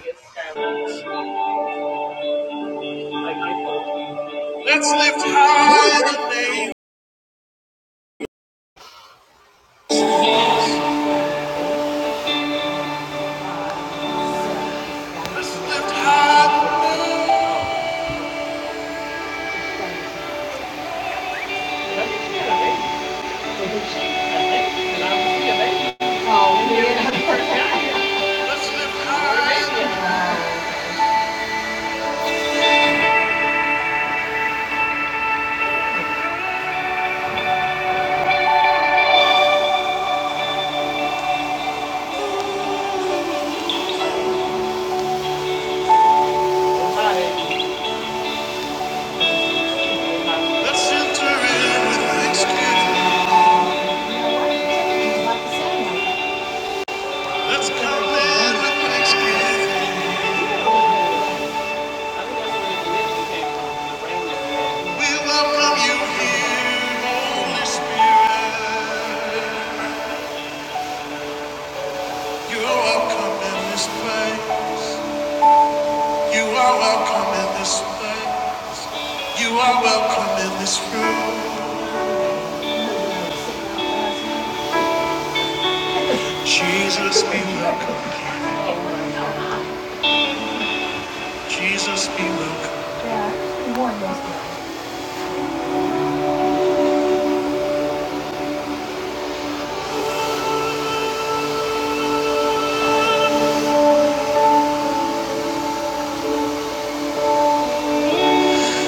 Let's lift high the name. Let's lift high the name. Let's lift high the name. Let's enter in with thanksgiving. Let's come in with thanksgiving. We welcome you here, Holy Spirit. You are welcome in this place. You are welcome in this place. You are welcome in this room. Jesus be welcome. Jesus be welcome.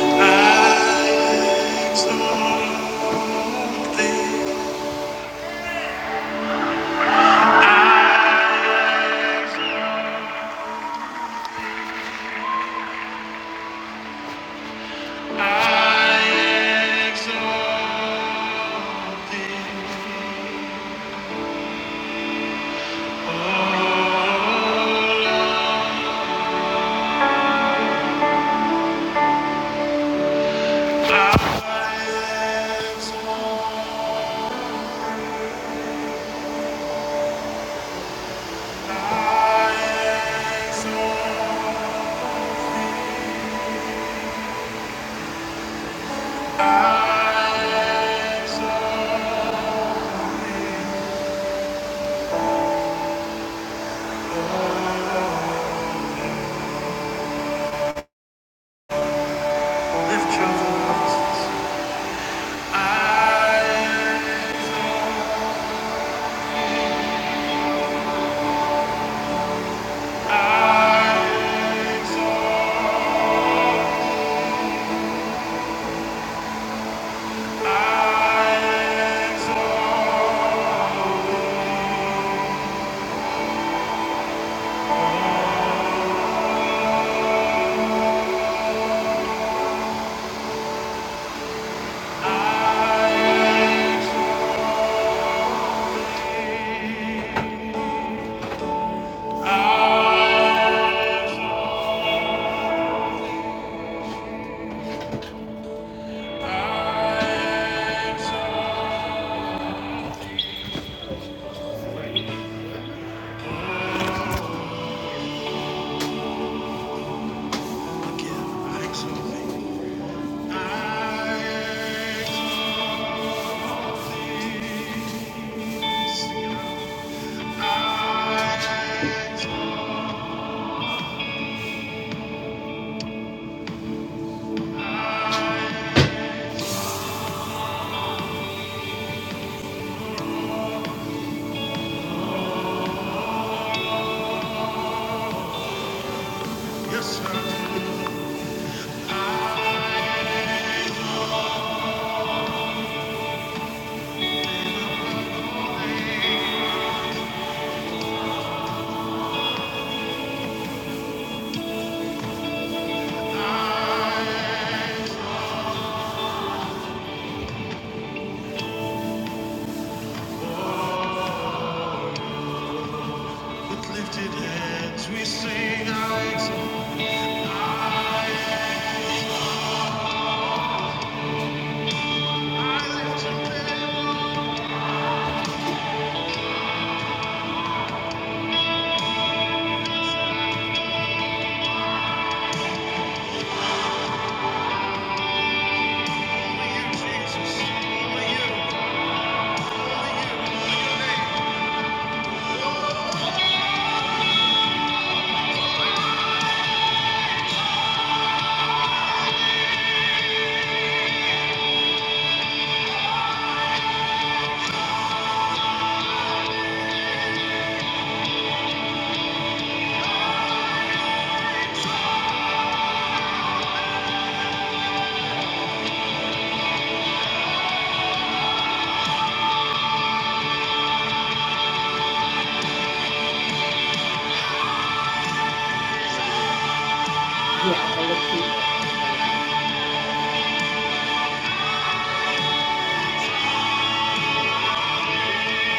I exalt thee. I exalt thee. I exalt Thee. Lift your voices. I Yes, sir. With lifted heads we sing, I exalt. I lift your head. Only you, Jesus. Only you. Only you.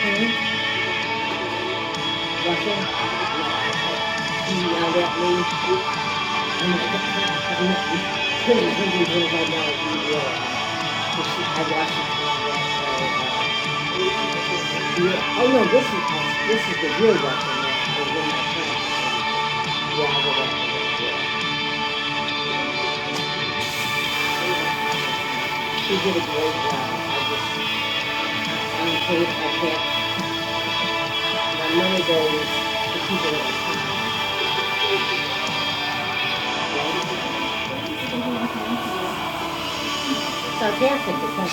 Only your name. Russell, he yelled at me. i i couldn't even do what I know you were. I watched it. uh, yeah. Oh no, this is this is the real Russell now. Yeah, I would have to She did a great job. I just, I'm paid, I can't, my money goes to people that are kind. Sarcastic, because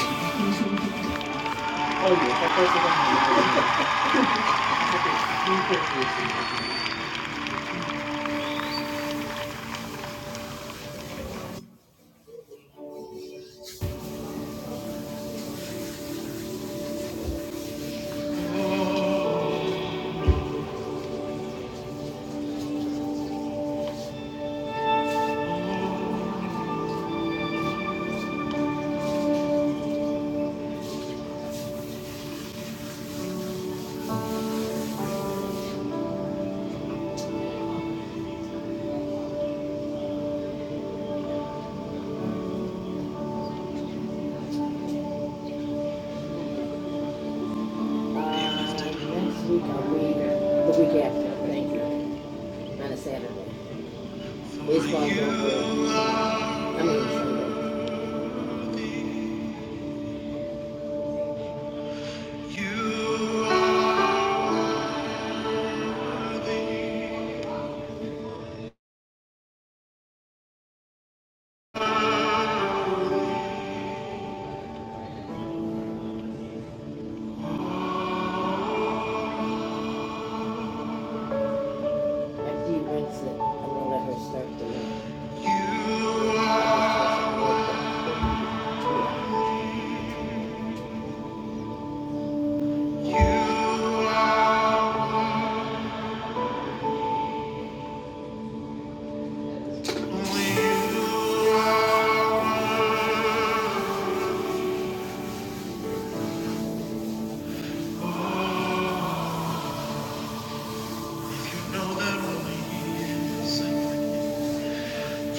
Uh, Next week I'll be The week after, thank you. On a Saturday. Baseball's on good. I mean Sunday. After you rinse it, I'm gonna let her start the week.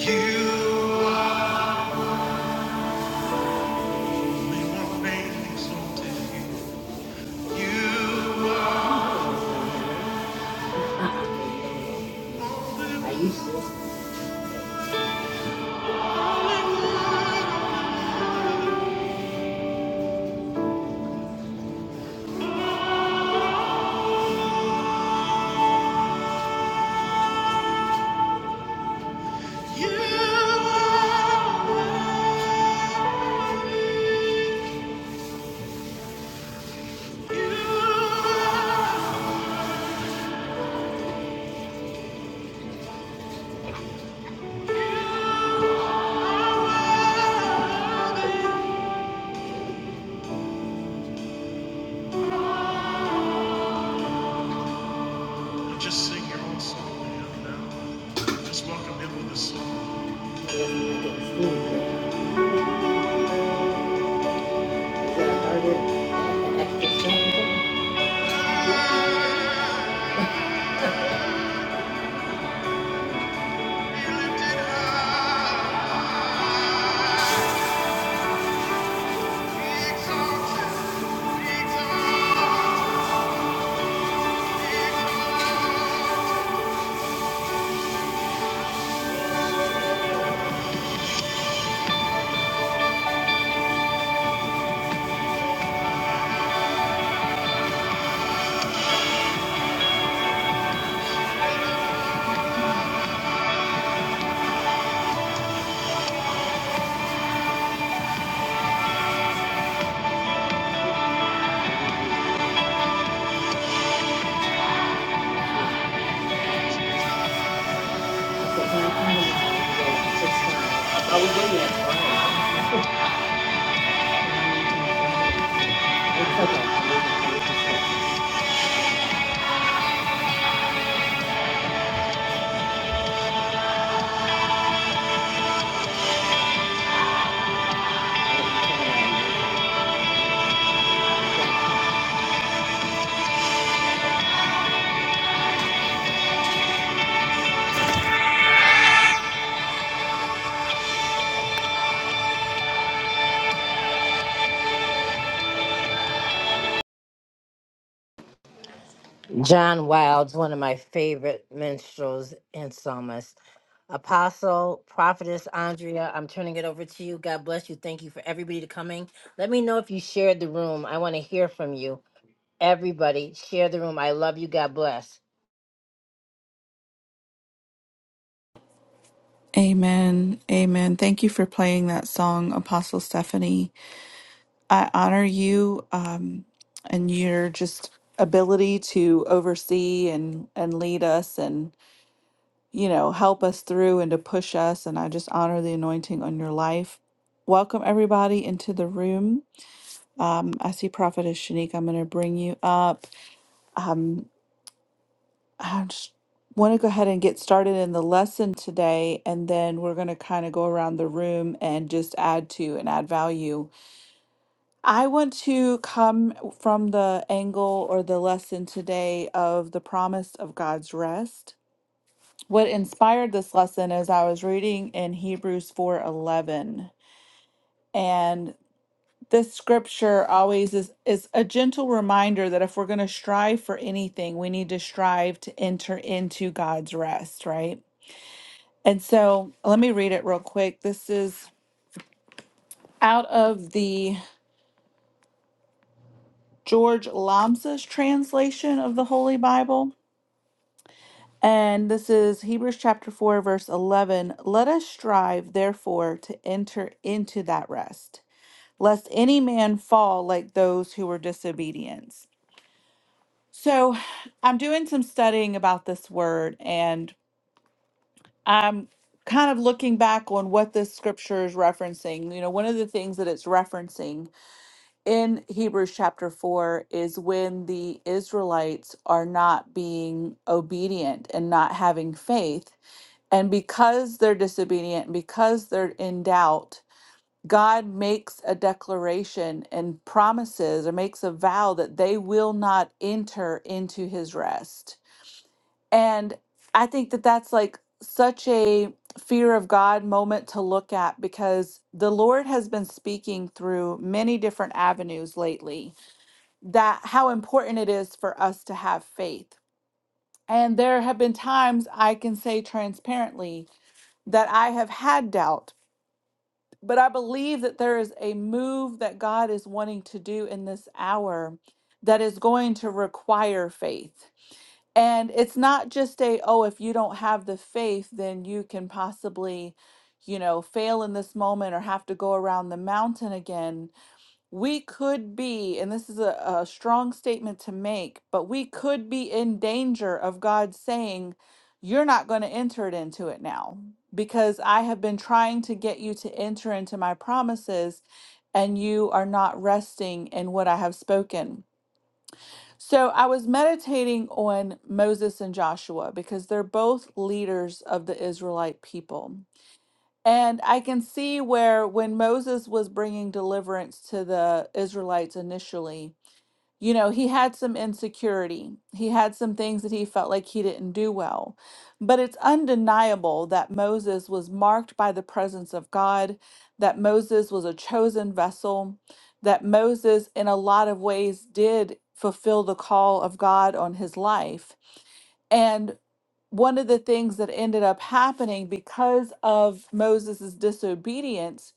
You are Just sing your own song Just welcome him with a song. John Wilde's one of my favorite minstrels and psalmists. Apostle, prophetess Andrea, I'm turning it over to you. God bless you. Thank you for everybody to coming. Let me know if you shared the room. I want to hear from you. Everybody, share the room. I love you. God bless. Amen. Amen. Thank you for playing that song, Apostle Stephanie. I honor you um, and your just ability to oversee and, and lead us and, you know, help us through and to push us. And I just honor the anointing on your life. Welcome everybody into the room. Um, I see Prophetess Shanique. I'm going to bring you up. Um, I just want to go ahead and get started in the lesson today, and then we're going to kind of go around the room and just add to and add value. I want to come from the angle or the lesson today of the promise of God's rest. What inspired this lesson is I was reading in Hebrews 4:11 and this scripture always is, is a gentle reminder that if we're going to strive for anything, we need to strive to enter into God's rest, right? And so let me read it real quick. This is out of the George Lambsa's translation of the Holy Bible. And this is Hebrews chapter 4, verse 11. Let us strive, therefore, to enter into that rest, lest any man fall like those who were disobedient. So I'm doing some studying about this word, and I'm kind of looking back on what this scripture is referencing. You know, one of the things that it's referencing in Hebrews chapter 4 is when the Israelites are not being obedient and not having faith. And because they're disobedient, and because they're in doubt, God makes a declaration and promises or makes a vow that they will not enter into his rest. And I think that that's like such a fear of God moment to look at because the Lord has been speaking through many different avenues lately that how important it is for us to have faith. And there have been times I can say transparently that I have had doubt, but I believe that there is a move that God is wanting to do in this hour that is going to require faith. And it's not just a, oh, if you don't have the faith, then you can possibly, you know, fail in this moment or have to go around the mountain again we could be, and this is a, a strong statement to make, but we could be in danger of God saying, You're not going to enter it into it now because I have been trying to get you to enter into my promises and you are not resting in what I have spoken. So I was meditating on Moses and Joshua because they're both leaders of the Israelite people. And I can see where when Moses was bringing deliverance to the Israelites initially, you know, he had some insecurity. He had some things that he felt like he didn't do well. But it's undeniable that Moses was marked by the presence of God, that Moses was a chosen vessel, that Moses, in a lot of ways, did fulfill the call of God on his life. And one of the things that ended up happening because of Moses' disobedience,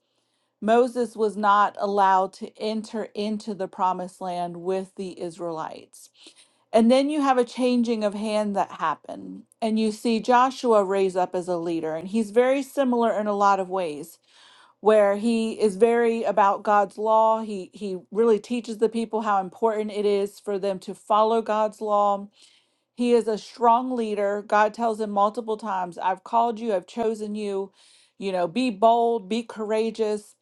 Moses was not allowed to enter into the promised land with the Israelites. And then you have a changing of hand that happened, and you see Joshua raise up as a leader, and he's very similar in a lot of ways. Where he is very about God's law. He he really teaches the people how important it is for them to follow God's law he is a strong leader. God tells him multiple times, I've called you, I've chosen you. You know, be bold, be courageous.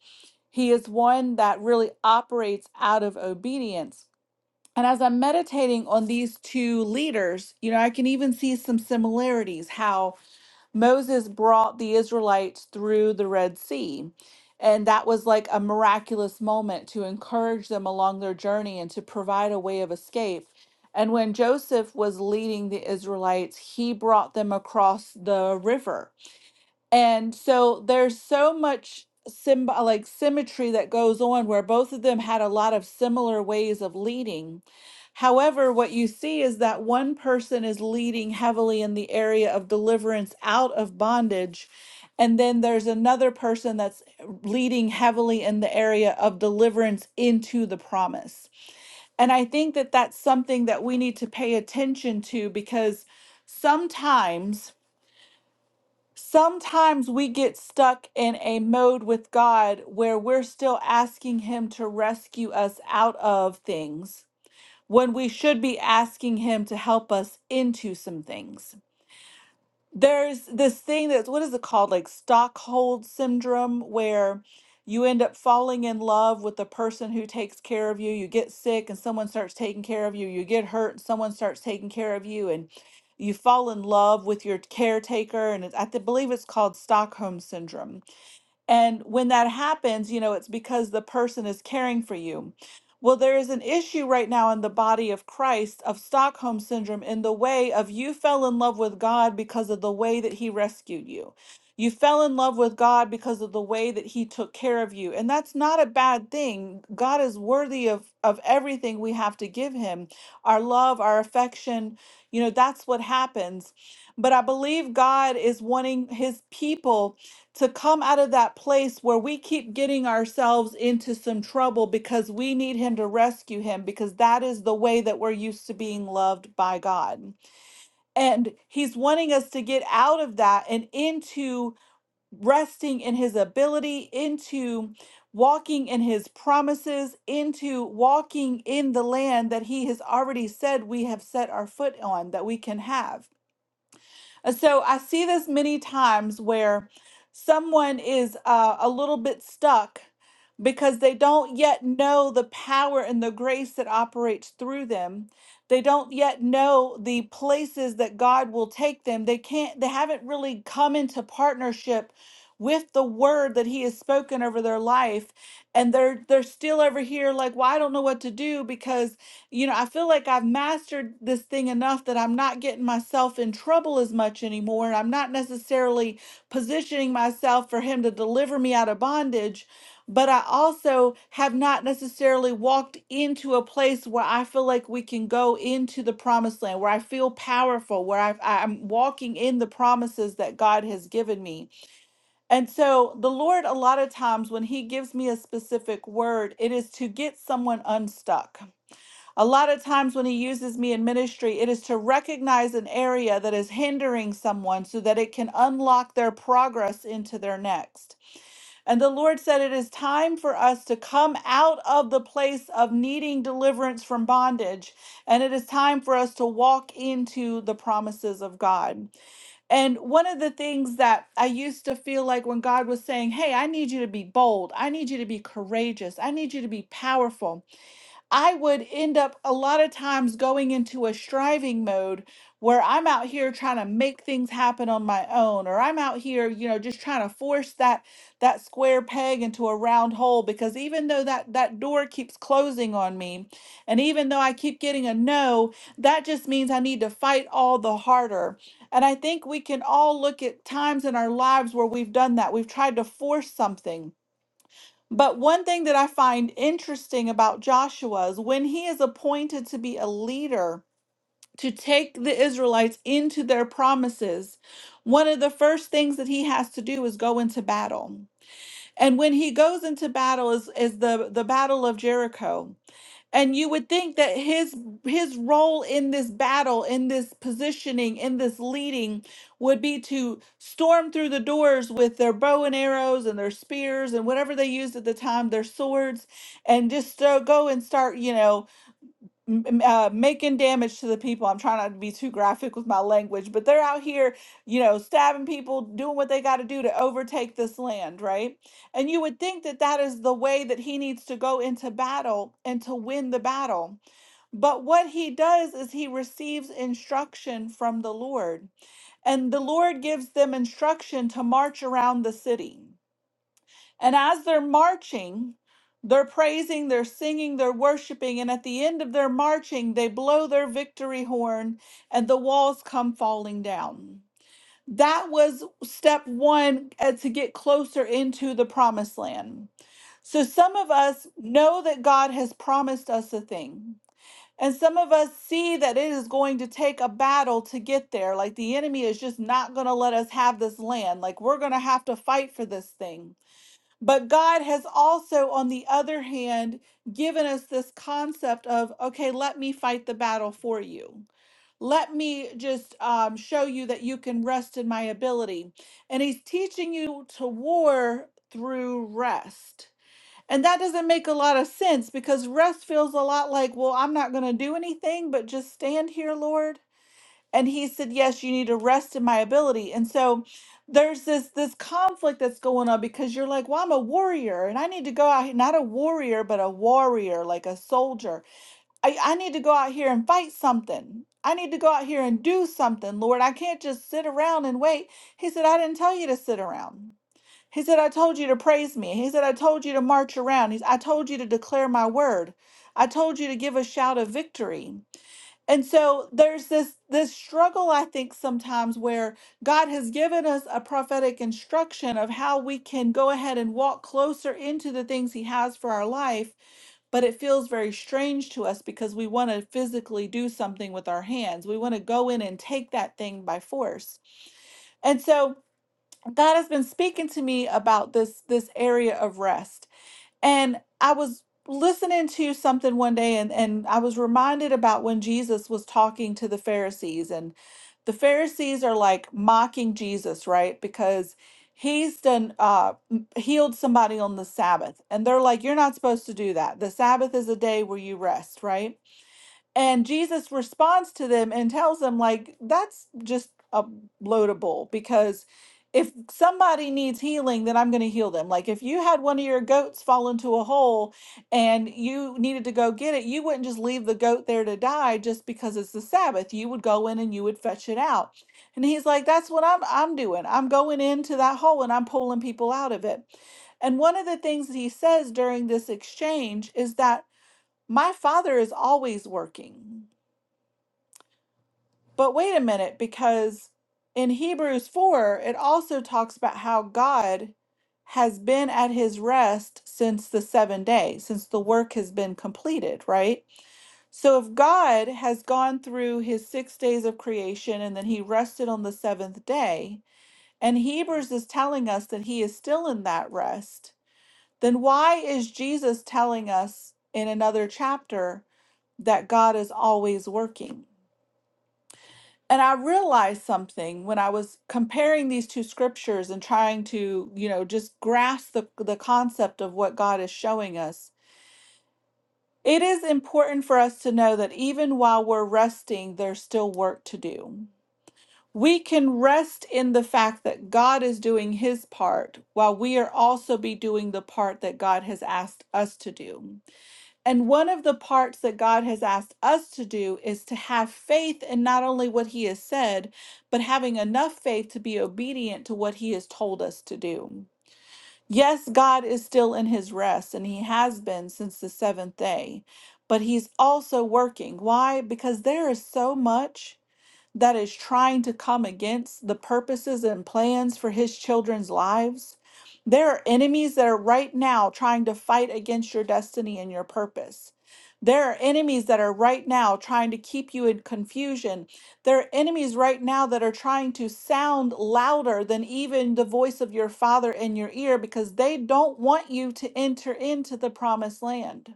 He is one that really operates out of obedience. And as I'm meditating on these two leaders, you know, I can even see some similarities how Moses brought the Israelites through the Red Sea. And that was like a miraculous moment to encourage them along their journey and to provide a way of escape. And when Joseph was leading the Israelites, he brought them across the river and so there's so much symb- like symmetry that goes on where both of them had a lot of similar ways of leading. However, what you see is that one person is leading heavily in the area of deliverance out of bondage. And then there's another person that's leading heavily in the area of deliverance into the promise. And I think that that's something that we need to pay attention to because sometimes Sometimes we get stuck in a mode with God where we're still asking Him to rescue us out of things when we should be asking Him to help us into some things there's this thing that's what is it called like Stockholm syndrome where you end up falling in love with the person who takes care of you you get sick and someone starts taking care of you you get hurt and someone starts taking care of you and you fall in love with your caretaker and it's, i th- believe it's called stockholm syndrome and when that happens, you know, it's because the person is caring for you. Well, there is an issue right now in the body of Christ of Stockholm syndrome in the way of you fell in love with God because of the way that he rescued you. You fell in love with God because of the way that he took care of you. And that's not a bad thing. God is worthy of of everything we have to give him. Our love, our affection, you know, that's what happens. But I believe God is wanting his people to come out of that place where we keep getting ourselves into some trouble because we need him to rescue him because that is the way that we're used to being loved by God. And he's wanting us to get out of that and into resting in his ability, into walking in his promises, into walking in the land that he has already said we have set our foot on that we can have. And so I see this many times where someone is uh, a little bit stuck because they don't yet know the power and the grace that operates through them. They don't yet know the places that God will take them. They can't, they haven't really come into partnership with the word that he has spoken over their life and they're they're still over here like well I don't know what to do because you know, I feel like I've mastered this thing enough that I'm not getting myself in trouble as much anymore. And I'm not necessarily positioning myself for him to deliver me out of bondage. But I also have not necessarily walked into a place where I feel like we can go into the promised land, where I feel powerful, where I've, I- I'm walking in the promises that God has given me. And so the Lord, a lot of times when He gives me a specific word, it is to get someone unstuck a lot of times when he uses me in ministry, it is to recognize an area that is hindering someone so that it can unlock their progress into their next. And the Lord said, It is time for us to come out of the place of needing deliverance from bondage, and it is time for us to walk into the promises of God. And one of the things that I used to feel like when God was saying, Hey, I need you to be bold, I need you to be courageous, I need you to be powerful. I would end up a lot of times going into a striving mode where I'm out here trying to make things happen on my own or I'm out here, you know, just trying to force that that square peg into a round hole because even though that that door keeps closing on me and even though I keep getting a no, that just means I need to fight all the harder. And I think we can all look at times in our lives where we've done that. We've tried to force something but one thing that I find interesting about Joshua is when he is appointed to be a leader to take the Israelites into their promises, one of the first things that he has to do is go into battle. And when he goes into battle is, is the, the battle of Jericho and you would think that his his role in this battle in this positioning in this leading would be to storm through the doors with their bow and arrows and their spears and whatever they used at the time their swords and just so go and start you know m- m- uh, making damage to the people. I'm trying not to be too graphic with my language, but they're out here, you know, stabbing people, doing what they got to do to overtake this land, right? And you would think that that is the way that he needs to go into battle and to win the battle. But what he does is he receives instruction from the Lord, and the Lord gives them instruction to march around the city. And as they're marching, they're praising, they're singing, they're worshiping. And at the end of their marching, they blow their victory horn and the walls come falling down. That was step one uh, to get closer into the promised land. So some of us know that God has promised us a thing. And some of us see that it is going to take a battle to get there. Like the enemy is just not going to let us have this land. Like we're going to have to fight for this thing. But God has also, on the other hand, given us this concept of, okay, let me fight the battle for you. Let me just um, show you that you can rest in my ability. And he's teaching you to war through rest. And that doesn't make a lot of sense because rest feels a lot like, well, I'm not going to do anything but just stand here, Lord and he said yes you need to rest in my ability and so there's this this conflict that's going on because you're like well i'm a warrior and i need to go out here not a warrior but a warrior like a soldier i, I need to go out here and fight something i need to go out here and do something lord i can't just sit around and wait he said i didn't tell you to sit around he said i told you to praise me he said i told you to march around He's, i told you to declare my word i told you to give a shout of victory and so there's this this struggle i think sometimes where god has given us a prophetic instruction of how we can go ahead and walk closer into the things he has for our life but it feels very strange to us because we want to physically do something with our hands. We want to go in and take that thing by force. And so God has been speaking to me about this this area of rest and I was listening to something one day and, and I was reminded about when Jesus was talking to the Pharisees and the Pharisees are like mocking Jesus, right? Because he's done uh m- healed somebody on the Sabbath. And they're like, You're not supposed to do that. The Sabbath is a day where you rest, right? And Jesus responds to them and tells them, like, that's just a bloatable because if somebody needs healing, then I'm going to heal them. Like, if you had one of your goats fall into a hole and you needed to go get it, you wouldn't just leave the goat there to die just because it's the Sabbath. You would go in and you would fetch it out. And he's like, that's what I'm, I'm doing. I'm going into that hole and I'm pulling people out of it. And one of the things that he says during this exchange is that my father is always working. But wait a minute, because in Hebrews 4, it also talks about how God has been at his rest since the seven day, since the work has been completed, right? So if God has gone through his six days of creation and then he rested on the seventh day, and Hebrews is telling us that he is still in that rest, then why is Jesus telling us in another chapter? that God is always working. And I realized something when I was comparing these two scriptures and trying to, you know, just grasp the, the concept of what God is showing us. It is important for us to know that even while we're resting, there's still work to do. We can rest in the fact that God is doing his part while we are also be doing the part that God has asked us to do. And one of the parts that God has asked us to do is to have faith in not only what He has said, but having enough faith to be obedient to what He has told us to do. Yes, God is still in His rest, and He has been since the seventh day, but He's also working. Why? Because there is so much that is trying to come against the purposes and plans for his children's lives. There are enemies that are right now trying to fight against your destiny and your purpose. There are enemies that are right now trying to keep you in confusion. There are enemies right now that are trying to sound louder than even the voice of your father in your ear because they don't want you to enter into the promised land.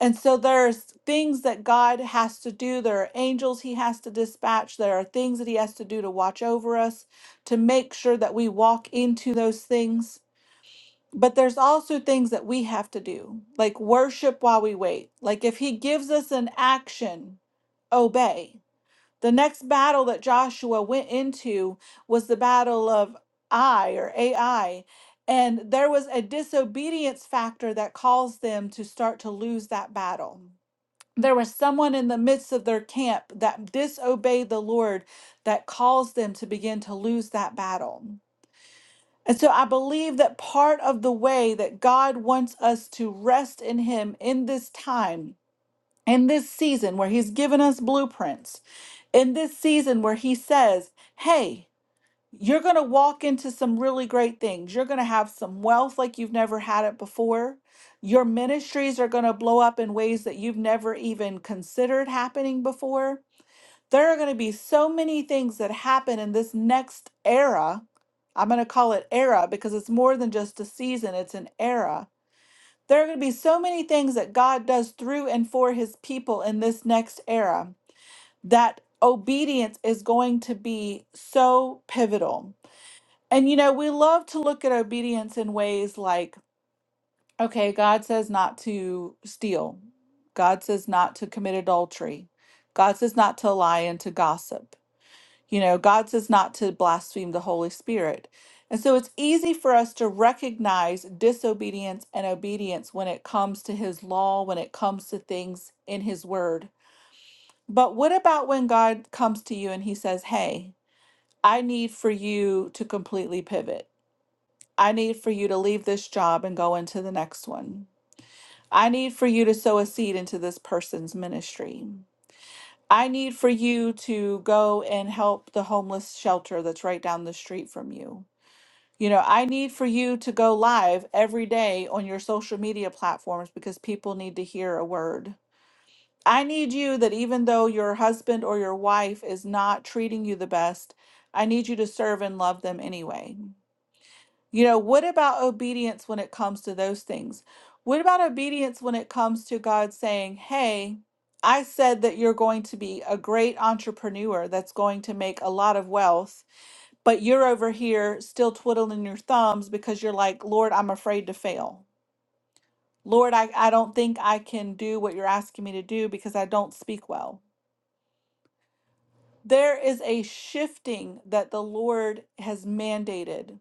And so there's things that God has to do. There are angels he has to dispatch. There are things that he has to do to watch over us, to make sure that we walk into those things. But there's also things that we have to do, like worship while we wait. Like if he gives us an action, obey. The next battle that Joshua went into was the battle of Ai or Ai. And there was a disobedience factor that caused them to start to lose that battle there was someone in the midst of their camp that disobeyed the Lord that caused them to begin to lose that battle. And so I believe that part of the way that God wants us to rest in Him in this time, in this season where He's given us blueprints, in this season where He says, Hey, you're going to walk into some really great things. You're going to have some wealth like you've never had it before. Your ministries are going to blow up in ways that you've never even considered happening before. There are going to be so many things that happen in this next era. I'm going to call it era because it's more than just a season, it's an era. There are going to be so many things that God does through and for his people in this next era that obedience is going to be so pivotal and you know, we love to look at obedience in ways like, okay, God says not to steal. God says not to commit adultery. God says not to lie and to gossip. You know, God says not to blaspheme the Holy Spirit. And so it's easy for us to recognize disobedience and obedience when it comes to his law, when it comes to things in his word. But what about when God comes to you and he says, Hey, I need for you to completely pivot? I need for you to leave this job and go into the next one. I need for you to sow a seed into this person's ministry. I need for you to go and help the homeless shelter that's right down the street from you. You know, I need for you to go live every day on your social media platforms because people need to hear a word. I need you that even though your husband or your wife is not treating you the best, I need you to serve and love them anyway. You know, what about obedience when it comes to those things? What about obedience when it comes to God saying, Hey, I said that you're going to be a great entrepreneur that's going to make a lot of wealth, but you're over here still twiddling your thumbs because you're like, Lord, I'm afraid to fail. Lord, I, I don't think I can do what you're asking me to do because I don't speak well. There is a shifting that the Lord has mandated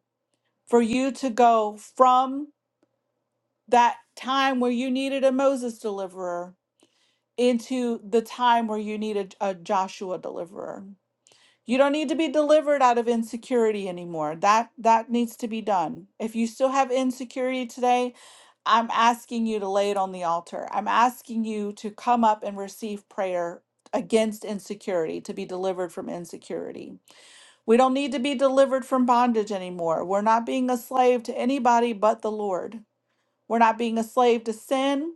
for you to go from that time where you needed a Moses deliverer into the time where you needed a Joshua deliverer. You don't need to be delivered out of insecurity anymore. That that needs to be done. If you still have insecurity today, I'm asking you to lay it on the altar. I'm asking you to come up and receive prayer against insecurity, to be delivered from insecurity. We don't need to be delivered from bondage anymore. We're not being a slave to anybody but the Lord. We're not being a slave to sin.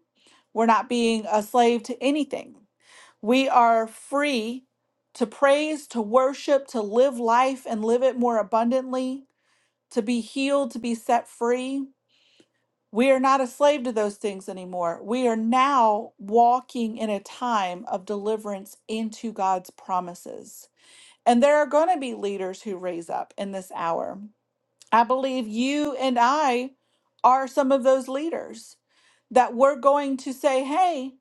We're not being a slave to anything. We are free to praise, to worship, to live life and live it more abundantly, to be healed, to be set free. We are not a slave to those things anymore. We are now walking in a time of deliverance into God's promises. And there are going to be leaders who raise up in this hour. I believe you and I are some of those leaders that we're going to say, hey,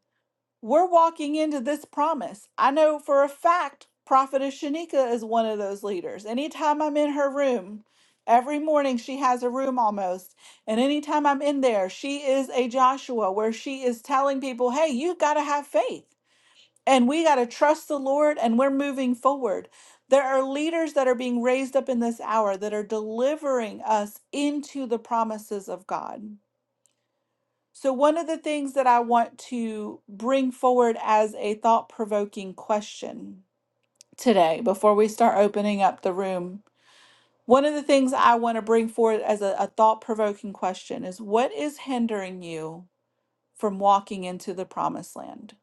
we're walking into this promise. I know for a fact Prophetess Shanika is one of those leaders. Anytime I'm in her room, every morning she has a room almost. And anytime I'm in there, she is a Joshua where she is telling people, hey, you've got to have faith. And we got to trust the Lord and we're moving forward. There are leaders that are being raised up in this hour that are delivering us into the promises of God. So, one of the things that I want to bring forward as a thought provoking question today, before we start opening up the room, one of the things I want to bring forward as a, a thought provoking question is what is hindering you from walking into the promised land?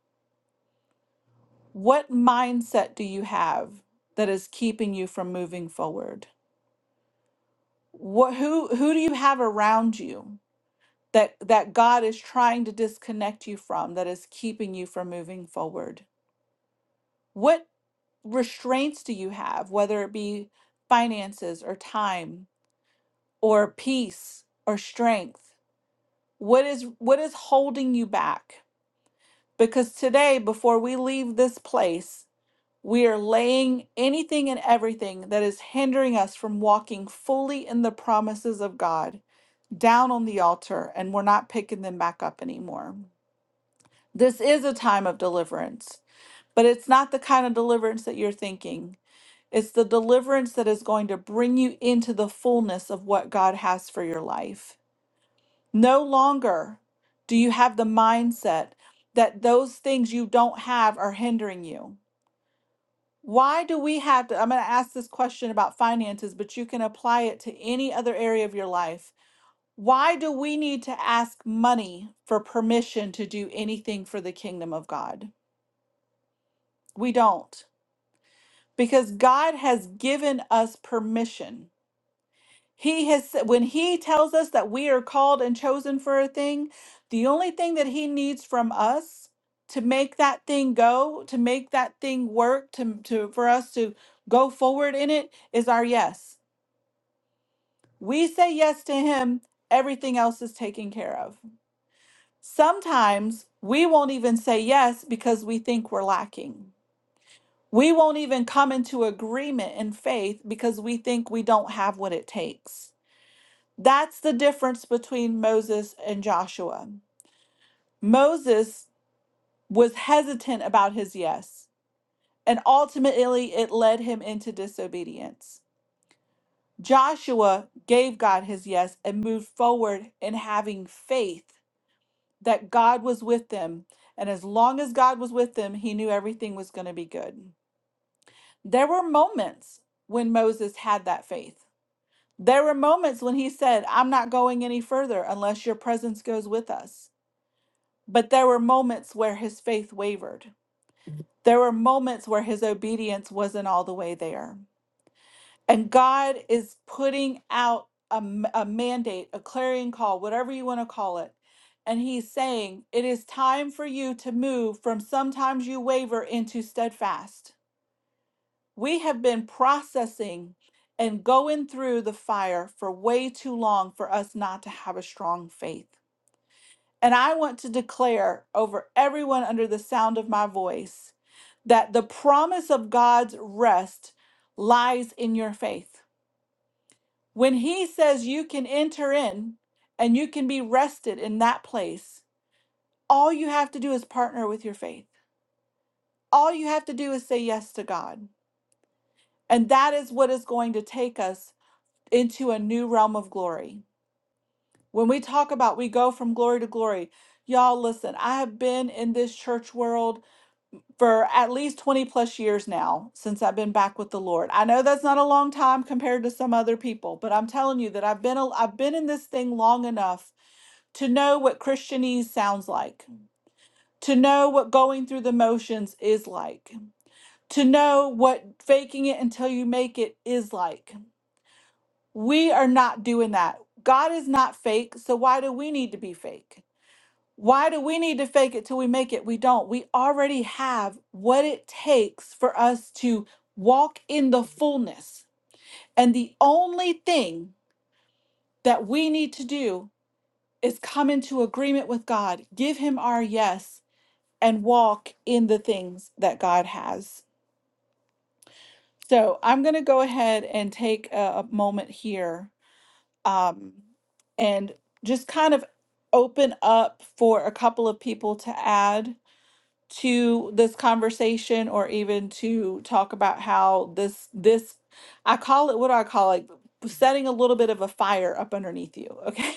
What mindset do you have that is keeping you from moving forward? What who who do you have around you that that God is trying to disconnect you from that is keeping you from moving forward? What restraints do you have whether it be finances or time or peace or strength? What is what is holding you back? Because today before we leave this place, We are laying anything and everything that is hindering us from walking fully in the promises of God down on the altar, and we're not picking them back up anymore. This is a time of deliverance, but it's not the kind of deliverance that you're thinking. It's the deliverance that is going to bring you into the fullness of what God has for your life. No longer do you have the mindset that those things you don't have are hindering you Why do we have to? I'm going to ask this question about finances, but you can apply it to any other area of your life. Why do we need to ask money for permission to do anything for the kingdom of God? We don't, because God has given us permission. He has, when He tells us that we are called and chosen for a thing, the only thing that He needs from us to make that thing go, to make that thing work, to, to for us to go forward in it is our yes. we say yes to him, everything else is taken care of. Sometimes we won't even say yes because we think we're lacking. We won't even come into agreement in faith because we think we don't have what it takes. That's the difference between Moses and Joshua. Moses was hesitant about his yes, and ultimately it led him into disobedience. Joshua gave God his yes and moved forward in having faith that God was with them. And as long as God was with them, he knew everything was going to be good. There were moments when Moses had that faith. There were moments when he said, I'm not going any further unless your presence goes with us. But there were moments where his faith wavered. There were moments where his obedience wasn't all the way there. And God is putting out a, m- a mandate, a clarion call, whatever you want to call it. And He's saying, it is time for you to move from sometimes you waver into steadfast. We have been processing and going through the fire for way too long for us not to have a strong faith. And I want to declare over everyone under the sound of my voice that the promise of God's rest lies in your faith when he says you can enter in and you can be rested in that place, all you have to do is partner with your faith. All you have to do is say yes to God. And that is what is going to take us into a new realm of glory. When we talk about we go from glory to glory, y'all listen, I have been in this church world for at least 20 plus years now since I've been back with the Lord. I know that's not a long time compared to some other people, but I'm telling you that I've been a, I've been in this thing long enough to know what Christianese sounds like, to know what going through the motions is like, to know what faking it until you make it is like. We are not doing that. God is not fake, so why do we need to be fake? Why do we need to fake it till we make it? We don't. We already have what it takes for us to walk in the fullness. And the only thing that we need to do is come into agreement with God, give Him our yes, and walk in the things that God has. So I'm going to go ahead and take a, a moment here um, and just kind of open up for a couple of people to add to this conversation or even to talk about how this this I call it what do I call it setting a little bit of a fire up underneath you okay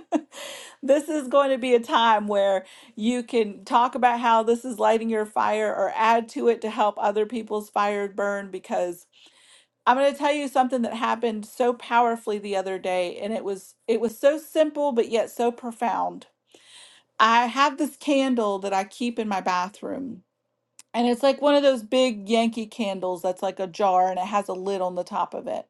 this is going to be a time where you can talk about how this is lighting your fire or add to it to help other people's fire burn because I'm going to tell you something that happened so powerfully the other day and it was it was so simple but yet so profound I have this candle that I keep in my bathroom and it's like one of those big Yankee candles that's like a jar and it has a lid on the top of it.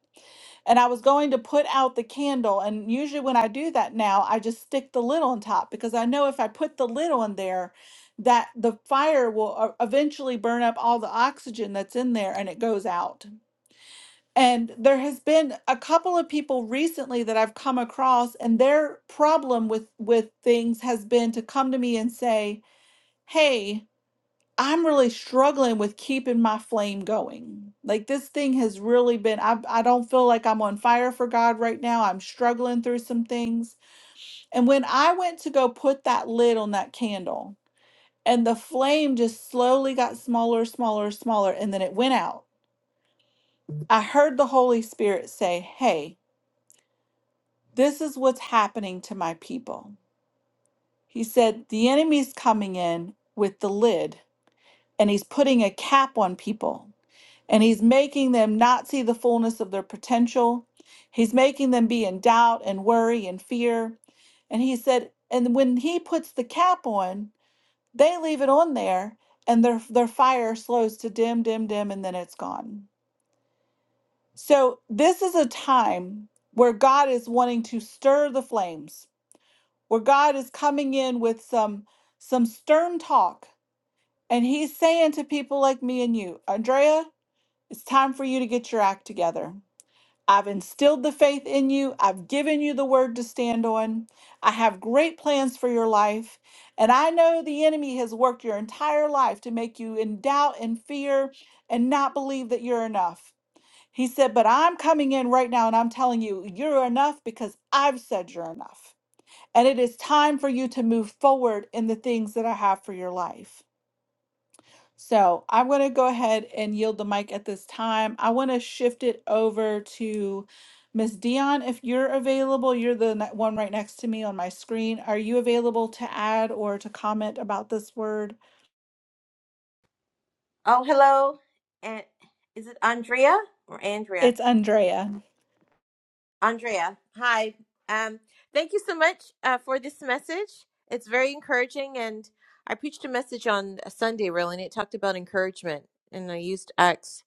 And I was going to put out the candle. And usually when I do that now, I just stick the lid on top because I know if I put the lid on there, that the fire will uh, eventually burn up all the oxygen that's in there and it goes out. And there has been a couple of people recently that I've come across and their problem with with things has been to come to me and say, "Hey, I'm really struggling with keeping my flame going. Like this thing has really been I I don't feel like I'm on fire for God right now. I'm struggling through some things. And when I went to go put that lid on that candle and the flame just slowly got smaller, smaller, smaller and then it went out. I heard the Holy Spirit say, "Hey, this is what's happening to my people." He said, "The enemy's coming in with the lid and he's putting a cap on people." and he's making them not see the fullness of their potential. He's making them be in doubt and worry and fear. And he said, and when he puts the cap on, they leave it on there and their their fire slows to dim, dim, dim, and then it's gone. So this is a time where God is wanting to stir the flames, where God is coming in with some some stern talk. And he's saying to people like me and you, Andrea, it's time for you to get your act together. I've instilled the faith in you. I've given you the word to stand on. I have great plans for your life. And I know the enemy has worked your entire life to make you in doubt and fear and not believe that you're enough. He said, But I'm coming in right now and I'm telling you, you're enough because I've said you're enough. And it is time for you to move forward in the things that I have for your life. So I'm going to go ahead and yield the mic at this time. I want to shift it over to Miss Dion. If you're available, you're the ne- one right next to me on my screen. Are you available to add or to comment about this word? Oh, hello. And is it Andrea or Andrea? It's Andrea. Andrea. Hi. Um, thank you so much uh, for this message. It's very encouraging, and I preached a message on a Sunday, really, and it talked about encouragement, and I used Acts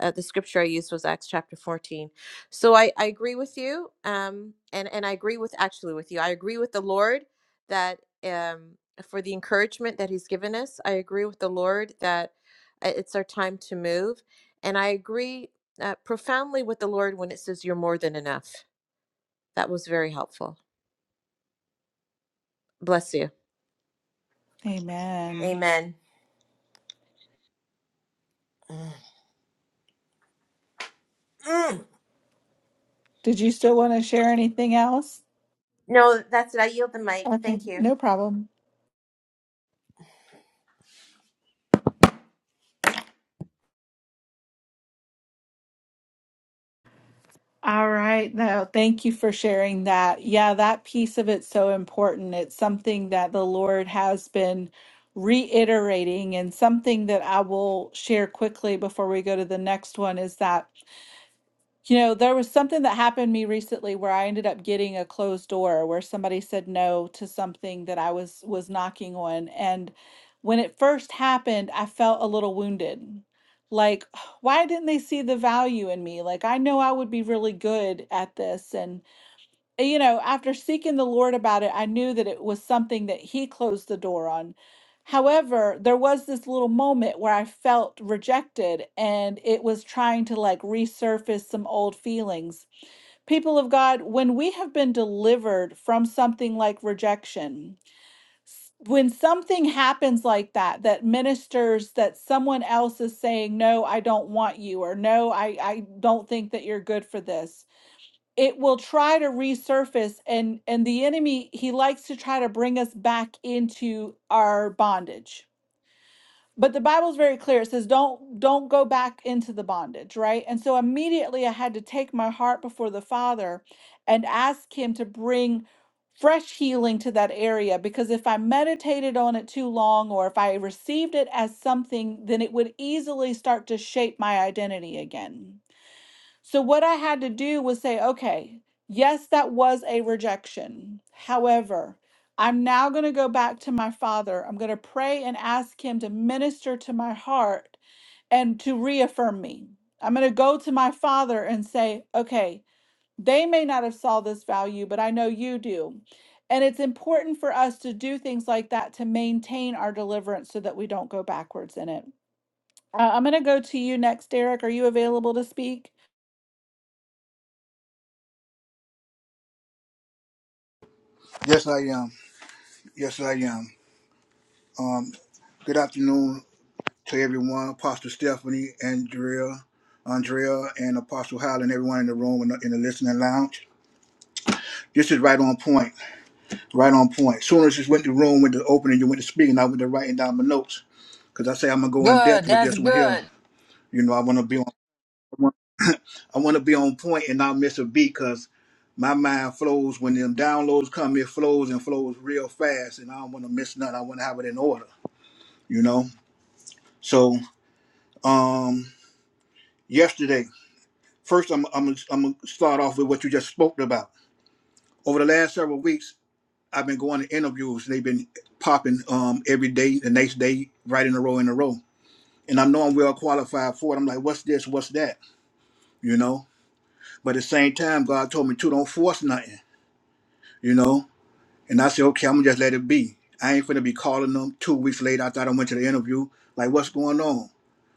uh, the scripture I used was Acts chapter 14. So I, I agree with you. Um, and, and I agree with actually with you. I agree with the Lord that um, for the encouragement that He's given us, I agree with the Lord that uh, it's our time to move. And I agree uh, profoundly with the Lord when it says, You're more than enough. That was very helpful. Bless you. Amen. Amen. Mm. Mm. Did you still want to share anything else? No, that's it. I yield the mic. Okay, Thank you. no problem. All right. No, thank you for sharing that. Yeah, that piece of it's so important. It's something that the Lord has been reiterating, and something that I will share quickly before we go to the next one is that. You know, there was something that happened to me recently where I ended up getting a closed door where somebody said no to something that I was was knocking on and when it first happened, I felt a little wounded. Like, why didn't they see the value in me? Like, I know I would be really good at this and you know, after seeking the Lord about it, I knew that it was something that He closed the door on. However, there was this little moment where I felt rejected and it was trying to like resurface some old feelings. People of God, when we have been delivered from something like rejection, s- when something happens like that, that ministers that someone else is saying, No, I don't want you, or No, I, I don't think that you're good for this it will try to resurface and and the enemy he likes to try to bring us back into our bondage but the bible's very clear it says don't don't go back into the bondage right and so immediately i had to take my heart before the father and ask him to bring fresh healing to that area because if i meditated on it too long or if i received it as something then it would easily start to shape my identity again so, what I had to do was say, okay, yes, that was a rejection. However, I'm now going to go back to my father. I'm going to pray and ask him to minister to my heart and to reaffirm me. I'm going to go to my father and say, okay, they may not have saw this value, but I know you do. And it's important for us to do things like that to maintain our deliverance so that we don't go backwards in it. Uh, I'm going to go to you next, Derek. Are you available to speak? Yes, I am. Yes, I am. Um, good afternoon to everyone, Apostle Stephanie, Andrea, Andrea, and Apostle Howland, everyone in the room and in the listening lounge. This is right on point. Right on point. Soon as you went to the room, went to opening, you went to speaking, I went to writing down my notes because I say I'm gonna go in depth Good. with That's this one here. good. You know, I want to be on. I want to be on point and not miss a beat because my mind flows when them downloads come. It flows and flows real fast, and I don't want to miss nothing. I want to have it in order. You know, so. um, yesterday. First, I'm I'm I'm gonna start off with what you just spoke about. Over the last several weeks, I've been going to interviews. They've been popping um, every day, the next day, right in a row, in a row. And I know I'm well qualified for it. I'm like, what's this? What's that? You know. But at the same time, God told me too, don't force nothing. You know. And I said, okay, I'm gonna just let it be. I ain't finna be calling them two weeks later. I thought I went to the interview. Like, what's going on?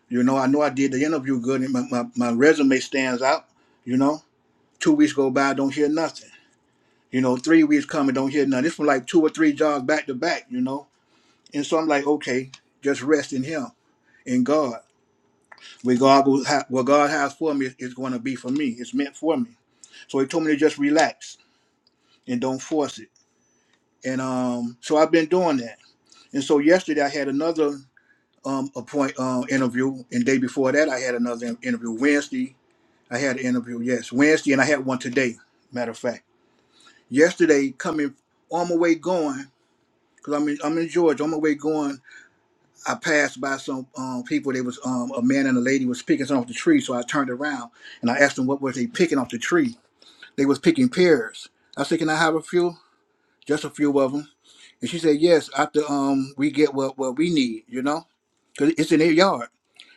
You know, I know I did the interview good, and my, my, my resume stands out. You know. Two weeks go by, don't hear nothing. You know, three weeks coming, don't hear nothing. This was like two or three jobs back to back, you know. And so I'm like, okay, just rest in Him, in God. What God, will ha- what God has for me is going to be for me. It's meant for me. So He told me to just relax and don't force it. And um, so I've been doing that. And so yesterday I had another um, appoint um, interview, and day before that I had another in- interview. Wednesday, I had an interview. Yes, Wednesday, and I had one today. Matter of fact. Yesterday, coming on my way going, because I'm in, I'm in Georgia, on my way going, I passed by some um, people. They was um, a man and a lady was picking something off the tree. So I turned around and I asked them what were they picking off the tree. They was picking pears. I said, "Can I have a few? Just a few of them." And she said, "Yes, after um, we get what what we need, you know, because it's in their yard."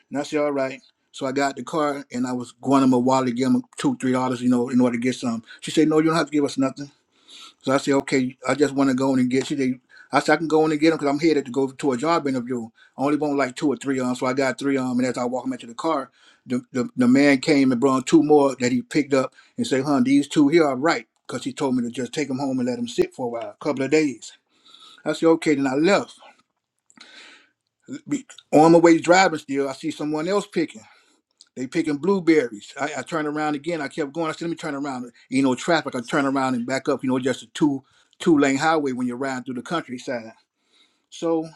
And I said, "All right." So I got the car and I was going to my wallet to give them two, three dollars, you know, in order to get some. She said, No, you don't have to give us nothing. So I said, okay, I just want to go in and get. She said, I said I can go in and get them because I'm headed to go to a job interview. I only want like two or three of 'em, so I got three of 'em. And as I walk them into the car, the, the the man came and brought two more that he picked up and said, "Hun, these two here are right," because he told me to just take them home and let them sit for a while, a couple of days. I said, okay. Then I left. Be- On my way driving, still I see someone else picking. They picking blueberries. I, I turned around again. I kept going. I said, let me turn around. You know, traffic. I turn around and back up. You know, just a two two lane highway when you're riding through the countryside. So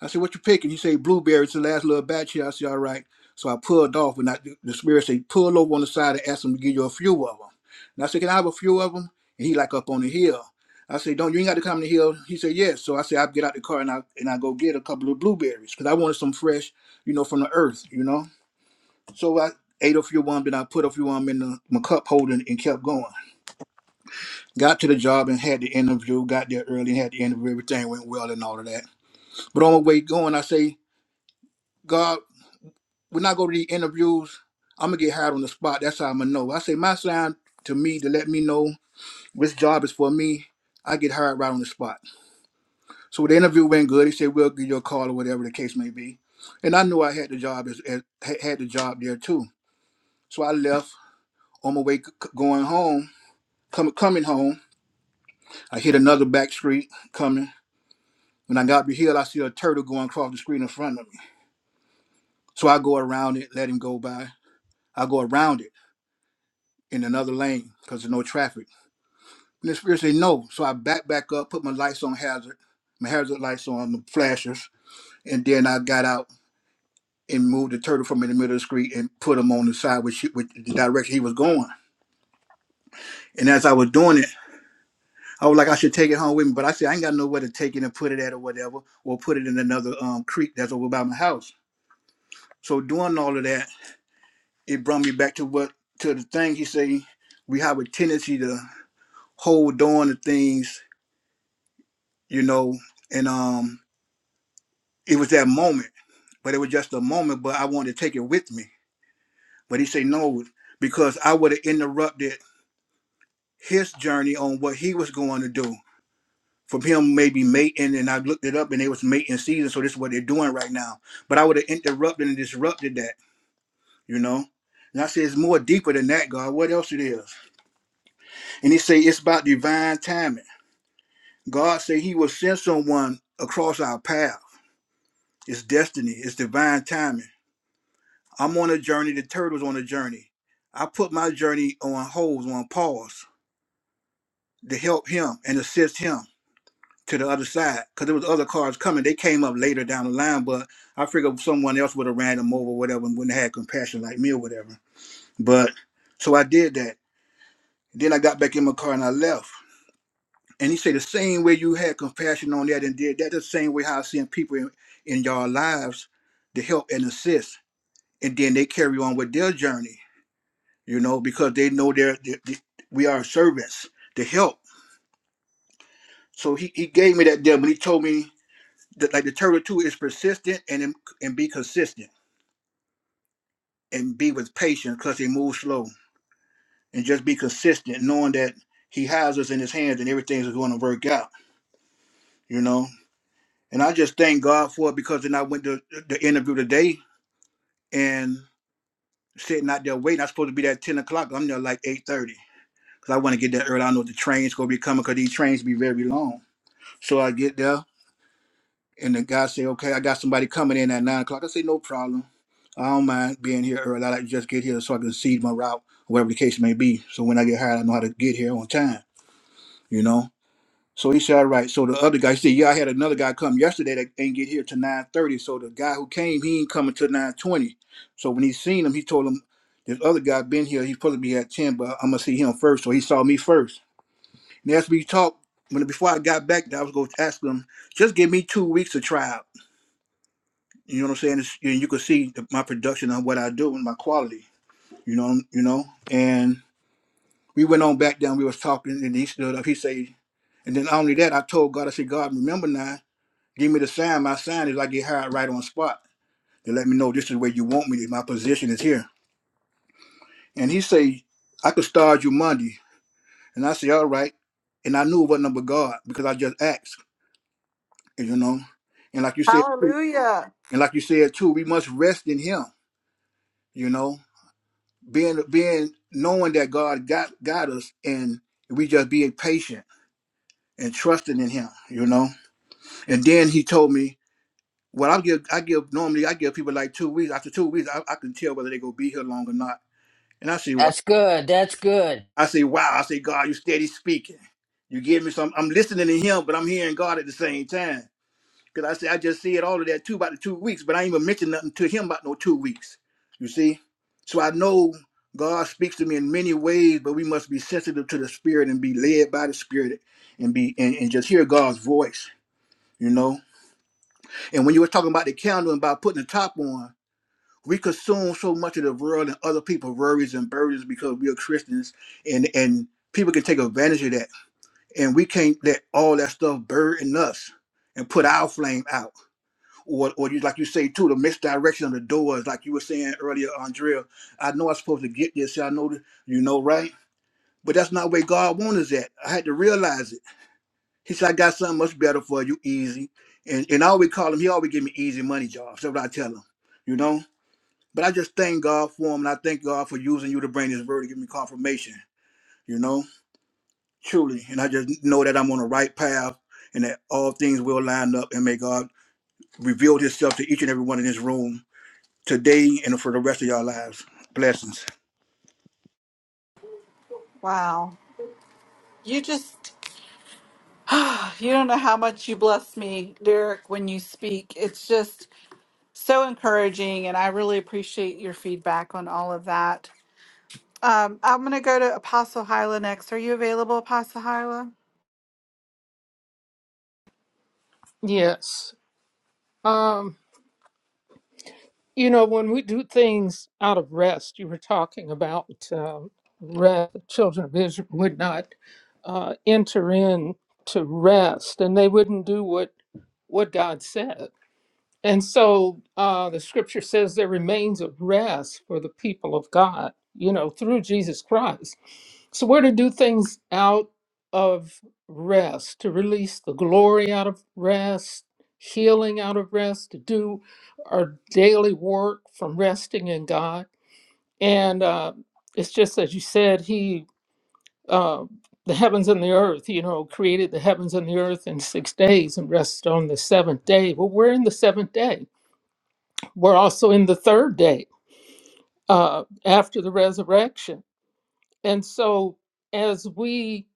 I said, what you picking? He say blueberries. The last little batch here. I said, all right. So I pulled off, and I, the spirit said, pull over on the side and ask them to give you a few of them. And I said, can I have a few of them? And he like up on the hill. I said, don't you ain't got to come to the hill. He said, yes. So I said, I get out the car and I and I go get a couple of blueberries because I wanted some fresh, you know, from the earth, you know. So I ate a few of them, then I put a few of them in the, my cup holder and, and kept going. Got to the job and had the interview, got there early and had the interview. Everything went well and all of that. But on my way going, I say, God, when I go to the interviews, I'm going to get hired on the spot. That's how I'm going to know. I say, my sign to me to let me know which job is for me, I get hired right on the spot. So the interview went good. He said, we'll give you a call or whatever the case may be. And I knew I had the job as, as had had the job there too. So I left on my way c- c- going home Come, coming home, I hit another back street coming. When I got up the hill, I see a turtle going across the street in front of me. So I go around it, let him go by. I go around it in another lane because there's no traffic. And the spirit say no. So I back back up, put my lights on hazard, my hazard lights on, the flashers, and then I got out and moved the turtle from in the middle of the street and put him on the side which, which the direction he was going. And as I was doing it, I was like, I should take it home with me, but I said I ain't got nowhere to take it and put it at or whatever, or put it in another um creek that's over by my house. So doing all of that, it brought me back to what to the thing he say we have a tendency to hold on to things, you know, and um it was that moment, but it was just a moment, but I wanted to take it with me. But he say no, because I would have interrupted his journey on what he was going to do from him maybe mating and I looked it up and it was mating season, so this is what they're doing right now. But I would have interrupted and disrupted that, you know. And I said it's more deeper than that, God. What else it is? And he say it's about divine timing. God say he will send someone across our path. It's destiny, it's divine timing. I'm on a journey, the turtle's on a journey. I put my journey on hold, on pause to help him and assist him. to the other side because there was other cars coming. They came up later down the line, but I figured someone else would have ran them over, or whatever, and wouldn't have had compassion like me or whatever. But so I did that. Then I got back in my car and I left. And he said the same way you had compassion on that and did that, the same way how I seen people in, in your lives to help and assist, and then they carry on with their journey, you know, because they know they're, they, they- we are servants to help. So he, he gave me that deal, but he told me The, like the turtle too is persistent and and be consistent and be with patience because he moves slow and just be consistent, knowing that he has us in his hands and everything's going to work out. You know, and I just thank God for it because then I went to uh, the interview today and sitting out there waiting. I'm supposed to be there at ten o'clock. I'm there like eight thirty because I want to get there early. I know the train's gonna be coming because these trains be very long. So I get there And the guy say, okay, I got somebody coming in at nine o'clock. I say, no problem. I don't mind being here early. I like to just get here so I can see my route, whatever the case may be. So when I get hired, I know how to get here on time, you know? So he said, all right. So the other guy said, yeah, I had another guy come yesterday that ain't get here till 9.30. So the guy who came, he ain't coming till 9.20. So when he seen him, he told him, this other guy been here, he's supposed to be at 10, but I'm going to see him first. So he saw me first. And as we talked, when before I got back, I was going to ask him, just give me two weeks of trial you know what I'm saying? It's, you, you could see the, my production on what I do and my quality. You know, you know. And we went on back down. We was talking, and he stood up. He say, and then not only that, I told God, I said, God, remember now, give me the sign. My sign is I get hired right on spot to let me know this is where you want me. My position is here. And he say, I could start you Monday. And I say, all right. And I knew it wasn't but God because I just asked. You know, and like you said, Hallelujah. and like you said too, we must rest in Him. You know being being knowing that God got got us and we just being patient and trusting in him, you know. And then he told me, Well I give I give normally I give people like two weeks. After two weeks I, I can tell whether they gonna be here long or not. And I say what That's good. That's good. I say, wow, I say, God, you steady speaking. You give me some I'm listening to him, but I'm hearing God at the same time. Because I said, I just said all of that too about the two weeks, but I ain't even mentioned nothing to him about no two weeks. You see? So I know God speaks to me in many ways, but we must be sensitive to the Spirit and be led by the Spirit and be and, and just hear God's voice, you know? And when you were talking about the candle and about putting the top on, we consume so much of the world and other people's worries and burdens because we are Christians and and people can take advantage of that. And we can't let all that stuff burden us and put our flame out or, or you like you say too, the misdirection of the doors, like you were saying earlier, Andrea. I know I'm supposed to get this. I know that you know, right? But that's not where God wants us at. I had to realize it. He said, I got something much better for you, easy. And and I always call him, he always give me easy money jobs. That's what I tell him, you know? But I just thank God for him and I thank God for using you to bring this word to give me confirmation, you know? Truly. And I just know that I'm on the right path and that all things will line up and may God reveal himself to each and every one in this room today and for the rest of your lives. Blessings. Wow. You just, you don't know how much you bless me, Derek, when you speak. It's just so encouraging, and I really appreciate your feedback on all of that. Um, I'm going to go to Apostle Hyla next. Are you available, Apostle Hyla? Yes. Um, you know, when we do things out of rest, you were talking about um, rest, the children of Israel would not uh, enter in to rest and they wouldn't do what, what God said. And so uh, the scripture says there remains a rest for the people of God, you know, through Jesus Christ. So we're to do things out of rest, to release the glory out of rest, healing out of rest, to do our daily work from resting in God. And uh, it's just as you said, He, uh, the heavens and the earth, you know, created the heavens and the earth in six days and rested on the seventh day. Well, we're in the seventh day we're also in the third day uh, after the resurrection. And so as we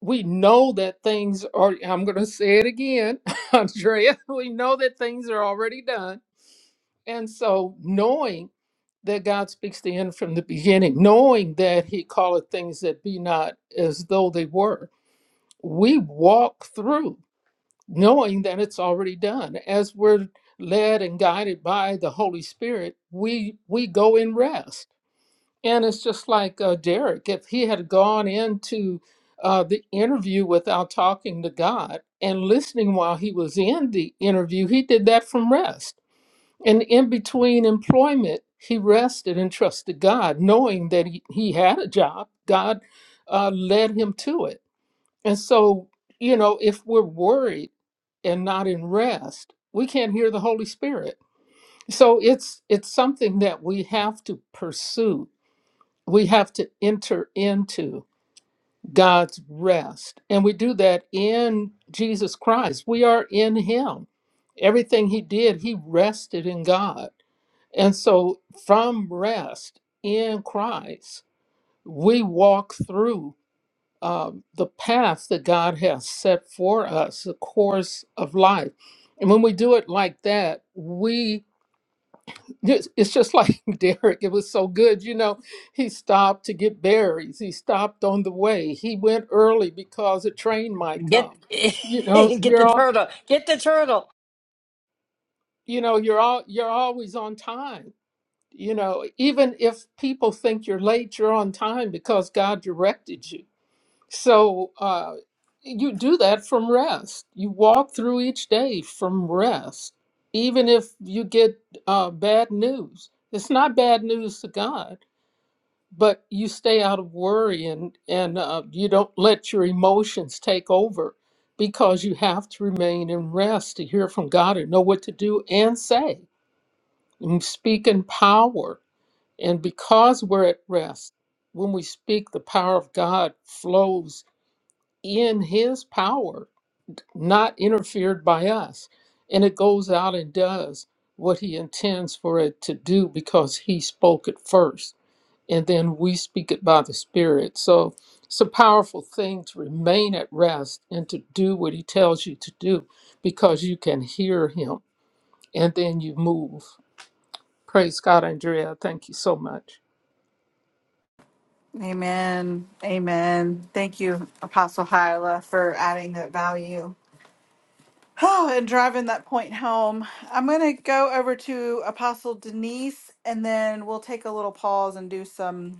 we know that things are I'm going to say it again, Andrea, we know that things are already done. And so knowing that God speaks the end from the beginning, knowing that he calleth things that be not as though they were, we walk through knowing that it's already done. As we're led and guided by the Holy Spirit, we we go in rest And it's just like uh, Derek, if he had gone into uh, the interview without talking to God and listening while he was in the interview, he did that from rest. And in between employment, he rested and trusted God, knowing that he, he had a job. God uh, led him to it. And so, you know, if we're worried and not in rest, we can't hear the Holy Spirit. So it's it's something that we have to pursue we have to enter into God's rest. And we do that in Jesus Christ. We are in Him. Everything He did, He rested in God. And so, from rest in Christ, we walk through um, the path that God has set for us, the course of life. And when we do it like that, we. It's it's just like Derek. It was so good. You know, he stopped to get berries. He stopped on the way. He went early because a train might Get come. You know, get the you're all, turtle. Get the turtle. you know, you're all, you're always on time. You know, even if people think you're late, you're on time because God directed you. So uh, you do that from rest. You walk through each day from rest, even if you get uh, bad news. It's not bad news to God but you stay out of worry and and uh, you don't let your emotions take over because you have to remain in rest to hear from God and know what to do and say and speak in power and because we're at rest when we speak the power of God flows in his power not interfered by us and it goes out and does what he intends for it to do because he spoke it first and then we speak it by the Spirit. So it's a powerful thing to remain at rest and to do what He tells you to do because you can hear Him and then you move. Praise God, Andrea. Thank you so much. Amen. Amen. Thank you, Apostle Hyla, for adding that value. Oh, and driving that point home. I'm going to go over to Apostle Denise, and then we'll take a little pause and do some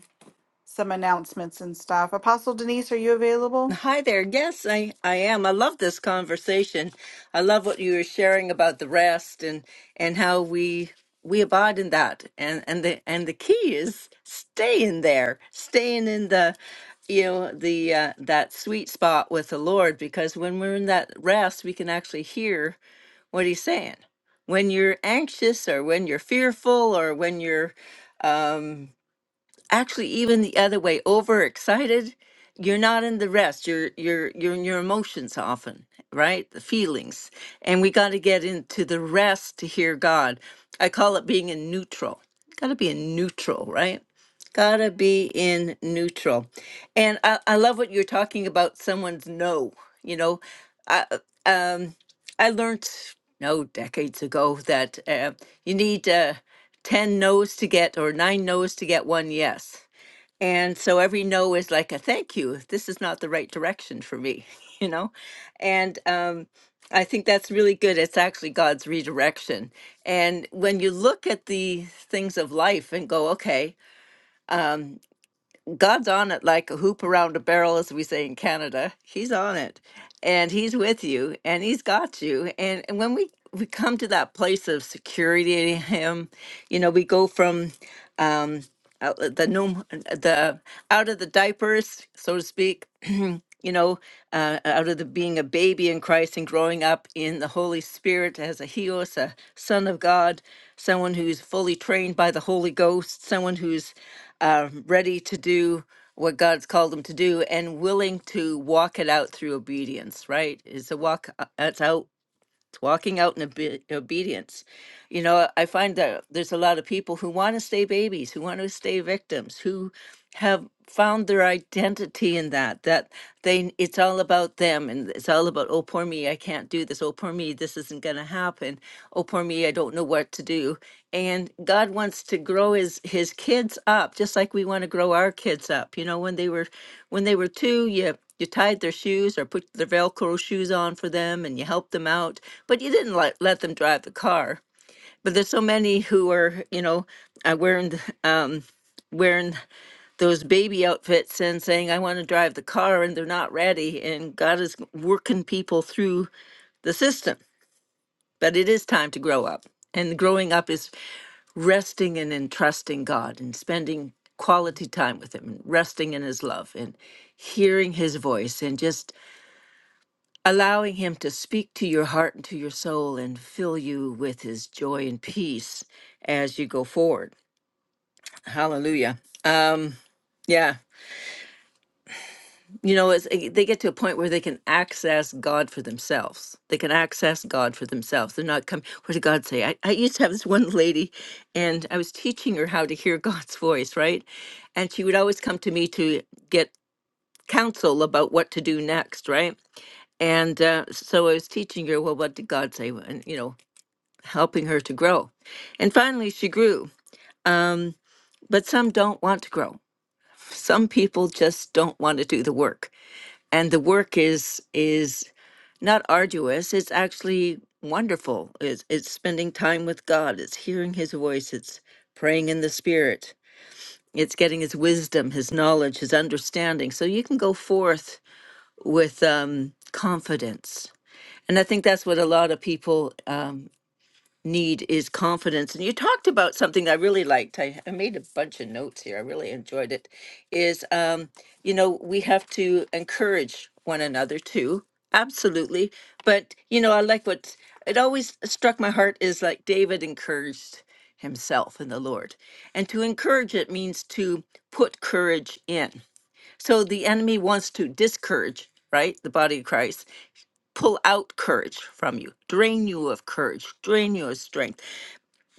some announcements and stuff. Apostle Denise, are you available? Hi there. Yes, I, I am. I love this conversation. I love what you were sharing about the rest and and how we we abide in that. And and the and the key is staying there, staying in the you know the uh, that sweet spot with the Lord because when we're in that rest, we can actually hear what he's saying. When you're anxious or when you're fearful or when you're um, actually even the other way overexcited you're not in the rest you're you're you're in your emotions often right the feelings and we got to get into the rest to hear god i call it being in neutral got to be in neutral right got to be in neutral and I, I love what you're talking about someone's no you know i um i learned no decades ago that uh, you need uh, 10 no's to get or nine no's to get one yes. And so every no is like a thank you. This is not the right direction for me, you know? And um, I think that's really good. It's actually God's redirection. And when you look at the things of life and go, okay, God's on it like a hoop around a barrel, as we say in Canada, He's on it and He's with you and He's got you. And, and when we, we come to that place of security in Him, you know, we go from. Um, out uh, the nom- the out of the diapers, so to speak. you know, uh, out of the being a baby in Christ and growing up in the Holy Spirit as a Helios, a Son of God, someone who's fully trained by the Holy Ghost, someone who's uh, ready to do what God's called them to do and willing to walk it out through obedience. Right? It's a walk. uh, It's out. It's walking out in obe- obedience. You know, I find that there's a lot of people who want to stay babies, who want to stay victims, who have found their identity in that that they it's all about them and it's all about oh poor me I can't do this oh poor me this isn't going to happen oh poor me I don't know what to do and God wants to grow his his kids up just like we want to grow our kids up you know when they were when they were 2 you you tied their shoes or put their velcro shoes on for them and you helped them out but you didn't let, let them drive the car but there's so many who are you know uh, wearing th- um, wearing those baby outfits and saying I want to drive the car and they're not ready and God is working people through the system but it is time to grow up and growing up is resting and entrusting God and spending quality time with him and resting in his love and hearing his voice and just allowing him to speak to your heart and to your soul and fill you with his joy and peace as you go forward Hallelujah. Um, yeah, you know, it's, it- they get to a point where they can access God for themselves. They can access God for themselves. They're not coming. What did God say? I, I used to have this one lady, and I was teaching her how to hear God's voice, right? And she would always come to me to get counsel about what to do next, right? And uh, so I was teaching her, well, what did God say? Well, And you know, helping her to grow. And finally, she grew. Um, but some don't want to grow some people just don't want to do the work and the work is is not arduous it's actually wonderful it's, it's spending time with god it's hearing his voice it's praying in the spirit it's getting his wisdom his knowledge his understanding so you can go forth with um, confidence and i think that's what a lot of people um, need is confidence. And you talked about something I really liked. I, I made a bunch of notes here. I really enjoyed it. Is, um, you know, we have to encourage one another too. Absolutely. But, you know, I like what it always struck my heart is like David encouraged himself in the Lord. And to encourage it means to put courage in. So the enemy wants to discourage, right? The body of Christ, pull out courage from you, drain you of courage, drain you of strength.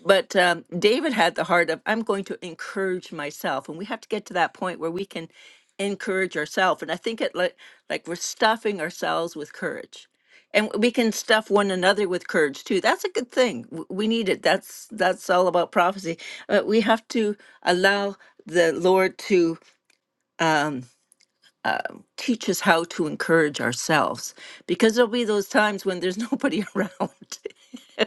But um, David had the heart of, I'm going to encourage myself. And we have to get to that point where we can encourage ourselves. And I think it like, like we're stuffing ourselves with courage. And we can stuff one another with courage too. That's a good thing. W- We need it. That's that's all about prophecy. Uh, we have to allow the Lord to. Um, uh, teach us how to encourage ourselves because there'll be those times when there's nobody around.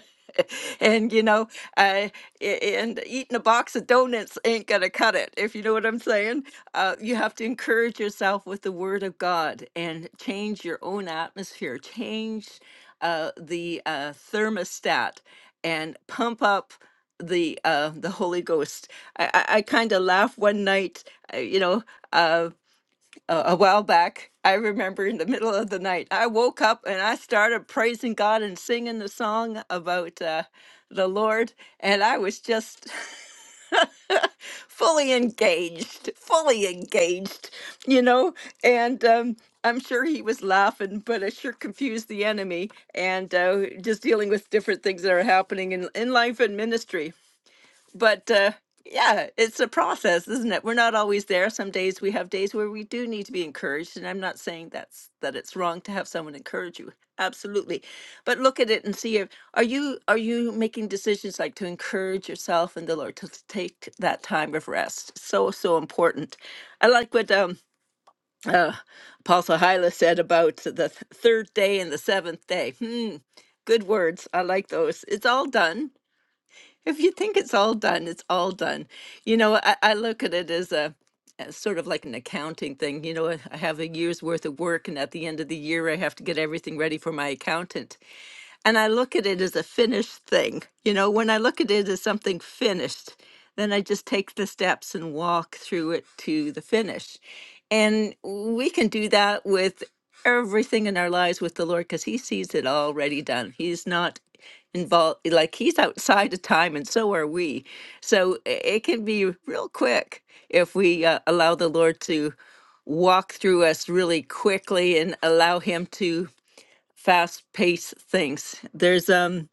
and you know, uh, a- and eating a box of donuts ain't gonna cut it. If you know what I'm saying, uh, you have to encourage yourself with the Word of God and change your own atmosphere, change uh, the uh, thermostat, and pump up the uh, the Holy Ghost. I, I, I kind of laugh one night, uh, you know. Uh, a, a while back. I remember in the middle of the night, I woke up and I started praising God and singing the song about uh, the Lord, and I was just fully engaged, fully engaged, you know. And um, I'm sure he was laughing, but it sure confused the enemy. And uh, just dealing with different things that are happening in in life and ministry but uh, yeah, it's a process, isn't it? We're not always there. Some days we have days where we do need to be encouraged, and I'm not saying that's that it's wrong to have someone encourage you. Absolutely, but look at it and see if are you are you making decisions like to encourage yourself and the Lord to take that time of rest. So so important. I like what um, uh, Apostle Hyla said about the th- third day and the seventh day. Hmm, good words. I like those. It's all done if you think it's all done, it's all done. You know, I, I look at it as a as sort of like an accounting thing. You know, I have a year's worth of work, and at the end of the year, I have to get everything ready for my accountant and I look at it as a finished thing. You know, when I look at it as something finished, then I just take the steps and walk through it to the finish. And we can do that with everything in our lives with the Lord because He sees it already done. He's not involved, like He's outside of time, and so are we. So i- it can be real quick if we uh, allow the Lord to walk through us really quickly and allow Him to fast paced things. There's um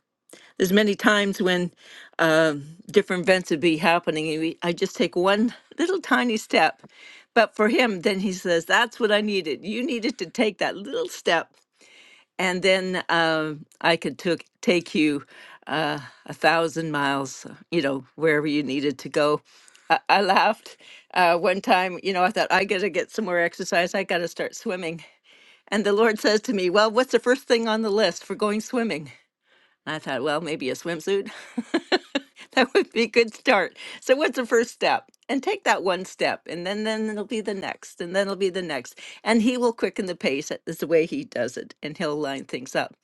there's many times when um different events would be happening, and we, I just take one little tiny step. But for him, then he says, "That's what I needed. You needed to take that little step, and then um I could took take you uh, a thousand miles, you know, wherever you needed to go." I I laughed uh, one time. You know, I thought I gotta get some more exercise. I gotta start swimming. And the Lord says to me, Well, what's the first thing on the list for going swimming? And I thought, Well, maybe a swimsuit. that would be a good start. So, what's the first step? And take that one step, and then, then it'll be the next, and then it'll be the next. And He will quicken the pace. That is the way He does it, and He'll line things up.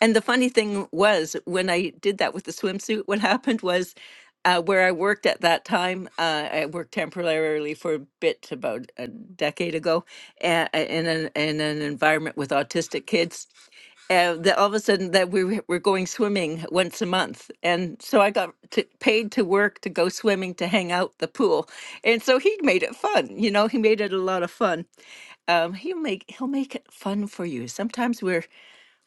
And the funny thing was, when I did that with the swimsuit, what happened was uh, where I worked at that time, uh, I worked temporarily for a bit about a decade ago uh, in, an, in an environment with autistic kids. Uh, that all of a sudden that we were were going swimming once a month, and so I got to, paid to work to go swimming to hang out the pool, and so he made it fun. You know, he made it a lot of fun. Um, he'll make he'll make it fun for you. Sometimes we're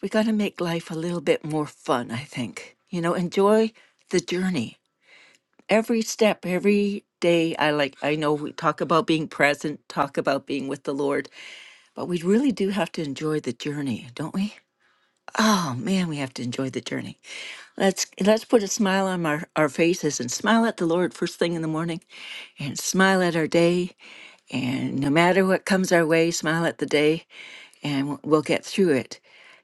we got to make life a little bit more fun, I think. You know, enjoy the journey. Every step, every day, I like, I know we talk about being present, talk about being with the Lord, but we really do have to enjoy the journey, don't we? Oh man, we have to enjoy the journey. Let's let's put a smile on our, our faces and smile at the Lord first thing in the morning and smile at our day. And no matter what comes our way, smile at the day and we'll we'll get through it.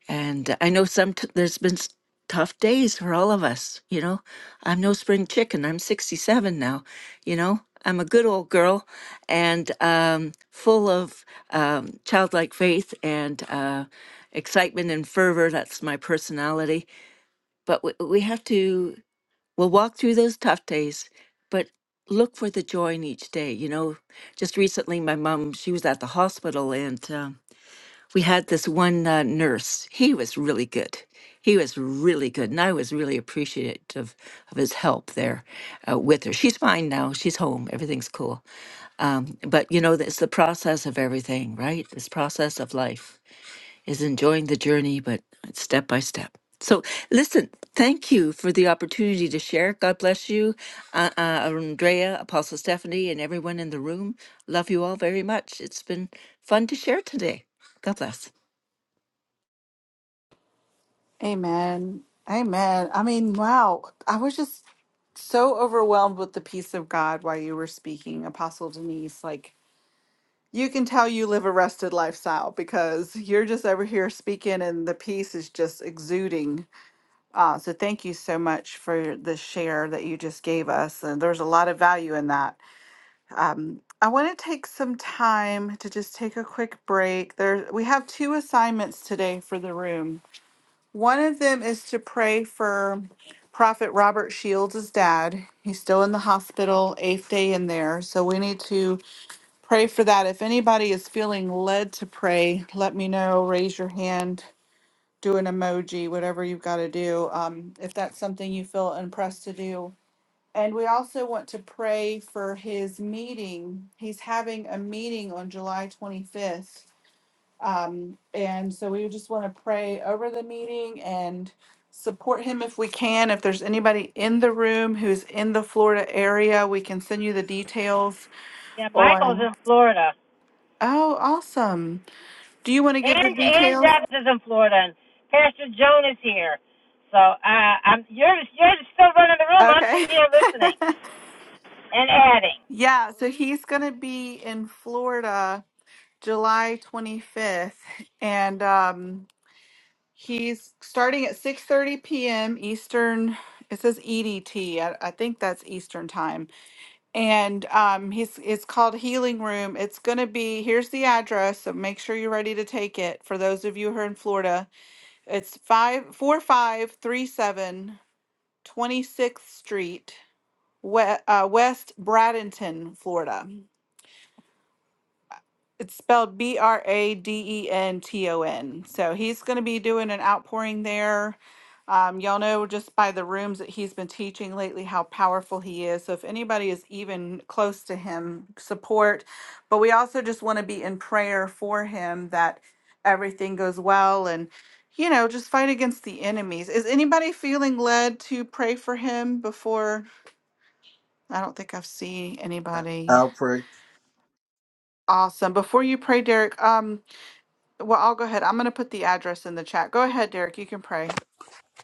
And uh, I know some t- there's been s- tough days for all of us. You know, I'm no spring chicken. I'm 67 now. You know, I'm a good old girl, and um, full of um, childlike faith and uh, excitement and fervor. That's my personality. But we, we have to. We'll walk through those tough days, but look for the joy in each day. You know, just recently, my mom she was at the hospital and. Um, we had this one uh, nurse. He was really good. He was really good, and I was really appreciative of his help there uh, with her. She's fine now. She's home. Everything's cool. Um, but you know, it's the process of everything, right? This process of life is enjoying the journey, but it's step by step. So, listen, thank you for the opportunity to share. God bless you, uh, uh, Andrea, Apostle Stephanie, and everyone in the room. Love you all very much. It's been fun to share today. God bless. Amen. Amen. I mean, wow. I was just so overwhelmed with the peace of God while you were speaking, Apostle Denise. Like, you can tell you live a rested lifestyle because you're just over here speaking and the peace is just exuding. Uh, so, thank you so much for the share that you just gave us. And there's a lot of value in that. Um, I want to take some time to just take a quick break. There, we have two assignments today for the room. One of them is to pray for Prophet Robert Shields' dad. He's still in the hospital, eighth day in there. So we need to pray for that. If anybody is feeling led to pray, let me know. Raise your hand, do an emoji, whatever you've got to do. Um, if that's something you feel impressed to do, and we also want to pray for his meeting. He's having a meeting on July 25th. Um, and so we just want to pray over the meeting and support him if we can. If there's anybody in the room who's in the Florida area, we can send you the details Yeah, Michael's on. in Florida. Oh, awesome. Do you want to give And the and details? Debs is in Florida, and Pastor Joan is here. So uh, I'm you're you're still running the room. I'm Okay. just here. yeah. So he's going to be in Florida July 25th. And, um, He's starting at 6:30 p.m. Eastern. It says EDT. I, I think that's Eastern time. And um, he's it's called Healing Room. It's gonna be here's the address, so make sure you're ready to take it. For those of you who are in Florida, it's five four five three seven twenty sixth Street, we, uh, West Bradenton, Florida. It's spelled B R A D E N T O N. So he's going to be doing an outpouring there. Um, y'all know just by the rooms that he's been teaching lately how powerful he is. So if anybody is even close to him, support. But we also just want to be in prayer for him that everything goes well and, you know, just fight against the enemies. Is anybody feeling led to pray for him before? I don't think I've seen anybody. I'll pray. Awesome. Before you pray, Derek, um, Well, I'll go ahead. I'm going to put the address in the chat. Go ahead, Derek. You can pray.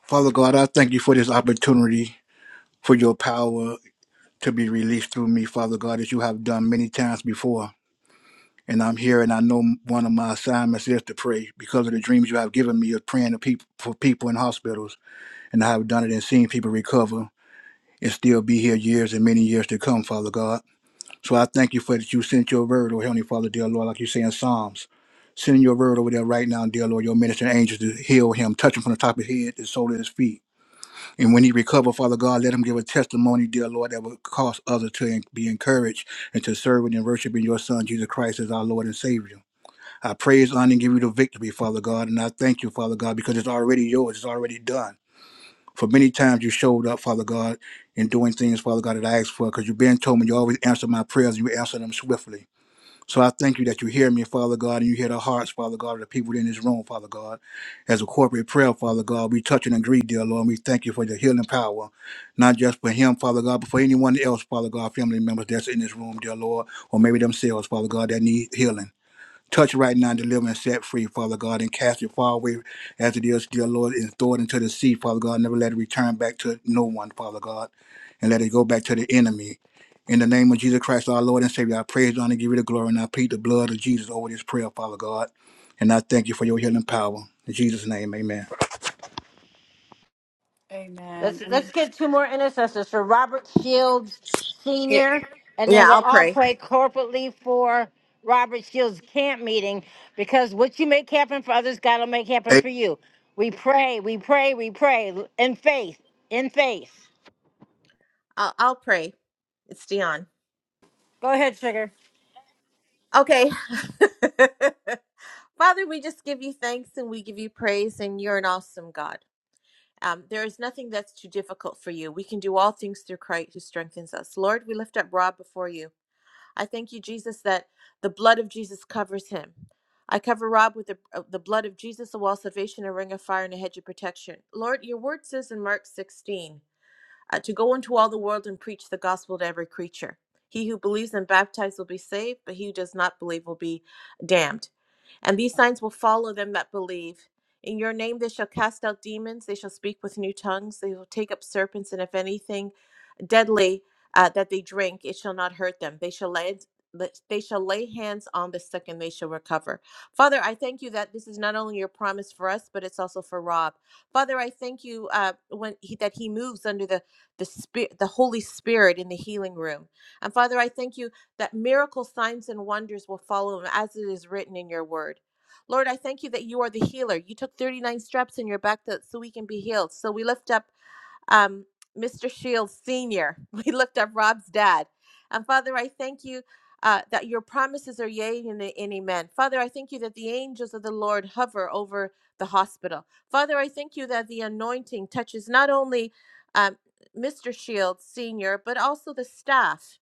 Father God, I thank you for this opportunity, for your power to be released through me, Father God, as you have done many times before. And I'm here, and I know one of my assignments is to pray because of the dreams you have given me of praying to people, for people in hospitals. And I have done it and seen people recover and still be here years and many years to come, Father God. So I thank you for that you sent your word, oh Heavenly Father, dear Lord, like you say in Psalms. Sending your word over there right now, dear Lord, your ministering angels to heal him, touch him from the top of his head to the sole of his feet. And when he recover, Father God, let him give a testimony, dear Lord, that will cause others to en- be encouraged and to serve and worship in your Son, Jesus Christ, as our Lord and Savior. I praise, honor, and give you the victory, Father God, and I thank you, Father God, because it's already yours, it's already done. For many times you showed up, Father God, in doing things, Father God, that I asked for, because you've been told me you always answer my prayers, and you answer them swiftly. So I thank you that you hear me, Father God, and you hear the hearts, Father God, of the people in this room, Father God. As a corporate prayer, Father God, we touch and agree, dear Lord, and we thank you for your healing power, not just for him, Father God, but for anyone else, Father God, family members that's in this room, dear Lord, or maybe themselves, Father God, that need healing. Touch right now and deliver and set free, Father God, and cast it far away as it is, dear Lord, and throw it into the sea, Father God. Never let it return back to no one, Father God, and let it go back to the enemy. In the name of Jesus Christ, our Lord and Savior, I praise you and give you the glory, and I plead the blood of Jesus over this prayer, Father God. And I thank you for your healing power. In Jesus' name, amen. Let's Amen. let's get two more intercessors. for Robert Shields Yeah, Senior, and then Yeah, we'll I'll all pray. pray corporately for Robert Shields camp meeting because what you make happen for others, God will make happen A- for you. We pray, we pray, we pray in faith, in faith. I'll, I'll pray. It's Dion. Go ahead, sugar. Okay. Father, we just give you thanks and we give you praise, and you're an awesome God. Um, there is nothing that's too difficult for you. We can do all things through Christ who strengthens us. Lord, we lift up Rob before you. I thank you, Jesus, that the blood of Jesus covers him. I cover Rob with the, uh, the blood of Jesus, a wall of salvation, a ring of fire, and a hedge of protection. Lord, your word says in Mark 16 uh, to go into all the world and preach the gospel to every creature. He who believes and baptized will be saved, but he who does not believe will be damned. And these signs will follow them that believe. In your name they shall cast out demons, they shall speak with new tongues, they will take up serpents, and if anything deadly uh, that they drink, it shall not hurt them. They shall lay but they shall lay hands on the sick and they shall recover. Father, I thank you that this is not only your promise for us, but it's also for Rob. Father, I thank you uh, when he, that he moves under the the spirit, the Holy Spirit in the healing room. And Father, I thank you that miracle signs and wonders will follow him, as it is written in your word. Lord, I thank you that you are the healer. You took 39 straps in your back that, so we can be healed. So we lift up um, Mr. Shields Sr. We looked up Rob's dad. And Father, I thank you uh, that your promises are yea and, and amen. Father, I thank you that the angels of the Lord hover over the hospital. Father, I thank you that the anointing touches not only um, Mr. Shields Sr., but also the staff,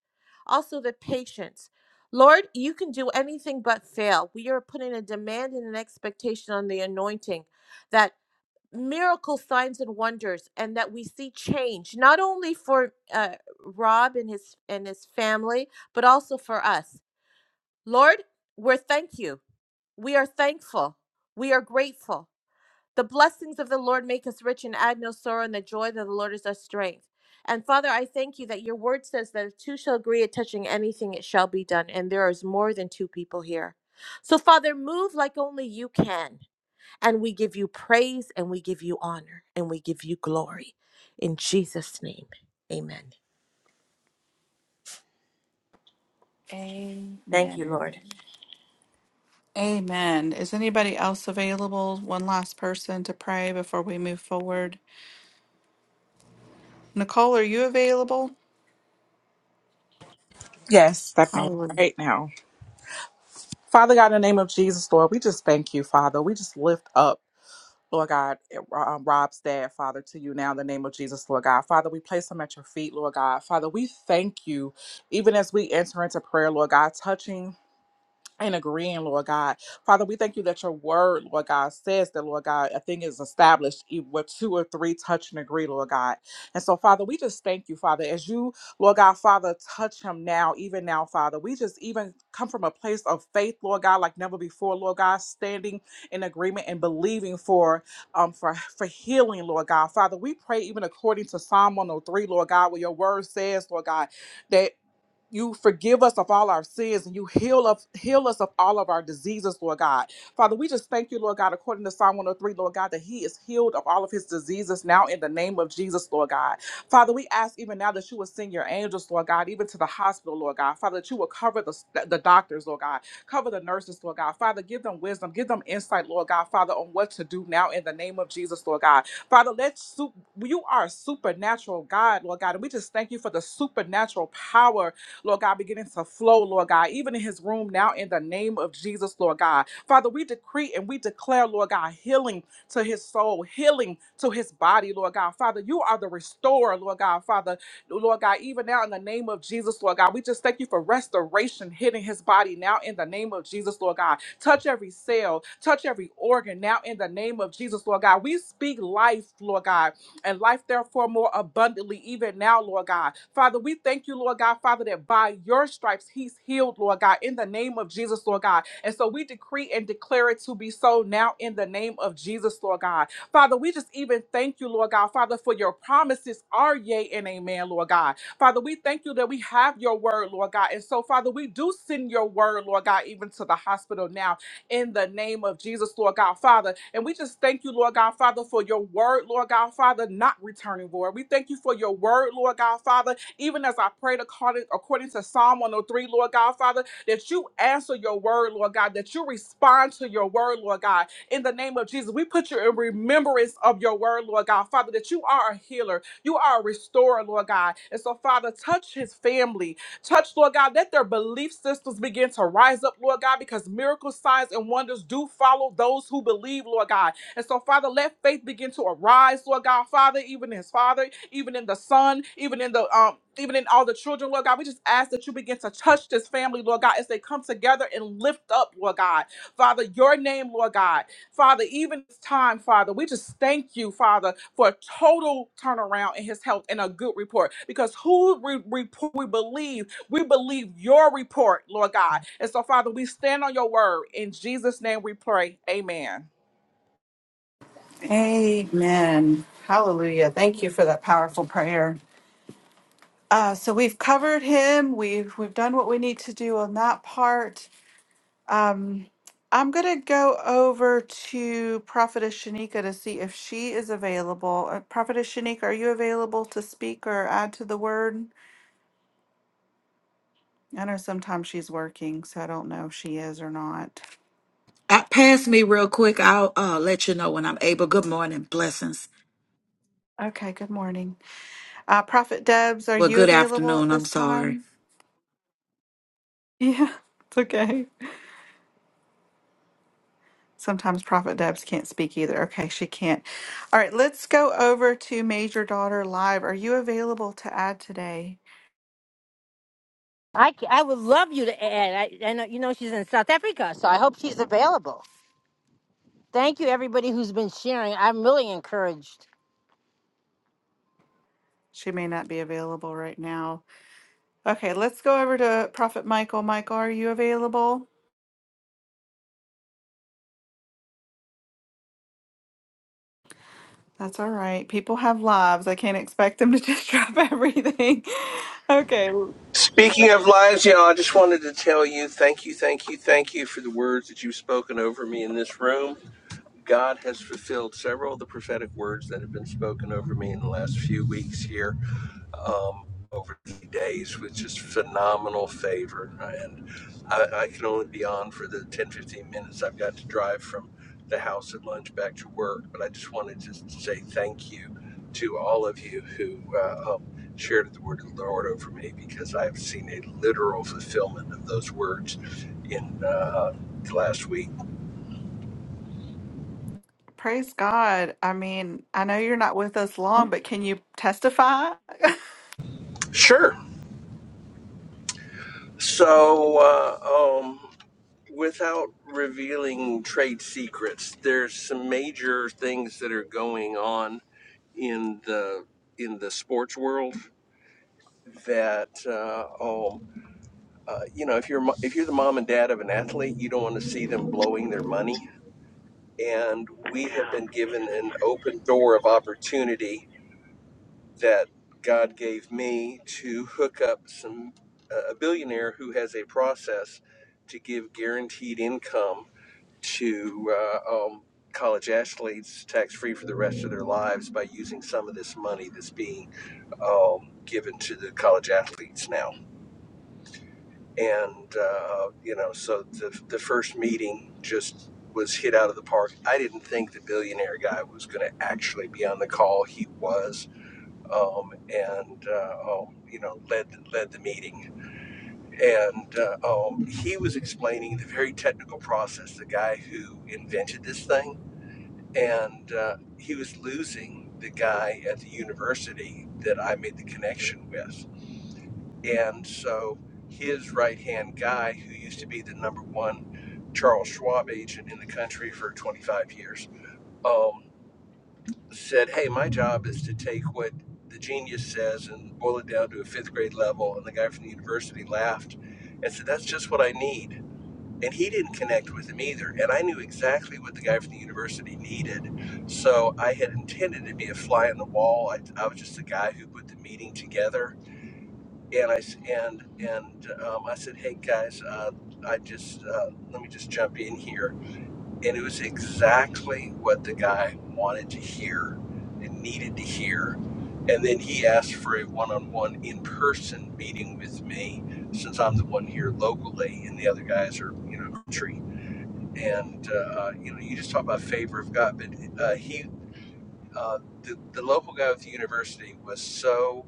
also the patients. Lord, you can do anything but fail. We are putting a demand and an expectation on the anointing that miracle signs and wonders and that we see change not only for uh, rob and his and his family but also for us lord we're thank you we are thankful we are grateful the blessings of the lord make us rich and add no sorrow and the joy of the lord is our strength and father i thank you that your word says that if two shall agree at touching anything it shall be done and there is more than two people here so father move like only you can and we give you praise and we give you honor and we give you glory. In Jesus' name, amen. Mm, Thank you, Amen. Lord. Amen. Is anybody else available? One last person to pray before we move forward. Nicole, are you available? Yes, stepping on it Hallelujah. right now. Father God, in the name of Jesus, Lord, we just thank you, Father. We just lift up, Lord God, um, Rob's dad, Father, to you now in the name of Jesus, Lord God. Father, we place him at your feet, Lord God. Father, we thank you, even as we enter into prayer, Lord God, touching and agreeing, Lord God. Father, we thank you that your word, Lord God, says that, Lord God, a thing is established e- where two or three touch and agree, Lord God. And so, Father, we just thank you, Father, as you, Lord God, Father, touch him now, even now, Father. We just even come from a place of faith, Lord God, like never before, Lord God, standing in agreement and believing for um for, for healing, Lord God. Father, we pray even according to Psalm 103, Lord God, where your word says, Lord God, that you forgive us of all our sins and you heal us heal us of all of our diseases lord god father we just thank you lord god according to psalm 103 lord god that he is healed of all of his diseases now in the name of jesus lord god father we ask even now that you would send your angels lord god even to the hospital lord god father that you will cover the, the doctors lord god cover the nurses lord god father give them wisdom give them insight lord god father on what to do now in the name of jesus lord god father let's you are a supernatural god lord god and we just thank you for the supernatural power Lord God, beginning to flow, Lord God, even in his room now in the name of Jesus, Lord God. Father, we decree and we declare, Lord God, healing to his soul, healing to his body, Lord God. Father, you are the restorer, Lord God. Father, Lord God, even now in the name of Jesus, Lord God, we just thank you for restoration hitting his body now in the name of Jesus, Lord God. Touch every cell, touch every organ now in the name of Jesus, Lord God. We speak life, Lord God and life therefore more abundantly even now, Lord God. Father, we thank you, Lord God, Father, that by your stripes he's healed, Lord God, in the name of Jesus, Lord God. And so we decree and declare it to be so now in the name of Jesus, Lord God. Father, we just even thank you, Lord God, Father, for your promises are yea and amen, Lord God. Father, we thank you that we have your word, Lord God. And so, Father, we do send your word, Lord God, even to the hospital now in the name of Jesus, Lord God, Father. And we just thank you, Lord God, Father, for your word, Lord God, Father, not returning, Lord. We thank you for your word, Lord God, Father, even as I prayed according, according to Psalm 103, Lord God, Father, that you answer your word, Lord God, that you respond to your word, Lord God, in the name of Jesus. We put you in remembrance of your word, Lord God, Father, that you are a healer, you are a restorer, Lord God. And so, Father, touch his family, Touch, Lord God, let their belief systems begin to rise up, Lord God, because miracles, signs, and wonders do follow those who believe, Lord God. And so, Father, let faith begin to arise, Lord God, Father, even in his father, even in the son, even in the um, even in all the children, Lord God. We just ask that you begin to touch this family, Lord God, as they come together and lift up, Lord God. Father, your name, Lord God. Father, even this time, Father, we just thank you, Father, for a total turnaround in his health and a good report. Because who we, we, we believe we believe your report, Lord God. And so, Father, we stand on your word. In Jesus' name we pray. Amen. Amen. Hallelujah. Thank you for that powerful prayer. Uh, so we've covered him. We've we've done what we need to do on that part. Um, I'm gonna go over to Prophetess Shanika to see if she is available. Uh, Prophetess Shanika, are you available to speak or add to the word? I know sometimes she's working, so I don't know if she is or not. Uh, pass me real quick. I'll uh, let you know when I'm able. Good morning. Blessings. Okay, good morning. Uh, Prophet Debs, are Well, you good available at afternoon. I'm this sorry. time? Yeah, it's okay. Sometimes Prophet Debs can't speak either. Okay, she can't. All right, let's go over to Major Daughter Live. Are you available to add today? I, c- I would love you to add. I, I know you know she's in South Africa, so I hope she's available. Thank you, everybody who's been sharing. I'm really encouraged. She may not be available right now. Okay, let's go over to Prophet Michael. Michael, are you available? That's all right. People have lives. I can't expect them to just drop everything. Okay, well, Speaking of lives, y'all, I just wanted to tell you thank you, thank you, thank you for the words that you've spoken over me in this room. God has fulfilled several of the prophetic words that have been spoken over me in the last few weeks here um, over the days with just phenomenal favor. And I, I can only be on for the 10, 15 minutes I've got to drive from the house at lunch back to work. But I just wanted to just say thank you to all of you who uh, um, shared the word of the Lord over me because I have seen a literal fulfillment of those words in uh, last week. praise God. I mean, I know you're not with us long, but can you testify? Sure. So, uh, um, without revealing trade secrets, there's some major things that are going on in the in the sports world that uh, um, uh, you know if you're if you're the mom and dad of an athlete, you don't want to see them blowing their money. And we have been given an open door of opportunity that God gave me to hook up some a billionaire who has a process to give guaranteed income to uh, um, college athletes tax free for the rest of their lives by using some of this money that's being um, given to the college athletes now. And, uh, you know, so the, the first meeting just was hit out of the park. I didn't think the billionaire guy was going to actually be on the call. He was, um, and, uh, um, you know, led, led the meeting. And uh, um, he was explaining the very technical process, the guy who invented this thing and uh, he was losing the guy at the university that I made the connection with. And so his right hand guy, who used to be the number one Charles Schwab agent in the country for 25 years, um, said, Hey, my job is to take what the genius says and boil it down to a fifth grade level. And the guy from the university laughed and said, That's just what I need and he didn't connect with him either. And I knew exactly what the guy from the university needed, so I had intended to be a fly on the wall. I, I was just the guy who put the meeting together, and I s- and and um, I said, "Hey guys, uh, I just uh, let me just jump in here," and it was exactly what the guy wanted to hear and needed to hear. And then he asked for a one-on-one in-person meeting with me, since I'm the one here locally, and the other guys are, you know, trees and uh, uh, you know, you just talk about favor of God, but uh, he, uh, the, the local guy at the university was so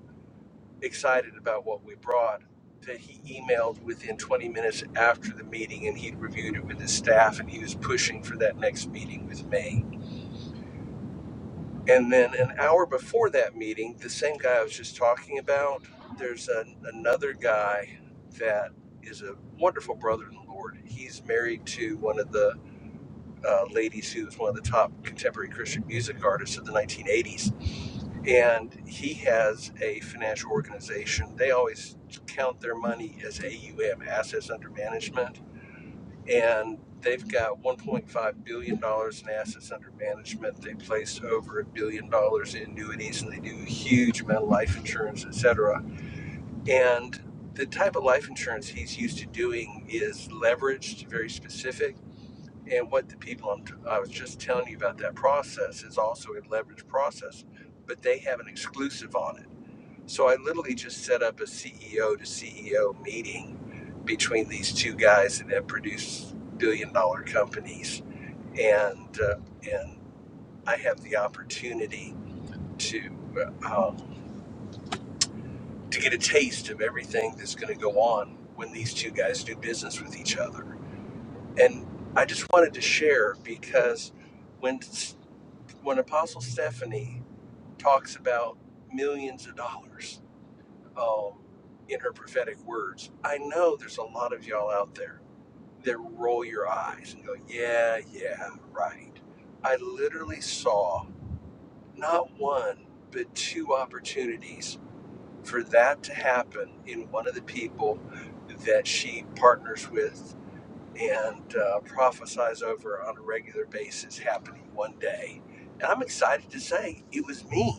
excited about what we brought that he emailed within 20 minutes after the meeting and he'd reviewed it with his staff and he was pushing for that next meeting with me. And then an hour before that meeting, the same guy I was just talking about, there's an another guy that is a wonderful brother in the Lord. He's married to one of the uh, ladies who was one of the top contemporary Christian music artists of the 1980s. And he has a financial organization. They always count their money as AUM, assets under management. And they've got $1.5 billion dollars in assets under management. They place over a billion dollars in annuities and they do a huge amount of life insurance, et cetera. And the type of life insurance he's used to doing is leveraged, very specific and what the people I'm t- I was just telling you about that process is also a leverage process, but they have an exclusive on it. So I literally just set up a CEO to CEO meeting between these two guys that have produced billion dollar companies, and uh, and I have the opportunity to uh, um, to get a taste of everything that's going to go on when these two guys do business with each other. And I just wanted to share because when when Apostle Stephanie talks about millions of dollars um, in her prophetic words, I know there's a lot of y'all out there that roll your eyes and go, yeah, yeah, right. I literally saw not one, but two opportunities for that to happen in one of the people that she partners with and uh, prophesies over on a regular basis happening one day. And I'm excited to say it was me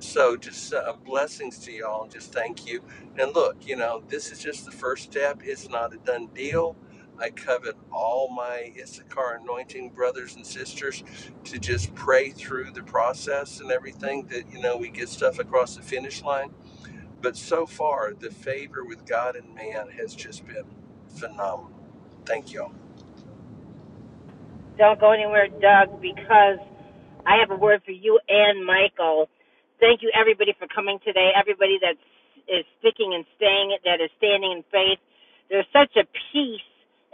So just uh, blessings to y'all and just thank you. And look, you know, this is just the first step. It's not a done deal. I covet all my Issachar anointing brothers and sisters to just pray through the process and everything that, you know, we get stuff across the finish line. But so far, the favor with God and man has just been phenomenal. Thank y'all. Don't go anywhere, Doug, because I have a word for you and Michael. Thank you, everybody, for coming today. Everybody that is sticking and staying, that is standing in faith. There's such a peace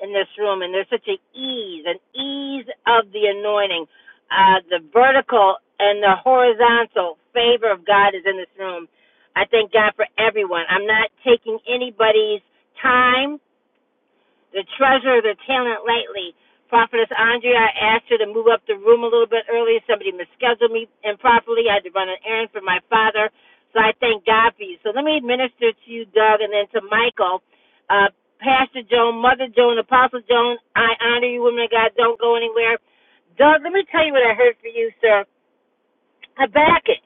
in this room, and there's such an ease, an ease of the anointing. Uh, the vertical and the horizontal favor of God is in this room. I thank God for everyone. I'm not taking anybody's time. the treasurer of the talent lately. Prophetess Andrea, I asked her to move up the room a little bit earlier. Somebody misscheduled me improperly. I had to run an errand for my father. So I thank God for you. So let me minister to you, Doug, and then to Michael. Uh, Pastor Joan, Mother Joan, Apostle Joan, I honor you, women of God. Don't go anywhere. Doug, let me tell you what I heard for you, sir. Habakkuk.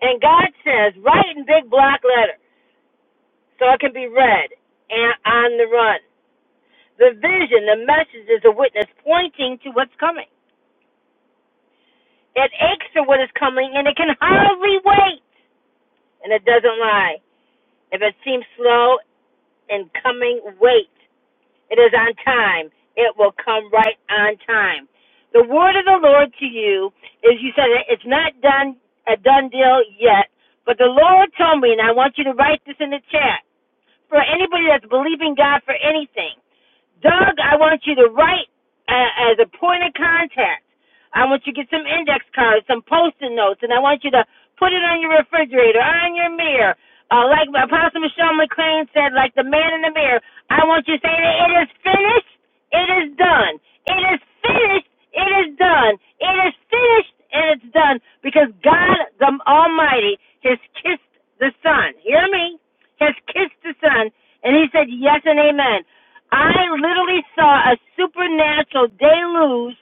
And God says, write in big block letters so it can be read and on the run. The vision, the message is a witness pointing to what's coming. It aches for what is coming and it can hardly wait. And it doesn't lie. If it seems slow in coming, wait. It is on time. It will come right on time. The word of the Lord to you is you said it- it's not done a done deal yet, but the Lord told me, and I want you to write this in the chat for anybody that's believing God for anything. Doug, I want you to write uh, as a point of contact. I want you to get some index cards, some post-it notes, and I want you to put it on your refrigerator, on your mirror. Uh, like Apostle Michelle McLean said, like the man in the mirror, I want you to say that it is finished, it is done. It is finished, it is done. It is finished, and it's done. Because God the Almighty has kissed the Son. Hear me? Has kissed the Son, and He said yes and amen. I literally saw a supernatural deluge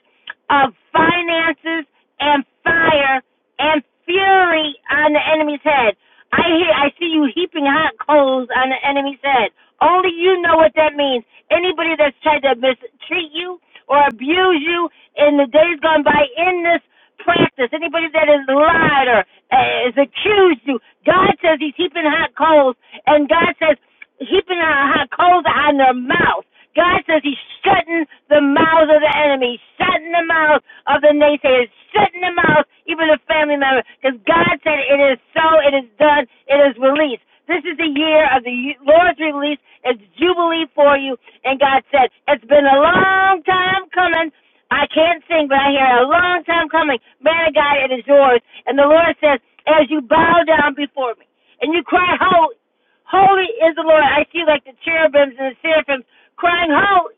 of finances and fire and fury on the enemy's head. I hear, I see you heaping hot coals on the enemy's head. Only you know what that means. Anybody that's tried to mistreat you or abuse you in the days gone by in this practice, anybody that has lied or uh, has accused you, God says He's heaping hot coals, and God says keeping her, coals on their mouth. God says He's shutting the mouth of the enemy, shutting the mouth of the naysayers, shutting the mouth even of family members, because God said it is so, it is done, it is released. This is the year of the Lord's release. It's jubilee for you, and God said it's been a long time coming. I can't sing, but I hear a long time coming. Man of God, it is yours. And the Lord says, as you bow down before me and you cry holy, Holy is the Lord. I see like the cherubims and the seraphims crying, Holy,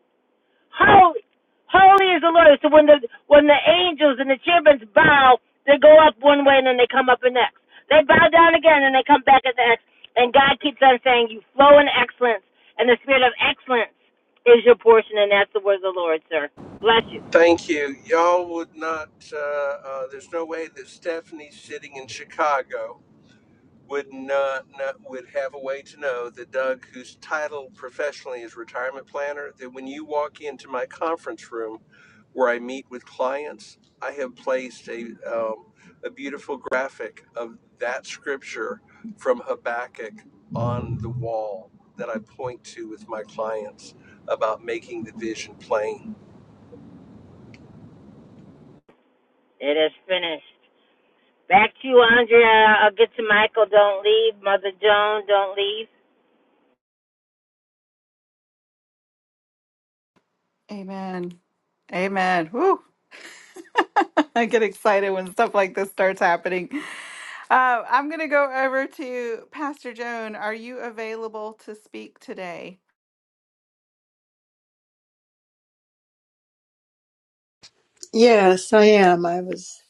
holy, holy is the Lord. So when the when the angels and the cherubims bow, they go up one way and then they come up the X. They bow down again and they come back at the X. And God keeps on saying, You flow in excellence, and the spirit of excellence is your portion, and that's the word of the Lord, sir. Bless you. Thank you. Y'all would not, uh, uh, there's no way that Stephanie's sitting in Chicago would not, not would have a way to know that Doug, whose title professionally is retirement planner, that when you walk into my conference room where I meet with clients, I have placed a um, a beautiful graphic of that scripture from Habakkuk on the wall that I point to with my clients about making the vision plain. It is finished. Back to you, Andrea. I'll get to Michael. Don't leave. Mother Joan, don't leave. Amen. Amen. Woo. I get excited when stuff like this starts happening. Uh, I'm going to go over to Pastor Joan. Are you available to speak today? Yes, I am. I was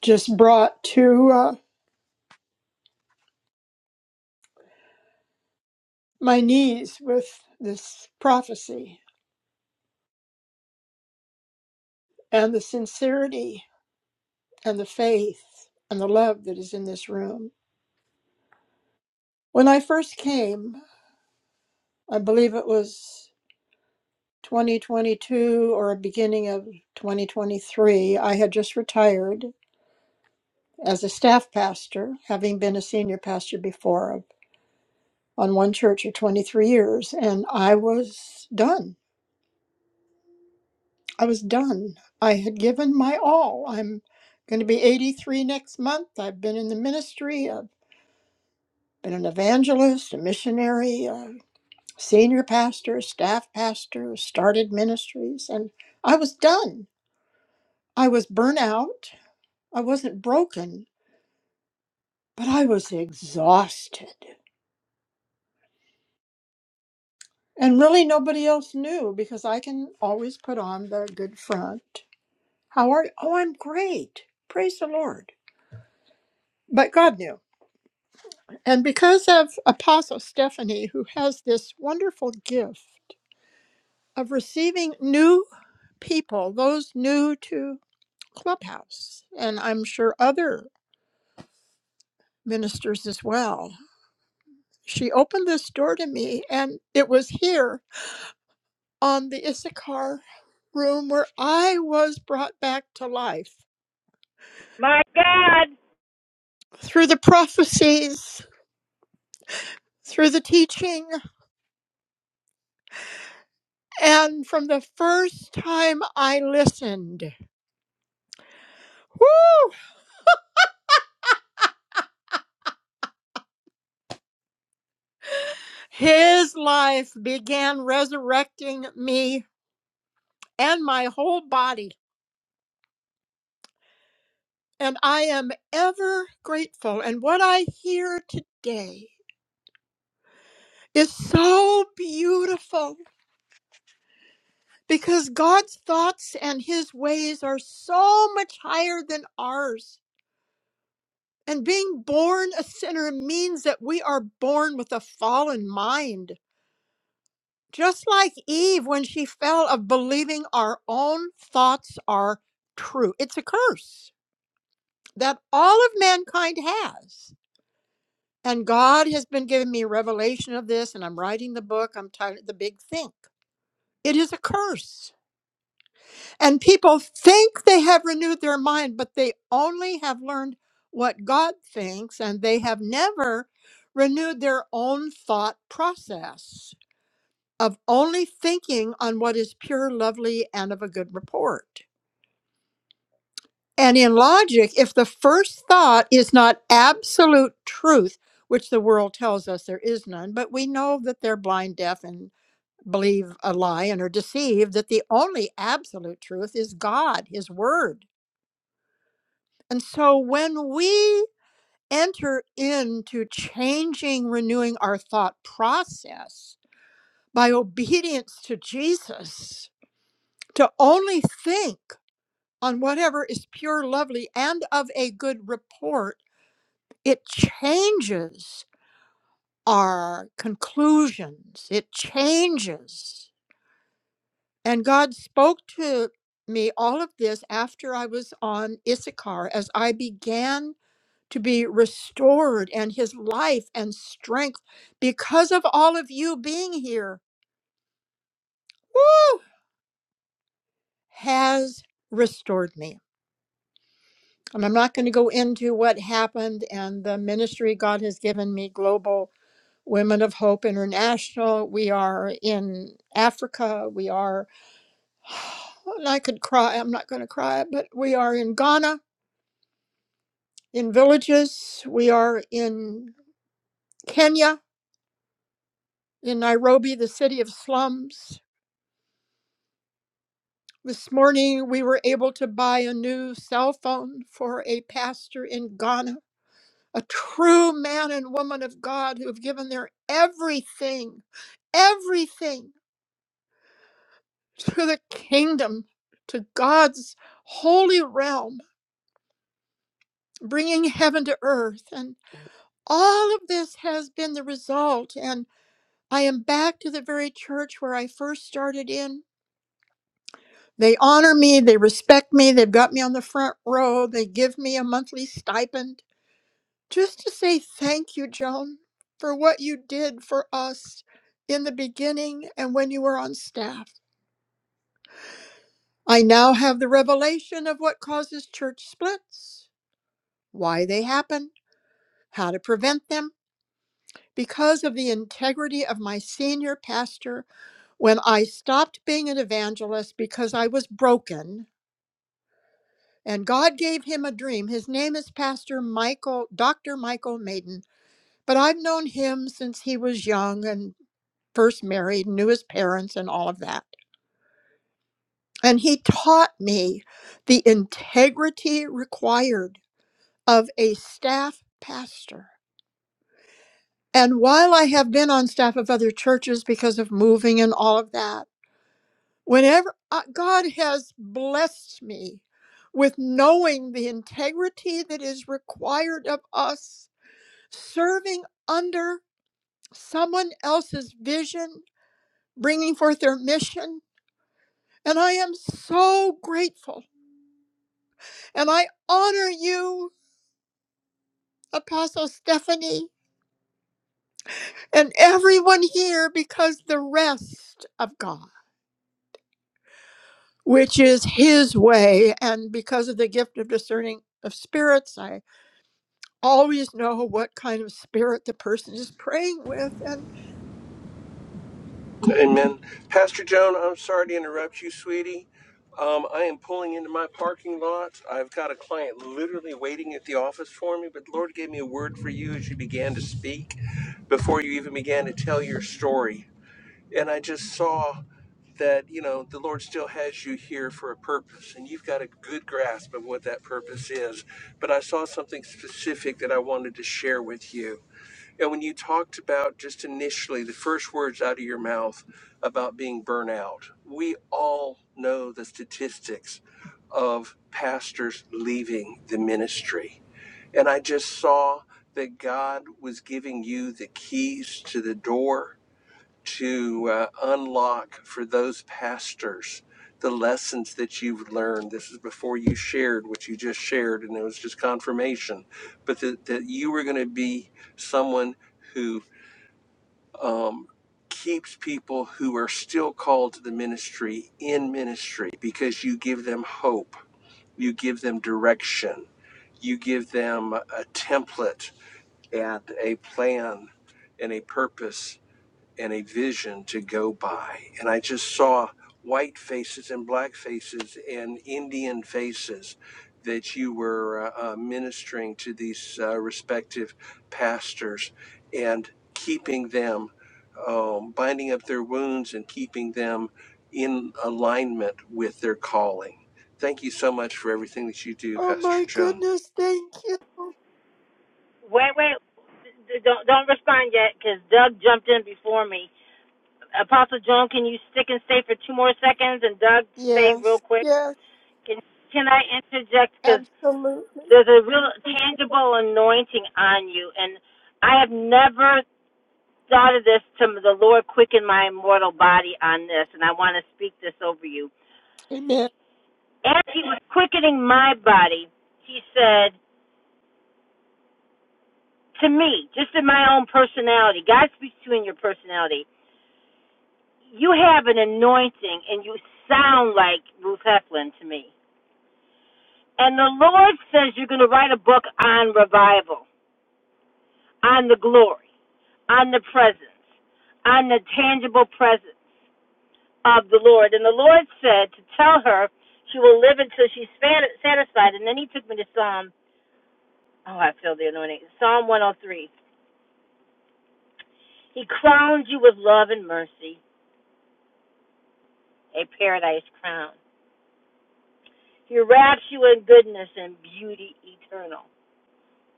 just brought to uh, my knees with this prophecy and the sincerity and the faith and the love that is in this room. When I first came, I believe it was 2022 or beginning of 2023, I had just retired as a staff pastor, having been a senior pastor before of- on one church for 23 years, and I was done. I was done. I had given my all. I'm going to be 83 next month. I've been in the ministry. I've been an evangelist, a missionary, a senior pastor, staff pastor, started ministries, and I was done. I was burnt out. I wasn't broken, but I was exhausted. And really, nobody else knew because I can always put on the good front. How are you? Oh, I'm great. Praise the Lord. But God knew. And because of Apostle Stephanie, who has this wonderful gift of receiving new people, those new to Clubhouse, and I'm sure other ministers as well, she opened this door to me. And it was here on the Issachar room where I was brought back to life My God. through the prophecies. Through the teaching, and from the first time I listened, whoo! His life began resurrecting me and my whole body, and I am ever grateful. And what I hear today is so beautiful because God's thoughts and his ways are so much higher than ours. And being born a sinner means that we are born with a fallen mind. Just like Eve when she fell of believing our own thoughts are true. It's a curse. that all of mankind has. And God has been giving me revelation of this, and I'm writing the book. I'm tired of the big think. It is a curse. And people think they have renewed their mind, but they only have learned what God thinks, and they have never renewed their own thought process of only thinking on what is pure, lovely, and of a good report. And in logic, if the first thought is not absolute truth, which the world tells us there is none, but we know that they're blind, deaf, and believe a lie and are deceived, that the only absolute truth is God, His Word. And so when we enter into changing, renewing our thought process by obedience to Jesus, to only think on whatever is pure, lovely, and of a good report it changes our conclusions. It changes. And God spoke to me all of this after I was on Issachar as I began to be restored and his life and strength because of all of you being here. Woo! Has restored me. And I'm not going to go into what happened and the ministry God has given me global Women of Hope International. We are in Africa. We are, and I could cry, I'm not going to cry, but we are in Ghana, in villages. We are in Kenya, in Nairobi, the city of slums. This morning, we were able to buy a new cell phone for a pastor in Ghana, a true man and woman of God who have given their everything, everything through the kingdom to God's holy realm, bringing heaven to earth. And all of this has been the result. And I am back to the very church where I first started in. They honor me, they respect me, they've got me on the front row, they give me a monthly stipend. Just to say thank you, Joan, for what you did for us in the beginning and when you were on staff. I now have the revelation of what causes church splits why they happen, how to prevent them. Because of the integrity of my senior pastor, when I stopped being an evangelist because I was broken, and God gave him a dream. His name is Pastor Michael, Dr. Michael Maiden, but I've known him since he was young and first married, knew his parents and all of that. And he taught me the integrity required of a staff pastor And while I have been on staff of other churches because of moving and all of that, whenever uh, God has blessed me with knowing the integrity that is required of us, serving under someone else's vision, bringing forth their mission. And I am so grateful. And I honor you, Apostle Stephanie, and everyone here because the rest of God. which is his way. And because of the gift of discerning of spirits, I always know what kind of spirit the person is praying with. And Amen. Pastor Joan, I'm sorry to interrupt you, sweetie. Um, I am pulling into my parking lot. I've got a client literally waiting at the office for me, but the Lord gave me a word for you as you began to speak before you even began to tell your story. And I just saw that, you know, the Lord still has you here for a purpose, and you've got a good grasp of what that purpose is. But I saw something specific that I wanted to share with you. Yeah, when you talked about just initially the first words out of your mouth about being burnt out, we all know the statistics of pastors leaving the ministry. And I just saw that God was giving you the keys to the door to uh, unlock for those pastors the lessons that you've learned. This is before you shared what you just shared, and it was just confirmation, but that, that you were going to be someone who um, keeps people who are still called to the ministry in ministry because you give them hope, you give them direction, you give them a template and a plan and a purpose and a vision to go by. And I just saw white faces and black faces and Indian faces that you were uh, uh, ministering to these uh, respective pastors and keeping them, um, binding up their wounds and keeping them in alignment with their calling. Thank you so much for everything that you do, oh Pastor my Joan. goodness, thank you. Wait, wait. Don't don't respond yet, because Doug jumped in before me. Apostle Joan, can you stick and stay for two more seconds? And Doug, stay real Yes, quick. yes, Can can I interject? Because absolutely. there's a real tangible anointing on you, and I have never thought of this. To the Lord quicken my mortal body on this, and I want to speak this over you. Amen. As He was quickening my body, He said to me, just in my own personality, God speaks to you in your personality You have an anointing and you sound like Ruth Heflin to me. And the Lord says you're going to write a book on revival, on the glory, on the presence, on the tangible presence of the Lord. And the Lord said to tell her she will live until she's satisfied. And then he took me to Psalm, oh, I feel the anointing, Psalm 103. He crowns you with love and mercy, a paradise crown. He wraps you in goodness and beauty eternal.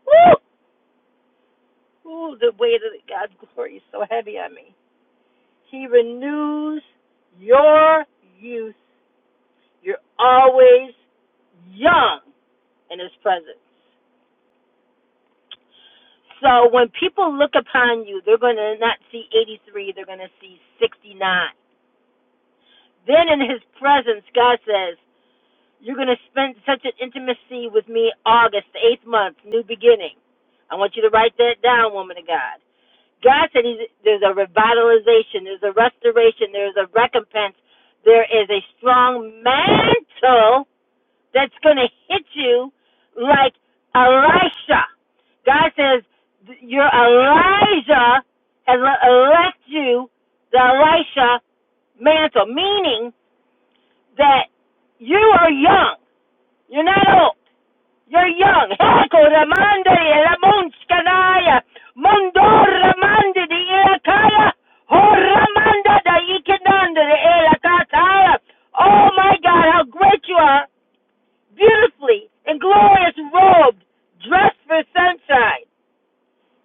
Woo! Ooh, the weight of God's glory is so heavy on me. He renews your youth. You're always young in His presence. So when people look upon you, they're going to not see 83, they're going to see 69. Then in His presence, God says, You're going to spend such an intimacy with me, August, the eighth month, new beginning. I want you to write that down, woman of God. God said he's, there's a revitalization, there's a restoration, there's a recompense, there is a strong mantle that's going to hit you like Elisha. God says, Your Elijah has left you the Elisha mantle, meaning that you are young, you're not old. You're young. Heko ramande la munskanaya. Mundor ramande di ilakaya. Ho ramanda da ikinanda de ilakataya. Oh my God, how great you are. Beautifully and glorious robed, dressed for sunshine.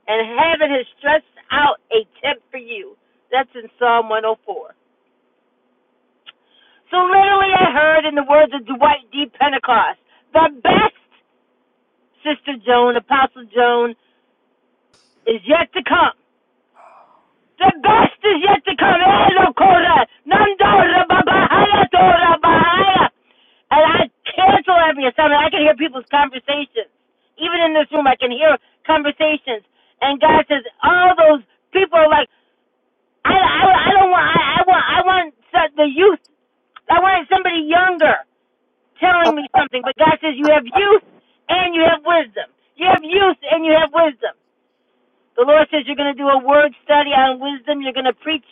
And heaven has stretched out a tent for you. That's in Psalm 104. So literally I heard in the words of Dwight D. Pentecost, the best Sister Joan, Apostle Joan, is yet to come. The best is yet to come. Elokora, Nandora, Babahaya, Dora, Bahaya. And I cancel every assignment. I can hear people's conversations. Even in this room, I can hear conversations. And God says, all those people are like, I, I, I don't want, I, I want, I want so- the youth. I wanted somebody younger telling me something. But God says, you have youth and you have wisdom. You have youth and you have wisdom. The Lord says you're going to do a word study on wisdom. You're going to preach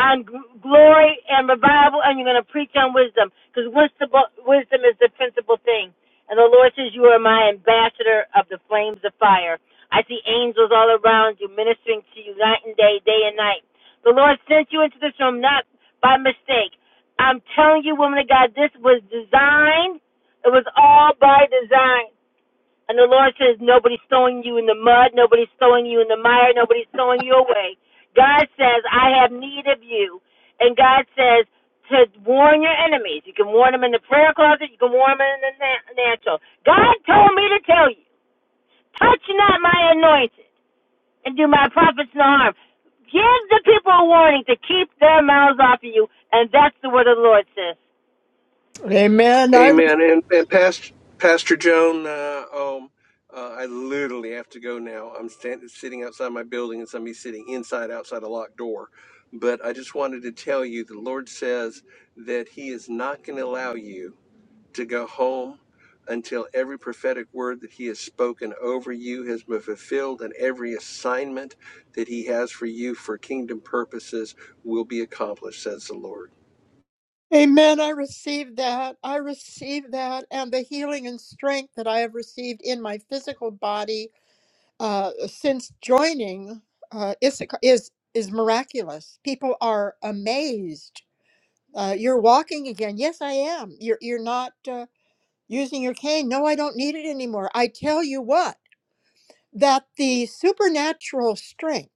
on g- glory and revival, and you're going to preach on wisdom because wisdom is the principal thing. And the Lord says you are my ambassador of the flames of fire. I see angels all around you ministering to you night and day, day and night. The Lord sent you into this room not by mistake. I'm telling you, woman of God, this was designed. It was all by design. And the Lord says, nobody's throwing you in the mud, nobody's throwing you in the mire, nobody's throwing you away. God says, I have need of you. And God says, to warn your enemies. You can warn them in the prayer closet, you can warn them in the na- natural. God told me to tell you, touch not my anointed and do my prophets no harm. Give the people a warning to keep their mouths off of you. And that's the word of the Lord says. Amen. I re- Amen. And and Pastor Pastor Joan, uh, um, uh, I literally have to go now. I'm standing sitting outside my building, and somebody's sitting inside outside a locked door. But I just wanted to tell you, the Lord says that He is not going to allow you to go home until every prophetic word that He has spoken over you has been fulfilled, and every assignment that He has for you for kingdom purposes will be accomplished. Says the Lord. amen. I receive that. I receive that, and the healing and strength that I have received in my physical body uh, since joining uh, Issachar is is miraculous. People are amazed Uh, you're walking again. Yes, I am. You're you're not uh, using your cane. No, I don't need it anymore. I tell you what, that the supernatural strength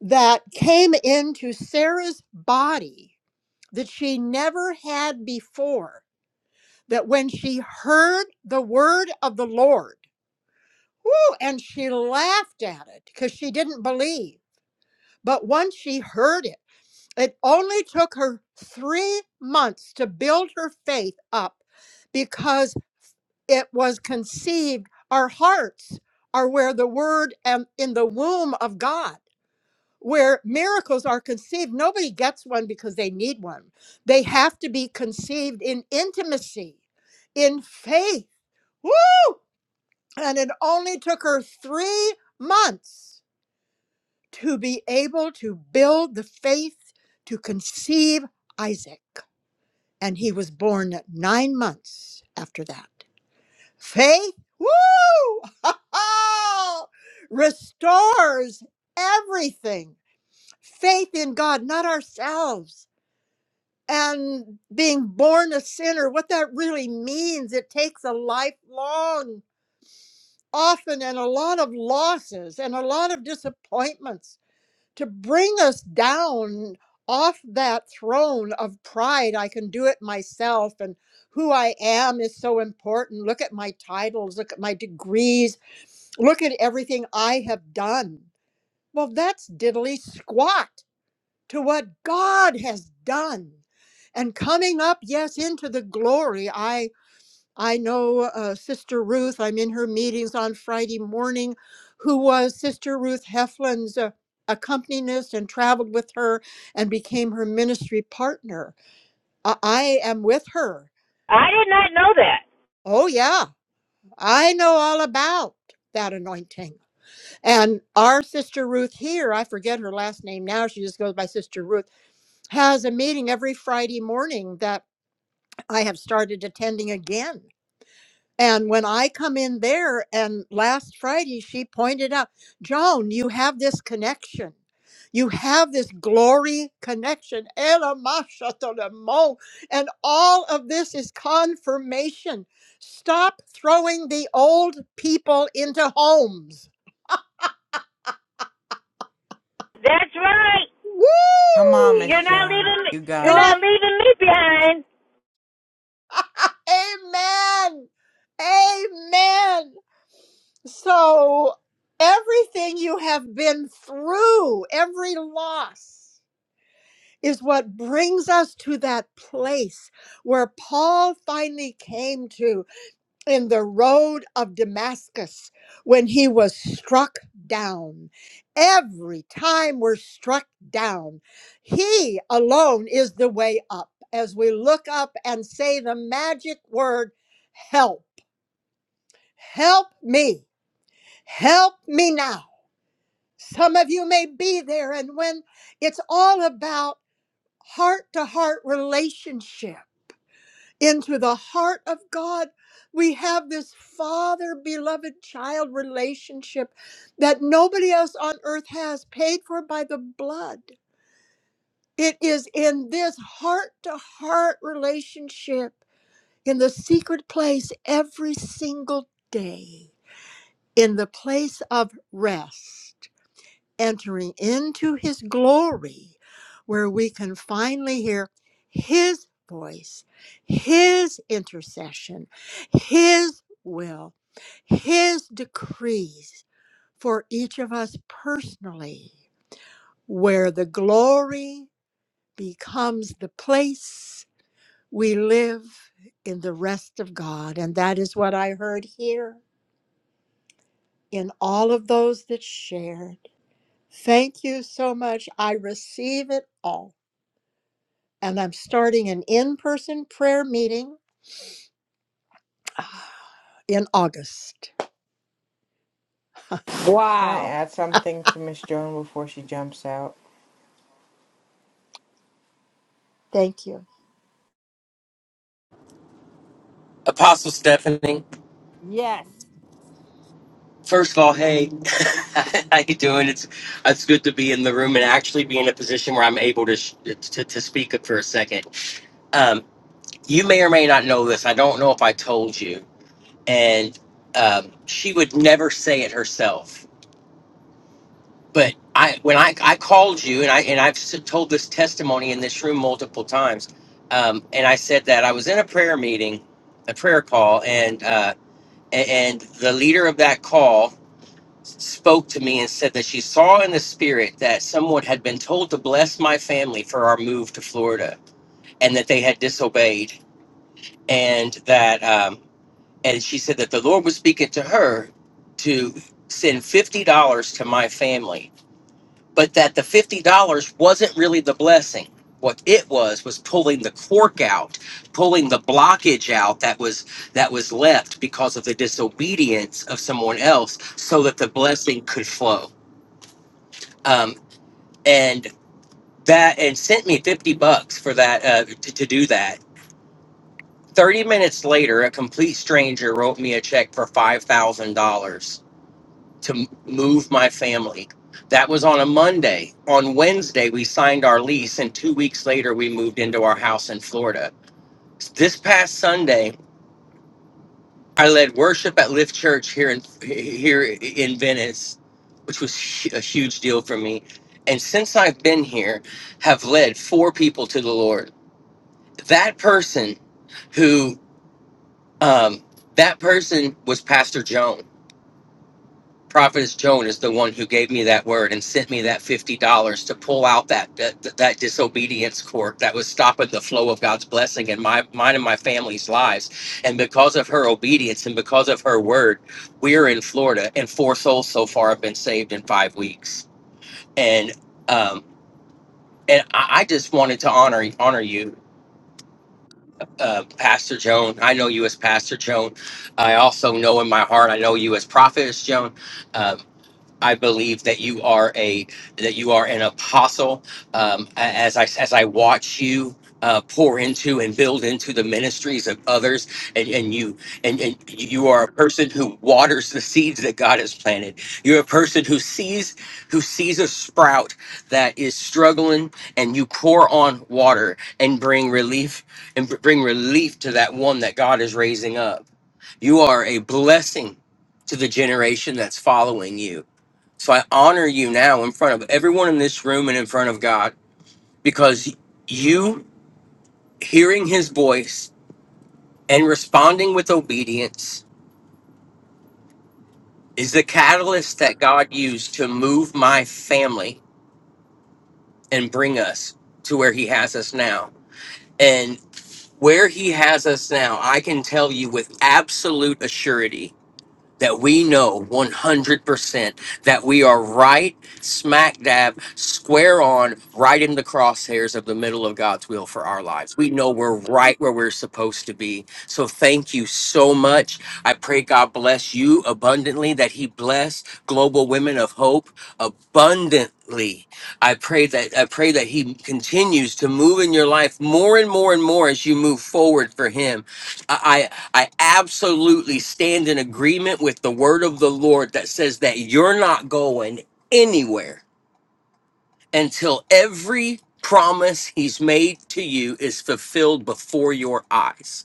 that came into Sarah's body that she never had before, that when she heard the word of the Lord, whoo, and she laughed at it because she didn't believe. But once she heard it, it only took her three months to build her faith up because. it was conceived our hearts are where the word and in the womb of god where miracles are conceived nobody gets one because they need one they have to be conceived in intimacy in faith Woo! and it only took her 3 months to be able to build the faith to conceive isaac and he was born 9 months after that Faith, woo, restores everything. Faith in God, not ourselves. And being born a sinner, what that really means, it takes a lifelong, often, and a lot of losses and a lot of disappointments to bring us down off that throne of pride. I can do it myself, and who I am is so important. Look at my titles, look at my degrees Look at everything I have done. Well, that's diddly squat to what God has done. And coming up, yes, into the glory. I I know uh, Sister Ruth. I'm in her meetings on Friday morning. Who was Sister Ruth Heflin's uh, accompanist and traveled with her and became her ministry partner. I, I am with her. I did not know that. Oh yeah, I know all about that anointing. And our sister Ruth here, I forget her last name now, she just goes by Sister Ruth, has a meeting every Friday morning that I have started attending again. And when I come in there, and last Friday, she pointed out, Joan, you have this connection. You have this glory connection. Ela masha to the mo. And all of this is confirmation. Stop throwing the old people into homes. That's right. Come on, Woo! Miss You're not Joan. leaving me. You got You're it. God. not leaving me behind. Amen. Amen. So, everything you have been through, every loss, is what brings us to that place where Paul finally came to. in the road of Damascus when he was struck down. Every time we're struck down, he alone is the way up. As we look up and say the magic word, help, help me, help me now. Some of you may be there, and when it's all about heart to heart relationship into the heart of God. We have this father beloved child relationship that nobody else on earth has, paid for by the blood. It is in this heart to heart relationship in the secret place every single day, in the place of rest entering into his glory, where we can finally hear his voice, his intercession, his will, his decrees for each of us personally, where the glory becomes the place we live in the rest of God. And that is what I heard here in all of those that shared. Thank you so much. I receive it all. and I'm starting an in person prayer meeting ah, in August. Can I add something to Miss Joan before she jumps out? Thank you. Apostle Stephanie, first of all, hey, how you doing? It's it's good to be in the room and actually be in a position where I'm able to sh- to, to speak for a second. Um, you may or may not know this. I don't know if I told you, and um, she would never say it herself. But I when I, I called you and I and I've s- told this testimony in this room multiple times, um, and I said that I was in a prayer meeting, a prayer call, and uh, a- and the leader of that call. spoke to me and said that she saw in the spirit that someone had been told to bless my family for our move to Florida and that they had disobeyed. And that, um, and she said that the Lord was speaking to her to send $50 to my family, but that the $50 wasn't really the blessing. What it was was pulling the cork out, pulling the blockage out that was that was left because of the disobedience of someone else, so that the blessing could flow Um, and that and sent me 50 bucks for that uh, to, to do that 30 minutes later a complete stranger wrote me a check for $5000 to m- move my family that was on a monday on wednesday we signed our lease and two weeks later we moved into our house in florida this past sunday i led worship at lift church here in here in venice which was hu- a huge deal for me and since i've been here have led four people to the lord that person who um, that person was pastor joan prophetess joan is the one who gave me that word and sent me that $50 to pull out that that, that disobedience court that was stopping the flow of god's blessing in my mine and my family's lives and because of her obedience and because of her word we're in florida and four souls so far have been saved in five weeks and um and i, I just wanted to honor honor you uh, Pastor Joan. I know you as Pastor Joan. I also know in my heart, I know you as Prophetess Joan. Uh, I believe that you are a that you are an apostle. Um, a- as I as I watch you uh, pour into and build into the ministries of others, and, and you and, and you are a person who waters the seeds that God has planted. You're a person who sees who sees a sprout that is struggling, and you pour on water and bring relief and bring relief to that one that God is raising up. You are a blessing to the generation that's following you so I honor you now in front of everyone in this room and in front of God because you hearing his voice and responding with obedience is the catalyst that God used to move my family and bring us to where he has us now. And where he has us now, I can tell you with absolute assurity that we know 100% that we are right smack dab, square on, right in the crosshairs of the middle of God's will for our lives. We know we're right where we're supposed to be. So thank you so much. I pray God bless you abundantly, that He bless Global Women of Hope abundantly. I pray that I pray that He continues to move in your life more and more and more as you move forward for Him. I absolutely stand in agreement with the word of the Lord that says that you're not going anywhere until every promise he's made to you is fulfilled before your eyes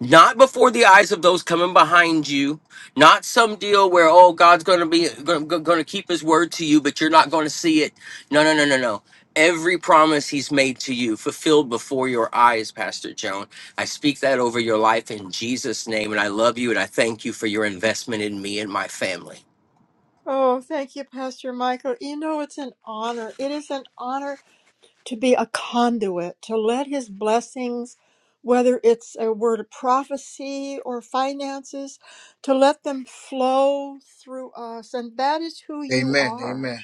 not before the eyes of those coming behind you not some deal where oh god's going to be going to keep his word to you but you're not going to see it no no no no no every promise he's made to you fulfilled before your eyes pastor joan i speak that over your life in jesus name and i love you and i thank you for your investment in me and my family Oh, thank you, Pastor Michael. You know, it's an honor. It is an honor to be a conduit, to let his blessings, whether it's a word of prophecy or finances, to let them flow through us. And that is who you Amen. are. Amen.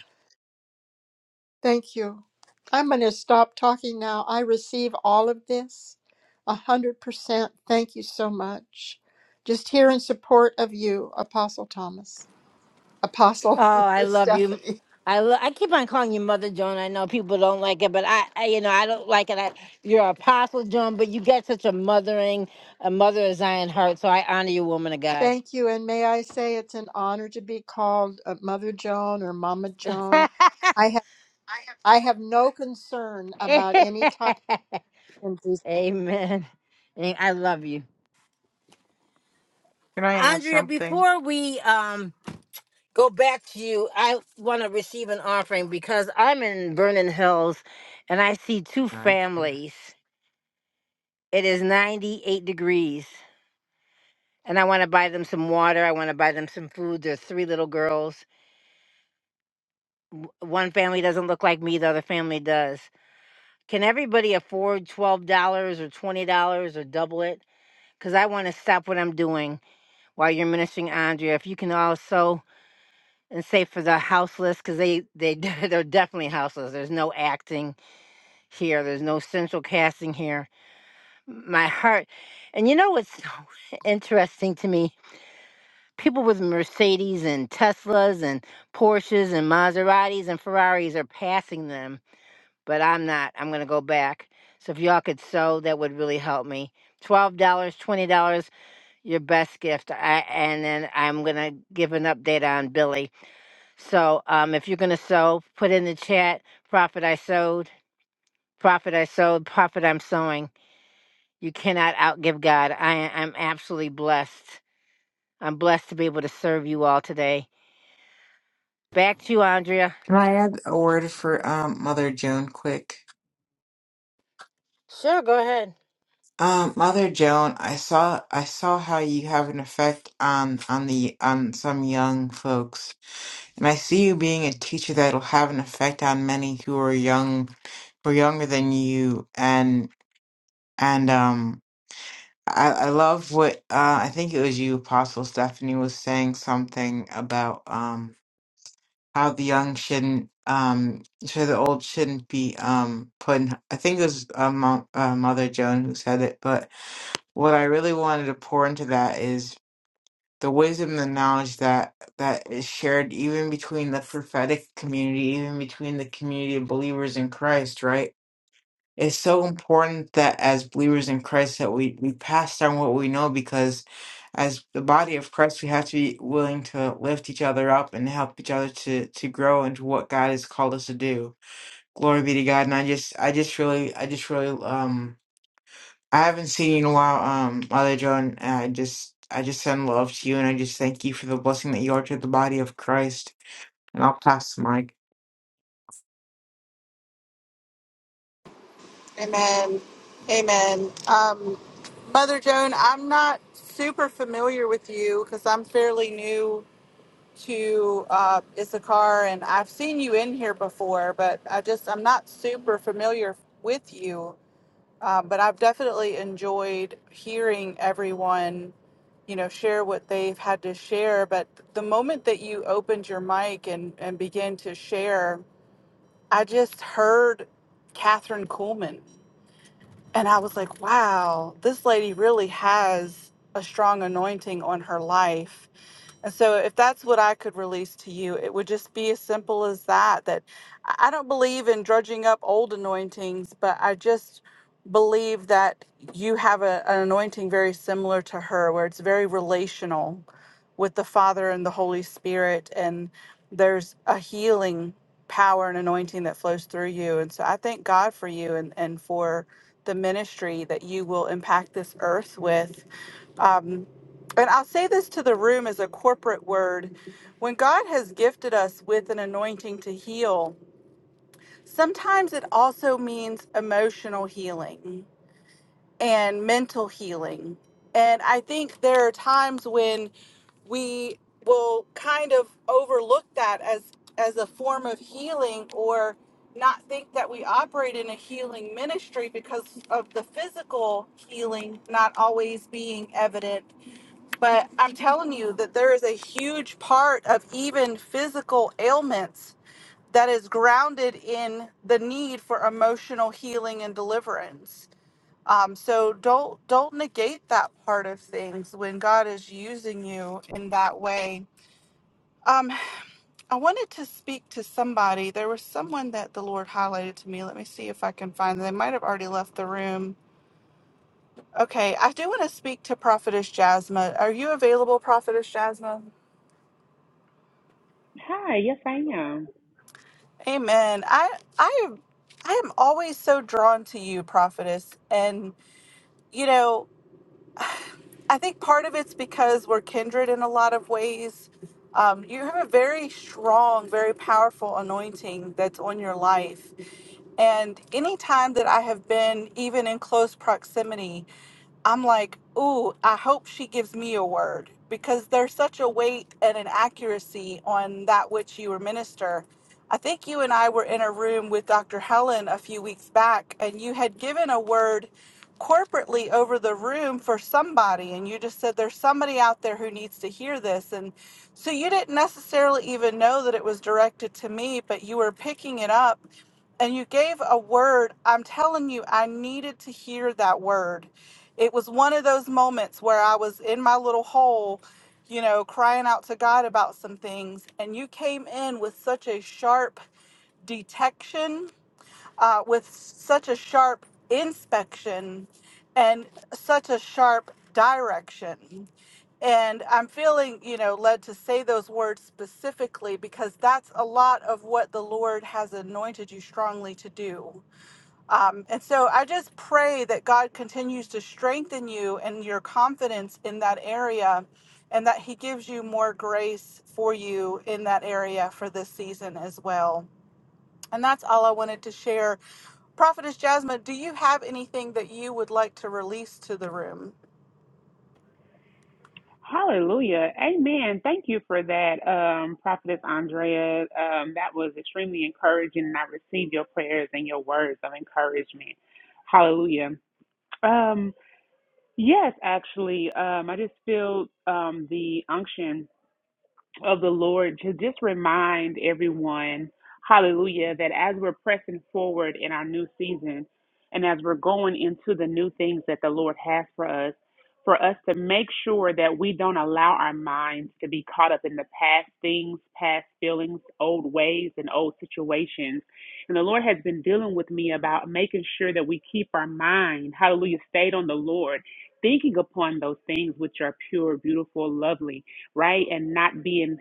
Thank you. I'm going to stop talking now. I receive all of this a 100%. Thank you so much. Just here in support of you, Apostle Thomas, Apostle Oh, I love you. Stephanie. I lo- I keep on calling you Mother Joan. I know people don't like it, but I, I you know I don't like it. I, you're Apostle Joan, but you got such a mothering, a mother of Zion heart. So I honor you, woman of God. Thank you. And may I say it's an honor to be called uh, Mother Joan or Mama Joan. I have, I have no concern about any title in Amen. And I love you, Can I add Andrea. something? Before we um go back to you, I want to receive an offering because I'm in Vernon Hills, and I see two Alright. families. It is 98 degrees and I want to buy them some water. I want to buy them some food. There's three little girls. W- One family doesn't look like me, the other family does. Can everybody afford $12 or $20 or double it? Because I want to stop what I'm doing while you're ministering, Andrea. If you can also, and say for the houseless, because they, they, they're definitely houseless. There's no acting here, there's no central casting here. My heart, and you know what's so interesting to me? people with Mercedes and Teslas and Porsches and Maseratis and Ferraris are passing them, but I'm not. I'm going to go back. So if y'all could sew, that would really help me. $12, dollars, $20, your best gift. I, and then I'm going to give an update on Billy. So um, if you're going to sew, put in the chat, Prophet I sewed, Prophet I sewed, Prophet I'm sewing. You cannot outgive God. I, I'm absolutely blessed. I'm blessed to be able to serve you all today. Back to you, Andrea. Can I add a word for um Mother Joan quick? Sure, go ahead. Um, Mother Joan, I saw I saw how you have an effect on on the on some young folks, and I see you being a teacher that'll have an effect on many who are young, who are younger than you, and and um. I, I love what uh, I think it was you, Apostle Stephanie, was saying something about um, how the young shouldn't, um, so the old shouldn't be um, put in. I think it was uh, Mo, uh, Mother Joan who said it, but what I really wanted to pour into that is the wisdom and knowledge that that is shared even between the prophetic community, even between the community of believers in Christ, right? it's so important that as believers in Christ that we we pass down what we know because as the body of Christ we have to be willing to lift each other up and help each other to to grow into what God has called us to do. Glory be to God. And I just I just really I just really um I haven't seen you in a while, um, Mother Joan, and I just I just send love to you and I just thank you for the blessing that you are to the body of Christ. And I'll pass the mic. Amen. Amen. Um, Mother Joan, I'm not super familiar with you because I'm fairly new to uh, Issachar and I've seen you in here before, but I just, I'm not super familiar with you. Um, but I've definitely enjoyed hearing everyone, you know, share what they've had to share. But the moment that you opened your mic and, and began to share, I just heard Catherine Kuhlman and I was like, wow, this lady really has a strong anointing on her life and so, if that's what I could release to you, it would just be as simple as that. That I I don't believe in drudging up old anointings, but I just believe that you have a, an anointing very similar to her, where it's very relational with the Father and the Holy Spirit. And there's a healing power and anointing that flows through you. And so, I thank God for you and, and for the ministry that you will impact this earth with. Um, and I'll say this to the room as a corporate word. When God has gifted us with an anointing to heal, sometimes it also means emotional healing and mental healing. And I think there are times when we will kind of overlook that as as a form of healing or not think that we operate in a healing ministry because of the physical healing not always being evident but I'm telling you that there is a huge part of even physical ailments that is grounded in the need for emotional healing and deliverance. Um, so don't don't negate that part of things when God is using you in that way. Um, I wanted to speak to somebody. There was someone that the Lord highlighted to me. Let me see if I can find them. They might have already left the room. Okay, I do want to speak to Prophetess Jasmine. Are you available, Prophetess Jasmine? Hi, yes, I am. Amen. I I am I am always so drawn to you, prophetess. And you know, I think part of it's because we're kindred in a lot of ways. Um, you have a very strong, very powerful anointing that's on your life. And any time that I have been even in close proximity I'm like, ooh, I hope she gives me a word because there's such a weight and an accuracy on that which you minister. I think you and I were in a room with Dr. Helen a few weeks back, and you had given a word corporately over the room for somebody, and you just said, There's somebody out there who needs to hear this. And so you didn't necessarily even know that it was directed to me, but you were picking it up and you gave a word. I'm telling you, I needed to hear that word. It was one of those moments where I was in my little hole, you know, crying out to God about some things. And you came in with such a sharp detection, uh, with such a sharp inspection, and such a sharp direction. And I'm feeling, you know, led to say those words specifically because that's a lot of what the Lord has anointed you strongly to do um, and so I just pray that God continues to strengthen you and your confidence in that area and that He gives you more grace for you in that area for this season as well. And that's all I wanted to share. Prophetess Jasmine, do you have anything that you would like to release to the room? Hallelujah. Amen. Thank you for that, um, Prophetess Andrea. Um, that was extremely encouraging, and I received your prayers and your words of encouragement. Hallelujah. Um, yes, actually, um, I just feel um, the unction of the Lord to just remind everyone, hallelujah, that as we're pressing forward in our new season and as we're going into the new things that the Lord has for us, for us to make sure that we don't allow our minds to be caught up in the past things, past feelings, old ways, and old situations. And the Lord has been dealing with me about making sure that we keep our mind, hallelujah, stayed on the Lord, thinking upon those things which are pure, beautiful, lovely right? And not being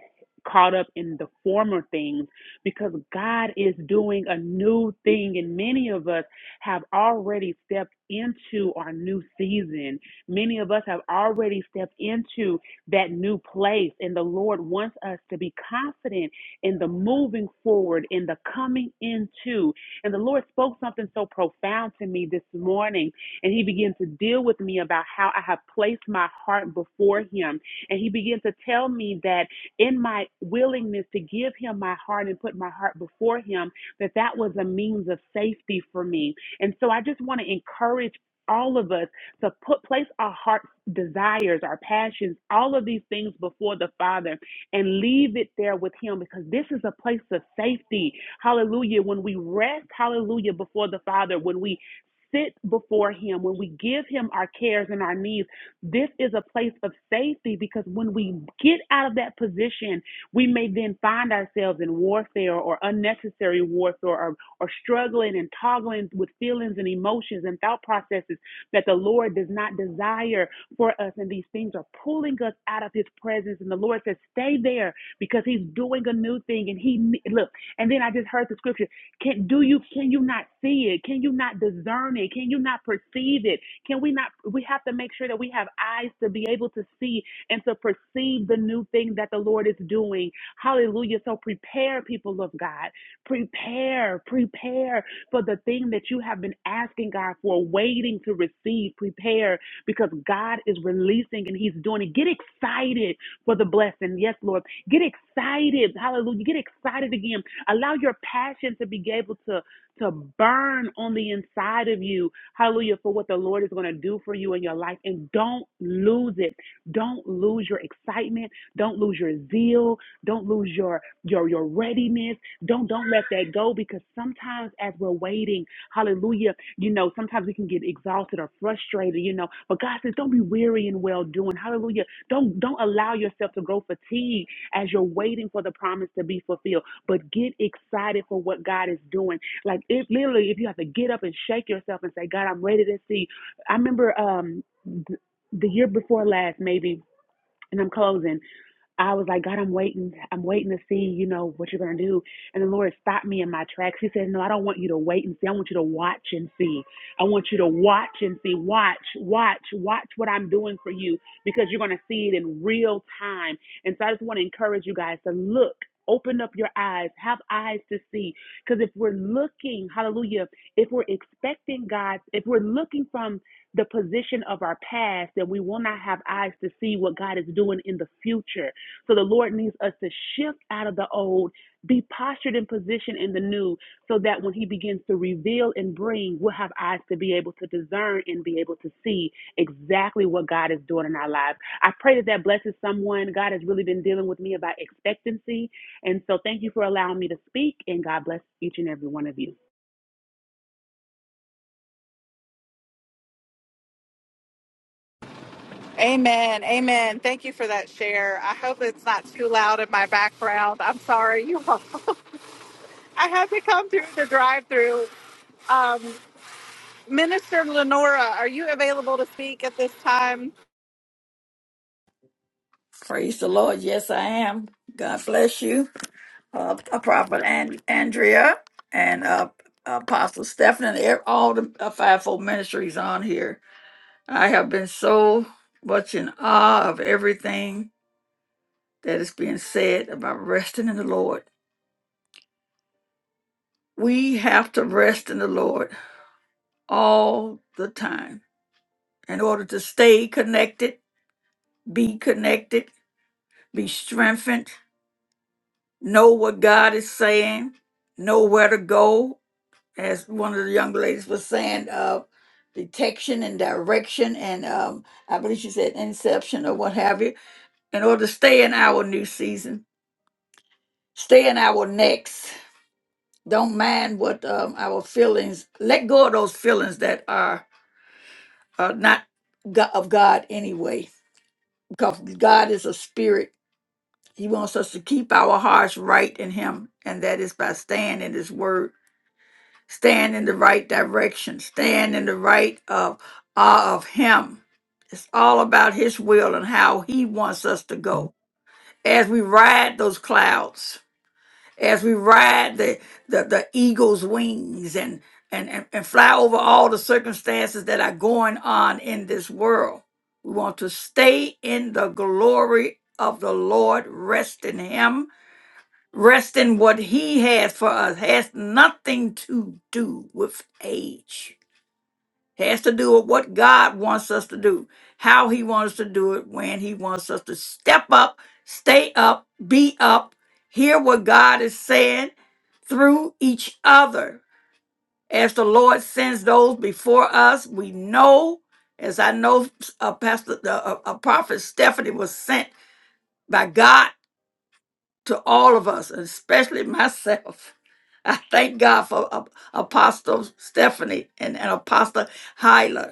caught up in the former things because God is doing a new thing and many of us have already stepped into our new season. Many of us have already stepped into that new place and the Lord wants us to be confident in the moving forward, in the coming into. And the Lord spoke something so profound to me this morning and he began to deal with me about how I have placed my heart before him and he began to tell me that in my willingness to give him my heart and put my heart before him, that that was a means of safety for me. And so I just want to encourage all of us to put place our heart desires, our passions, all of these things before the Father and leave it there with him because this is a place of safety. Hallelujah. When we rest, hallelujah, before the Father, when we sit before him, when we give him our cares and our needs, this is a place of safety because when we get out of that position, we may then find ourselves in warfare or unnecessary warfare or, or struggling and toggling with feelings and emotions and thought processes that the Lord does not desire for us. And these things are pulling us out of His presence. And the Lord says, Stay there because He's doing a new thing. And He, look, and then I just heard the scripture can do you can you not see it can you not discern it can you not perceive it can we not? We have to make sure that we have eyes to be able to see and to perceive the new thing that the Lord is doing. Hallelujah. So prepare, people of God. Prepare, prepare for the thing that you have been asking God for, waiting to receive. Prepare because God is releasing and He's doing it. Get excited for the blessing. Yes, Lord. Get excited. Hallelujah. Get excited again. Allow your passion to be able to to burn on the inside of you. Hallelujah. For what the Lord is going to do for you in your life. And don't lose it. Don't lose your excitement. Don't lose your zeal. Don't lose your your your readiness. Don't don't let that go because sometimes as we're waiting, hallelujah, you know, sometimes we can get exhausted or frustrated, you know. But God says, don't be weary in well doing. Hallelujah. Don't don't allow yourself to grow fatigued as you're waiting for the promise to be fulfilled. But get excited for what God is doing like it literally, if you have to get up and shake yourself and say, God, I'm ready to see. I remember um th- the year before last, maybe, and I'm closing. I was like, God, I'm waiting. I'm waiting to see, you know, what you're going to do. And the Lord stopped me in my tracks. He said, No, I don't want you to wait and see. I want you to watch and see. I want you to watch and see. Watch, watch, watch what I'm doing for you because you're going to see it in real time. And so I just want to encourage you guys to look. Open up your eyes, have eyes to see. Because if we're looking, hallelujah, if we're expecting God, if we're looking from the position of our past, then we will not have eyes to see what God is doing in the future. So the Lord needs us to shift out of the old, be postured in position in the new, so that when He begins to reveal and bring, we'll have eyes to be able to discern and be able to see exactly what God is doing in our lives. I pray that that blesses someone. God has really been dealing with me about expectancy. And so thank you for allowing me to speak, and God bless each and every one of you. Amen. Amen. Thank you for that share. I hope it's not too loud in my background. I'm sorry, you all. I had to come through the drive-through. Um, Minister Lenora, are you available to speak at this time? Praise the Lord. Yes, I am. God bless you, uh, uh, Prophet and- Andrea and uh, Apostle Stephen and ev- all the uh, fivefold ministries on here. I have been so much in awe of everything that is being said about resting in the Lord. We have to rest in the Lord all the time in order to stay connected, be connected, be strengthened, know what God is saying, know where to go as one of the young ladies was saying, uh, detection and direction, and um, I believe she said inception or what have you, in order to stay in our new season, stay in our next. Don't mind what um, our feelings, let go of those feelings that are, are not go- of God anyway, because God is a spirit. He wants us to keep our hearts right in Him, and that is by staying in His word Stand in the right direction. Stand in the right of awe of Him. It's all about His will and how He wants us to go. As we ride those clouds, as we ride the the, the eagle's wings and, and and and fly over all the circumstances that are going on in this world. We want to stay in the glory of the Lord, rest in Him, Rest in what he has for us has nothing to do with age. Has to do with what God wants us to do, how he wants us to do it, when he wants us to step up, stay up, be up, hear what God is saying through each other. As the Lord sends those before us, we know, as I know uh, Pastor, uh, uh, uh, Prophet Stephanie was sent by God to all of us, and especially myself. I thank God for Ap- Apostle Stephanie and, and Apostle Hyler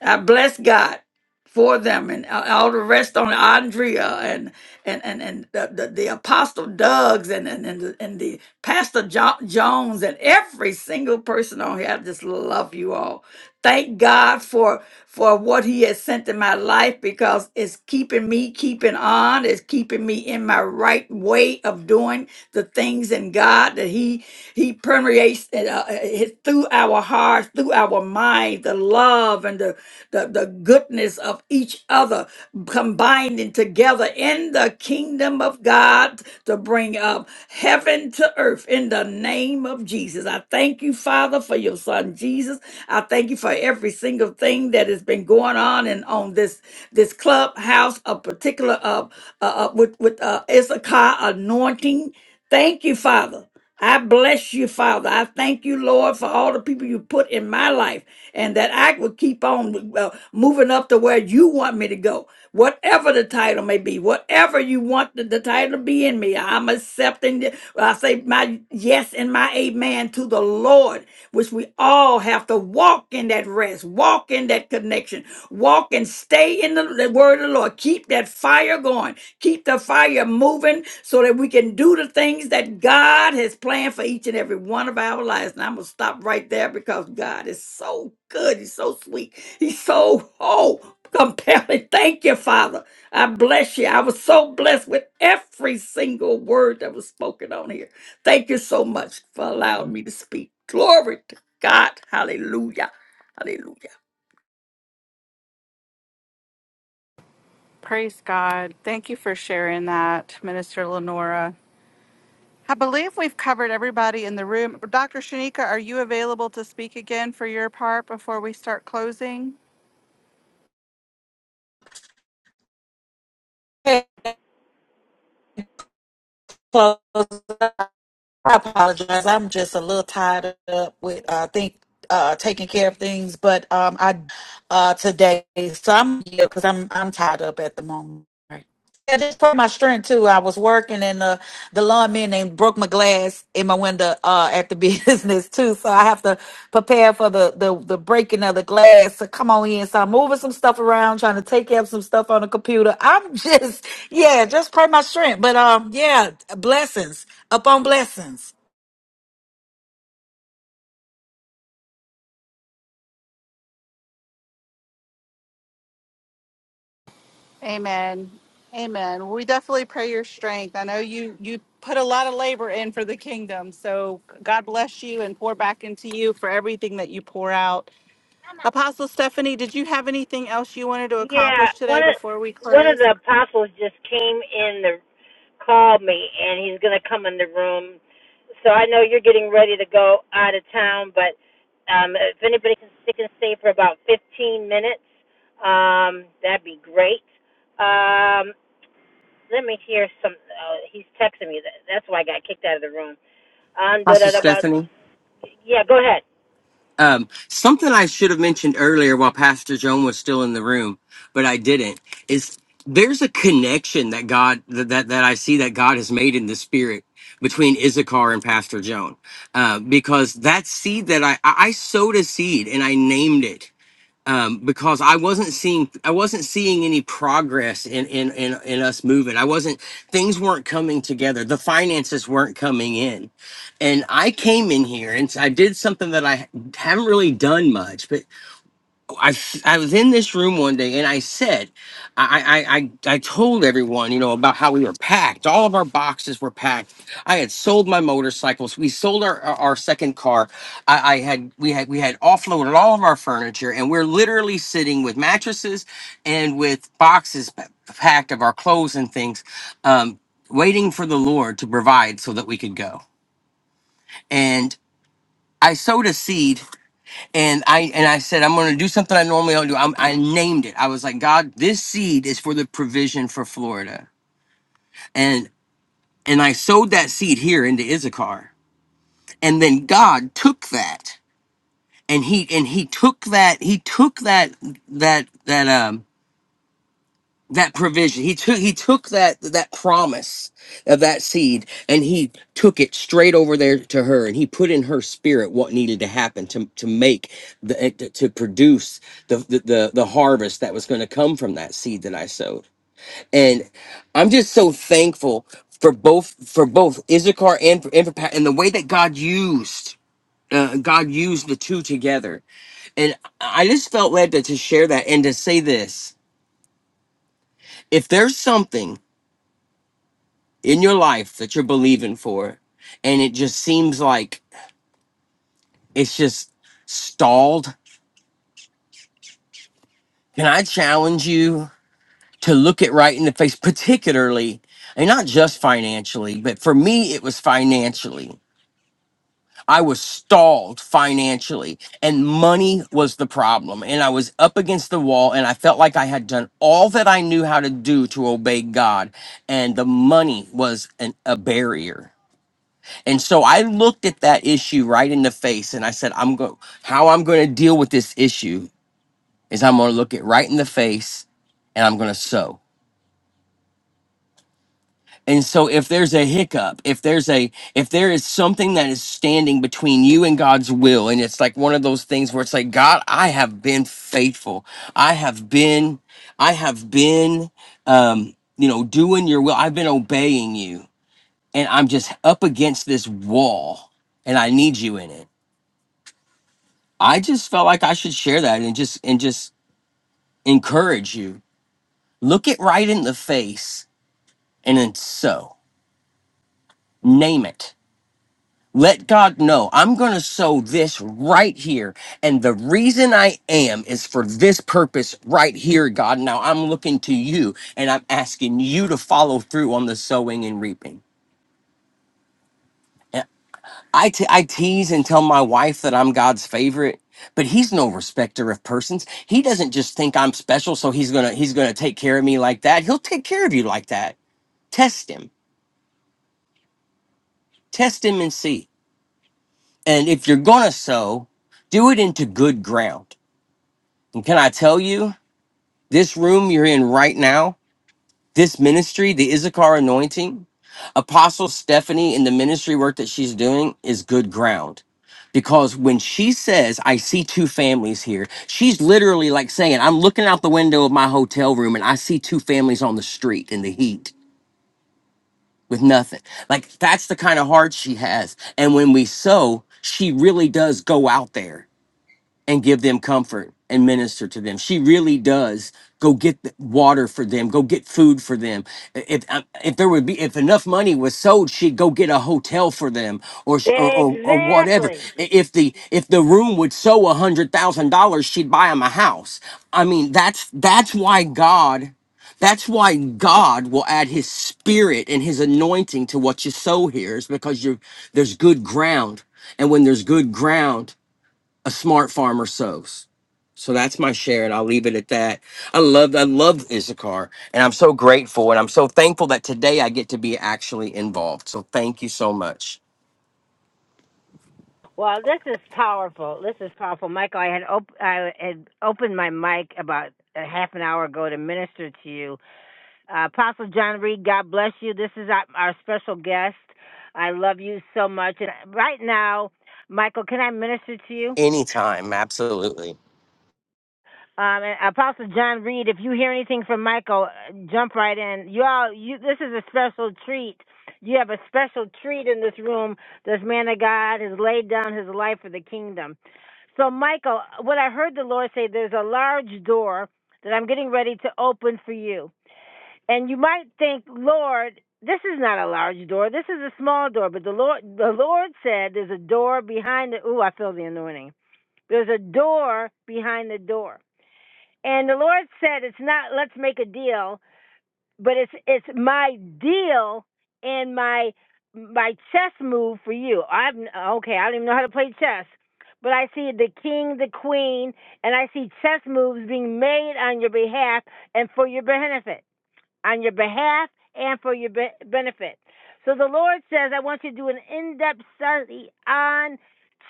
I bless God for them and a- all the rest on Andrea and and and, and the, the, the apostle Doug's and and and the, and the pastor jo- Jones and every single person on here. I just love you all. Thank God for for what He has sent in my life because it's keeping me keeping on. It's keeping me in my right way of doing the things in God that He He permeates uh, uh, uh, through our hearts, through our mind, the love and the the, the goodness of each other, combining together in the kingdom of God to bring up heaven to earth in the name of Jesus. I thank you, Father, for your son Jesus. I thank you for every single thing that has been going on and on this this clubhouse, a particular uh, uh, uh, with with uh, Issachar anointing. Thank you, Father. I bless you, Father. I thank you, Lord, for all the people you put in my life and that I will keep on uh, moving up to where you want me to go. Whatever the title may be, whatever you want the, the title to be in me, I'm accepting. it. I say my yes and my amen to the Lord, which we all have to walk in that rest, walk in that connection, walk and stay in the, the word of the Lord. Keep that fire going Keep the fire moving so that we can do the things that God has planned for each and every one of our lives. And I'm going to stop right there because God is so good. He's so sweet. He's so, oh, compelling. Thank you, Father. I bless you. I was so blessed with every single word that was spoken on here. Thank you so much for allowing me to speak. Glory to God. Hallelujah. Hallelujah. Praise God. Thank you for sharing that, Minister Lenora. I believe we've covered everybody in the room. Dr. Shanika, are you available to speak again for your part before we start closing? Hey, close. I apologize. I'm just a little tied up with uh, I think uh, taking care of things, but um, I uh, today, so I'm here because I'm I'm tied up at the moment. Right. Yeah, just for my strength too. I was working and uh, the lawman and broke my glass in my window uh, at the business too, so I have to prepare for the, the the breaking of the glass. So come on in. So I'm moving some stuff around, trying to take care of some stuff on the computer. I'm just yeah, just pray my strength. But um, yeah, blessings upon blessings. Amen. Amen. We definitely pray your strength. I know you you put a lot of labor in for the kingdom. So God bless you and pour back into you for everything that you pour out. Apostle Stephanie, did you have anything else you wanted to accomplish Yeah, today one of before we one of close? the apostles just came in the called me, and he's gonna come in the room. So I know you're getting ready to go out of town, but um, if anybody can stick and stay for about 15 minutes, um, that'd be great. Um, let me hear some. Uh, he's texting me. That, that's why I got kicked out of the room. Um, da da pastor da. About stephanie yeah. Go ahead. Um, something I should have mentioned earlier while Pastor Joan was still in the room, but I didn't, is there's a connection that God that that, that I see that God has made in the spirit between Issachar and Pastor Joan. Uh, because that seed that I I I sowed a seed and I named it um, because I wasn't seeing I wasn't seeing any progress in in in, in us moving. I wasn't things weren't coming together. The finances weren't coming in, and I came in here and I did something that I haven't really done much, but I, s- I was in this room one day and I said, I, I, I, I told everyone, you know, about how we were packed. All of our boxes were packed. I had sold my motorcycles. We sold our, our, our second car. I, I had, we had, we had offloaded all of our furniture and we're literally sitting with mattresses and with boxes p- packed of our clothes and things, um, waiting for the Lord to provide so that we could go. And I sowed a seed and I and I said I'm going to do something I normally don't do. I'm, I named it. I was like, God, this seed is for the provision for Florida, and and I sowed that seed here into Issachar, and then God took that and he and he took that he took that that that um that provision. He took he took that that promise of that seed and he took it straight over there to her and he put in her spirit what needed to happen to to make the eh, to, to produce the, the the the harvest that was going to come from that seed that I sowed. And I'm just so thankful for both for both Issachar and for, and, for, Pa- and the way that God used uh, God used the two together. And I just felt led to, to share that and to say this. If there's something in your life that you're believing for and it just seems like it's just stalled can i challenge you to look it right in the face particularly and not just financially but for me it was financially i was stalled financially and money was the problem and i was up against the wall and i felt like i had done all that i knew how to do to obey god and the money was an, a barrier And so I looked at that issue right in the face and I said, I'm going how I'm going to deal with this issue is I'm going to look it right in the face and I'm going to sow. And so if there's a hiccup, if there's a if there is something that is standing between you and God's will and it's like one of those things where it's like God, I have been faithful. I have been I have been um you know doing your will. I've been obeying you and I'm just up against this wall and I need you in it I just felt like I should share that and just and just encourage you. Look it right in the face and then sow. Name it. Let God know I'm going to sow this right here. And the reason I am is for this purpose right here, God. Now I'm looking to you and I'm asking you to follow through on the sowing and reaping. I te- I tease and tell my wife that I'm God's favorite, but he's no respecter of persons. He doesn't just think I'm special, so he's gonna he's gonna take care of me like that. He'll take care of you like that. Test him, test him and see. And if you're gonna sow, do it into good ground. And can I tell you, this room you're in right now This ministry, the Issachar anointing, Apostle Stephanie and the ministry work that she's doing is good ground. Because when she says, I see two families here, she's literally like saying, I'm looking out the window of my hotel room and I see two families on the street in the heat with nothing. Like that's the kind of heart she has. And when we sow, she really does go out there and give them comfort and minister to them. She really does go get the water for them, go get food for them. If if there would be if enough money was sold, she'd go get a hotel for them or sh- or or, or whatever. Exactly. I- If the if the room would sow a hundred thousand dollars, she'd buy them a house. I mean, that's that's why God. That's why God will add his spirit and his anointing to what you sow here is because you're there's good ground. And when there's good ground, a smart farmer sows. So that's my share, and I'll leave it at that. I love, I love Issachar, and I'm so grateful, and I'm so thankful that today I get to be actually involved. So thank you so much. Well, this is powerful. This is powerful, Michael. I had op- I had opened my mic about a half an hour ago to minister to you, uh, Apostle John Reed. God bless you. This is our, our special guest. I love you so much. And right now, Michael, can I minister to you? Anytime, absolutely. Um, and Apostle John Reed, if you hear anything from Michael, uh, jump right in. You all, you, this is a special treat. You have a special treat in this room. This man of God has laid down his life for the kingdom. So, Michael, what I heard the Lord say, there's a large door that I'm getting ready to open for you. And you might think, Lord, this is not a large door. This is a small door. But the Lord, the Lord said, there's a door behind the. Ooh, I feel the anointing. There's a door behind the door. And the Lord said, it's not let's make a deal, but it's it's my deal and my my chess move for you. i am okay, I don't even know how to play chess, but I see the king, the queen, and I see chess moves being made on your behalf and for your benefit, on your behalf and for your be- benefit. So the Lord says, I want you to do an in-depth study on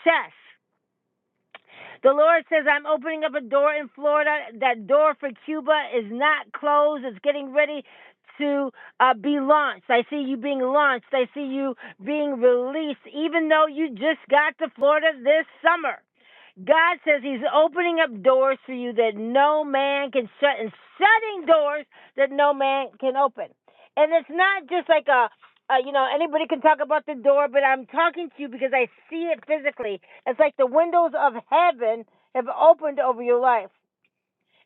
chess the Lord says, I'm opening up a door in Florida. That door for Cuba is not closed, it's getting ready to uh, be launched. I see you being launched. I see you being released, even though you just got to Florida this summer. God says He's opening up doors for you that no man can shut and shutting doors that no man can open. And it's not just like a uh, you know, anybody can talk about the door, but I'm talking to you because I see it physically. It's like the windows of heaven have opened over your life.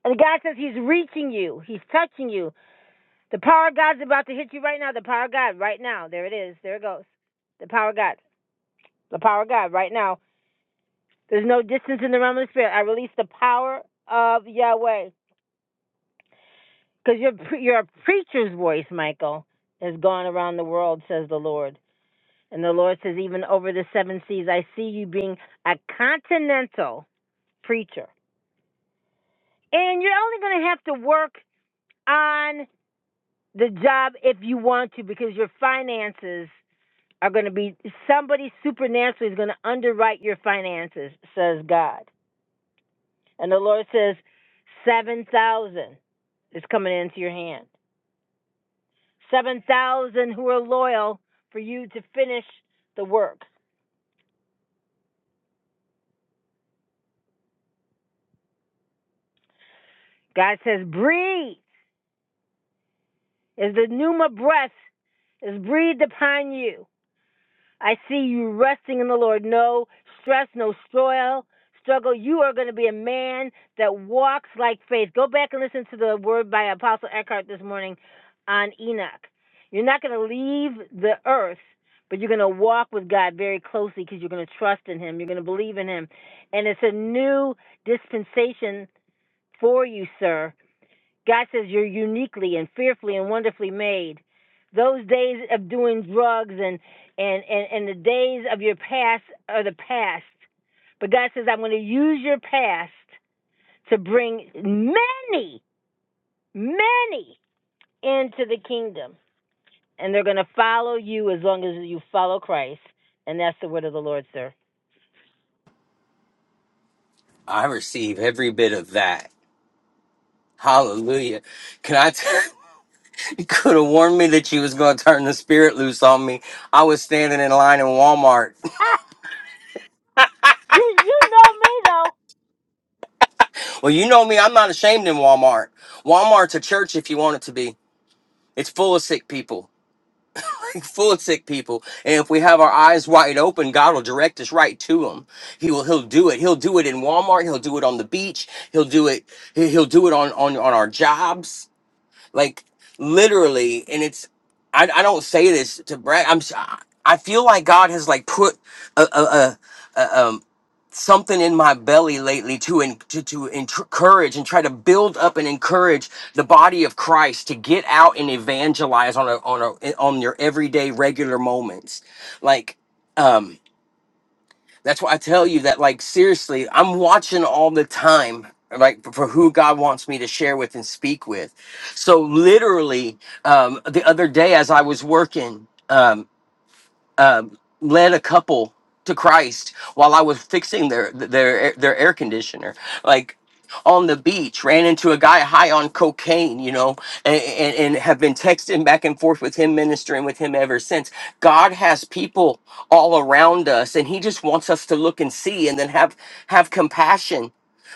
And God says He's reaching you, He's touching you. The power of God's about to hit you right now. The power of God, right now. There it is. There it goes. The power of God. The power of God, right now. There's no distance in the realm of the Spirit. I release the power of Yahweh. Because your, your preacher's voice, Michael, has gone around the world, says the Lord. And the Lord says, even over the seven seas, I see you being a continental preacher. And you're only going to have to work on the job if you want to because your finances are going to be, somebody supernaturally is going to underwrite your finances, says God. And the Lord says, 7,000 is coming into your hand. 7,000 who are loyal for you to finish the work. God says, breathe. As the pneuma breath is breathed upon you, I see you resting in the Lord. No stress, no soil, struggle. You are going to be a man that walks like faith. Go back and listen to the word by Apostle Eckhart this morning on Enoch. You're not going to leave the earth, but you're going to walk with God very closely because you're going to trust in Him. You're going to believe in Him. And it's a new dispensation for you, sir. God says you're uniquely and fearfully and wonderfully made. Those days of doing drugs and and and, and the days of your past are the past. But God says I'm going to use your past to bring many, many into the kingdom, and they're going to follow you as long as you follow Christ. And that's the word of the Lord, sir. I receive every bit of that. Hallelujah. Can I? T- you could have warned me that you was going to turn the spirit loose on me. I was standing in line in Walmart. Ah, you you know me though. Well, you know me. I'm not ashamed in Walmart. Walmart's a church if you want it to be. It's full of sick people. full of sick people and if we have our eyes wide open god will direct us right to them. he will he'll do it he'll do it in walmart he'll do it on the beach he'll do it he- he'll do it on on, on our jobs like literally and it's I, I don't say this to brag i'm s- i feel like god has like put a, a, a, a, um, something in my belly lately to en- to, to encourage and try to build up and encourage the body of Christ to get out and evangelize on a on a on your everyday regular moments like um that's why I tell you that like seriously I'm watching all the time like for who God wants me to share with and speak with so literally um the other day as I was working um um, led a couple to Christ while I was fixing their their their air conditioner. Like on the beach, ran into a guy high on cocaine, you know, and, and, and have been texting back and forth with him, ministering with him ever since. God has people all around us, and He just wants us to look and see, and then have have compassion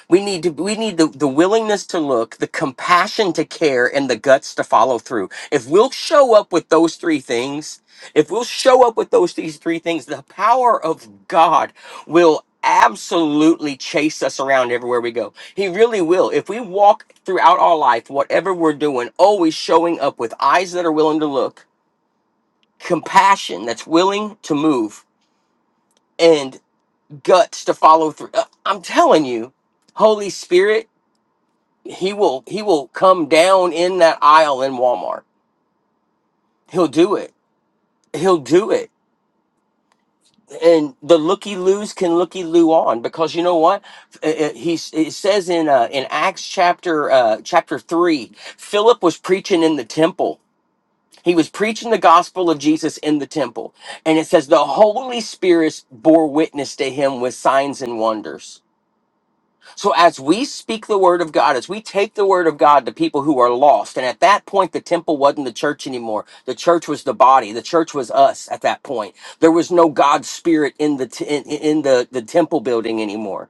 we need to we need the, the willingness to look, the compassion to care, and the guts to follow through. If we'll show up with those three things, if we'll show up with those these three things, the power of God will absolutely chase us around everywhere we go. He really will. If we walk throughout our life, whatever we're doing, always showing up with eyes that are willing to look, compassion that's willing to move, and guts to follow through. Uh, I'm telling you, Holy Spirit he will he will come down in that aisle in Walmart. He'll do it. He'll do it. And the looky loos can looky loo on because you know what Uh, uh, he it says in uh, in Acts chapter uh, chapter three, Philip was preaching in the temple. He was preaching the gospel of Jesus in the temple, and it says the Holy Spirit bore witness to him with signs and wonders So as we speak the word of God, as we take the word of God to people who are lost, and at that point the temple wasn't the church anymore. The church was the body. The church was us at that point. There was no God's spirit in the t- in, in the the temple building anymore.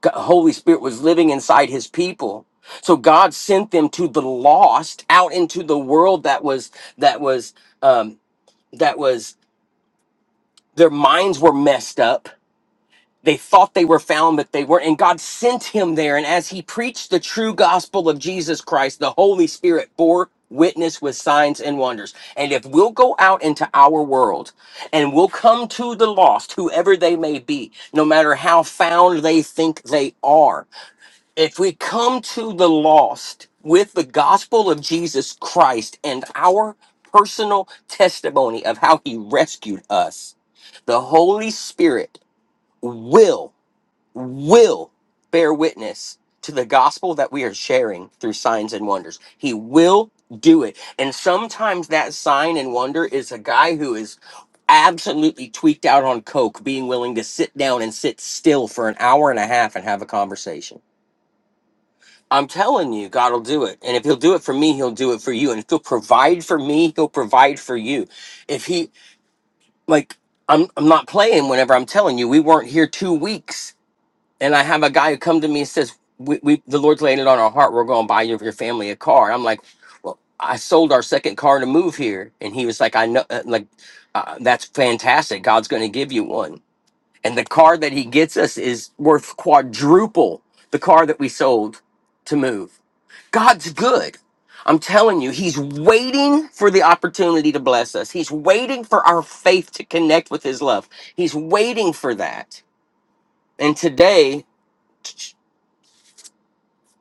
Go- Holy Spirit was living inside his people. So God sent them to the lost out into the world that was that was um that was their minds were messed up they thought they were found, but they weren't. And God sent him there. And as he preached the true gospel of Jesus Christ, the Holy Spirit bore witness with signs and wonders. And if we'll go out into our world and we'll come to the lost, whoever they may be, no matter how found they think they are, if we come to the lost with the gospel of Jesus Christ and our personal testimony of how he rescued us, the Holy Spirit will will bear witness to the gospel that we are sharing through signs and wonders. He will do it. And sometimes that sign and wonder is a guy who is absolutely tweaked out on coke being willing to sit down and sit still for an hour and a half and have a conversation. I'm telling you, God will do it. And if he'll do it for me, he'll do it for you. And if he'll provide for me, he'll provide for you. If he like I'm I'm not playing whenever I'm telling you we weren't here 2 weeks and I have a guy who come to me and says, "We, we the Lord's laying it on our heart. We're going to buy you your family a car." I'm like, "Well, I sold our second car to move here," and he was like, "I know, uh, like, uh, that's fantastic. God's going to give you one." And the car that he gets us is worth quadruple the car that we sold to move. God's good. I'm telling you, He's waiting for the opportunity to bless us. He's waiting for our faith to connect with His love. He's waiting for that. And today,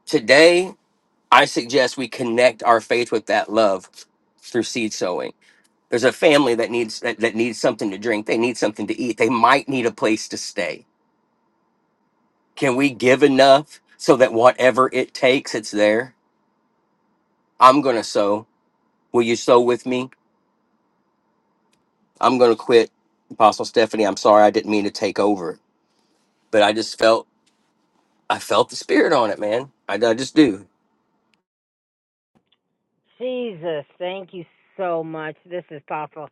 Today, I suggest we connect our faith with that love through seed sowing. There's a family that needs that, that needs something to drink. They need something to eat. They might need a place to stay. Can we give enough so that whatever it takes, it's there? I'm gonna sow. Will you sow with me? I'm gonna quit. Apostle Stephanie, I'm sorry I didn't mean to take over, but I just felt I felt the spirit on it, man. I, I just do. Jesus, thank you so much. This is powerful.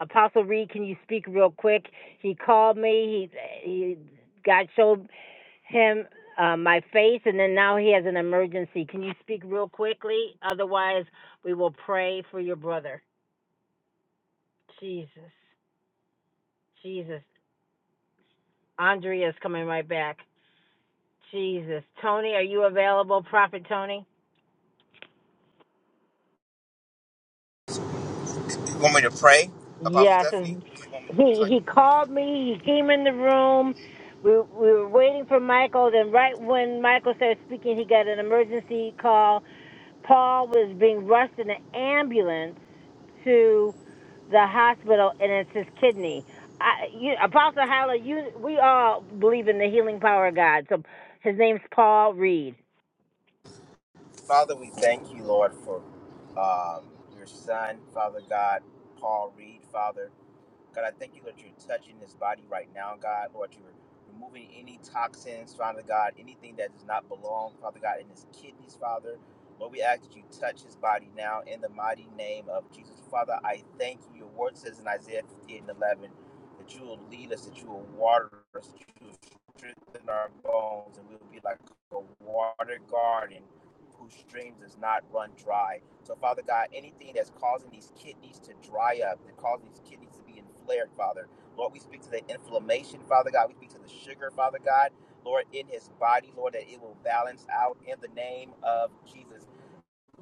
Apostle Reed, can you speak real quick? He called me. He, he God showed him uh, my face, and then now he has an emergency. Can you speak real quickly? Otherwise, we will pray for your brother. Jesus, Jesus. Andrea is coming right back. Jesus. Tony, are you available, Prophet Tony? You want me to pray, Apostle Yes, Stephanie? and What do you want me? What would you he like he me to called me. He came in the room. We we were waiting for Michael. Then right when Michael started speaking, he got an emergency call. Paul was being rushed in an ambulance to the hospital, and it's his kidney. I, you, Apostle Hyla, you we all believe in the healing power of God. So his name's Paul Reed. do? Father, we thank you, Lord, for um, your son, Father God, Paul Reed, Father. God, I thank you that you're touching his body right now, God. Lord, you're removing any toxins, Father God, anything that does not belong, Father God, in his kidneys, Father. Lord, we ask that you touch his body now in the mighty name of Jesus. Father, I thank you. Your word says in Isaiah 58 and 11 that you will lead us, that you will water us, that you will strengthen our bones, and we will be like a water garden whose streams does not run dry. So, Father God, anything that's causing these kidneys to dry up, that causing these kidneys to be inflamed, Father, Lord, we speak to the inflammation, Father God. We speak to the sugar, Father God, Lord, in his body, Lord, that it will balance out in the name of Jesus.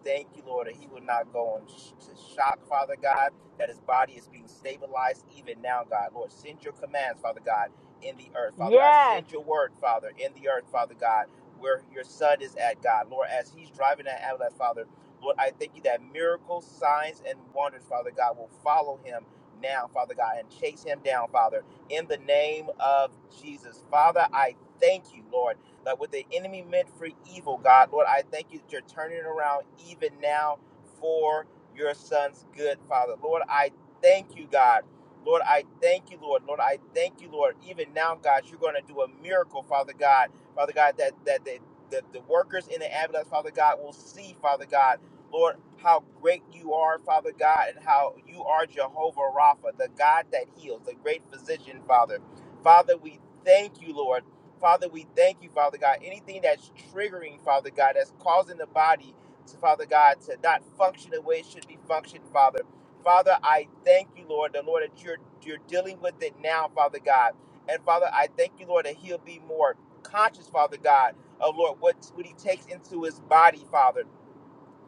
Thank you, Lord, that he will not go on sh- to shock, Father God, that his body is being stabilized even now, God. Lord, send your commands, Father God, in the earth, Father God. Yes. Send your word, Father, in the earth, Father God, where your son is at, God. Lord, as he's driving that ambulance, Father, Lord, I thank you that miracles, signs, and wonders, Father God, will follow him now, Father God, and chase him down, Father, in the name of Jesus. Father, I thank you, Lord. That what the enemy meant for evil, God, Lord, I thank you that you're turning it around even now for your son's good, Father. Lord, I thank you, God. Lord, I thank you, Lord. Lord, I thank you, Lord. Even now, God, you're going to do a miracle, Father God. Father God, that that the, the, the workers in the ambulance, Father God, will see, Father God, Lord, how great you are, Father God, and how you are Jehovah Rapha, the God that heals, the great physician, Father. Father, we thank you, Lord. Father, we thank you, Father God. Anything that's triggering, Father God, that's causing the body to, Father God, to not function the way it should be functioned, Father. Father, I thank you, Lord, the Lord, that you're you're dealing with it now, Father God. And Father, I thank you, Lord, that he'll be more conscious, Father God, of Lord, what, what he takes into his body, Father.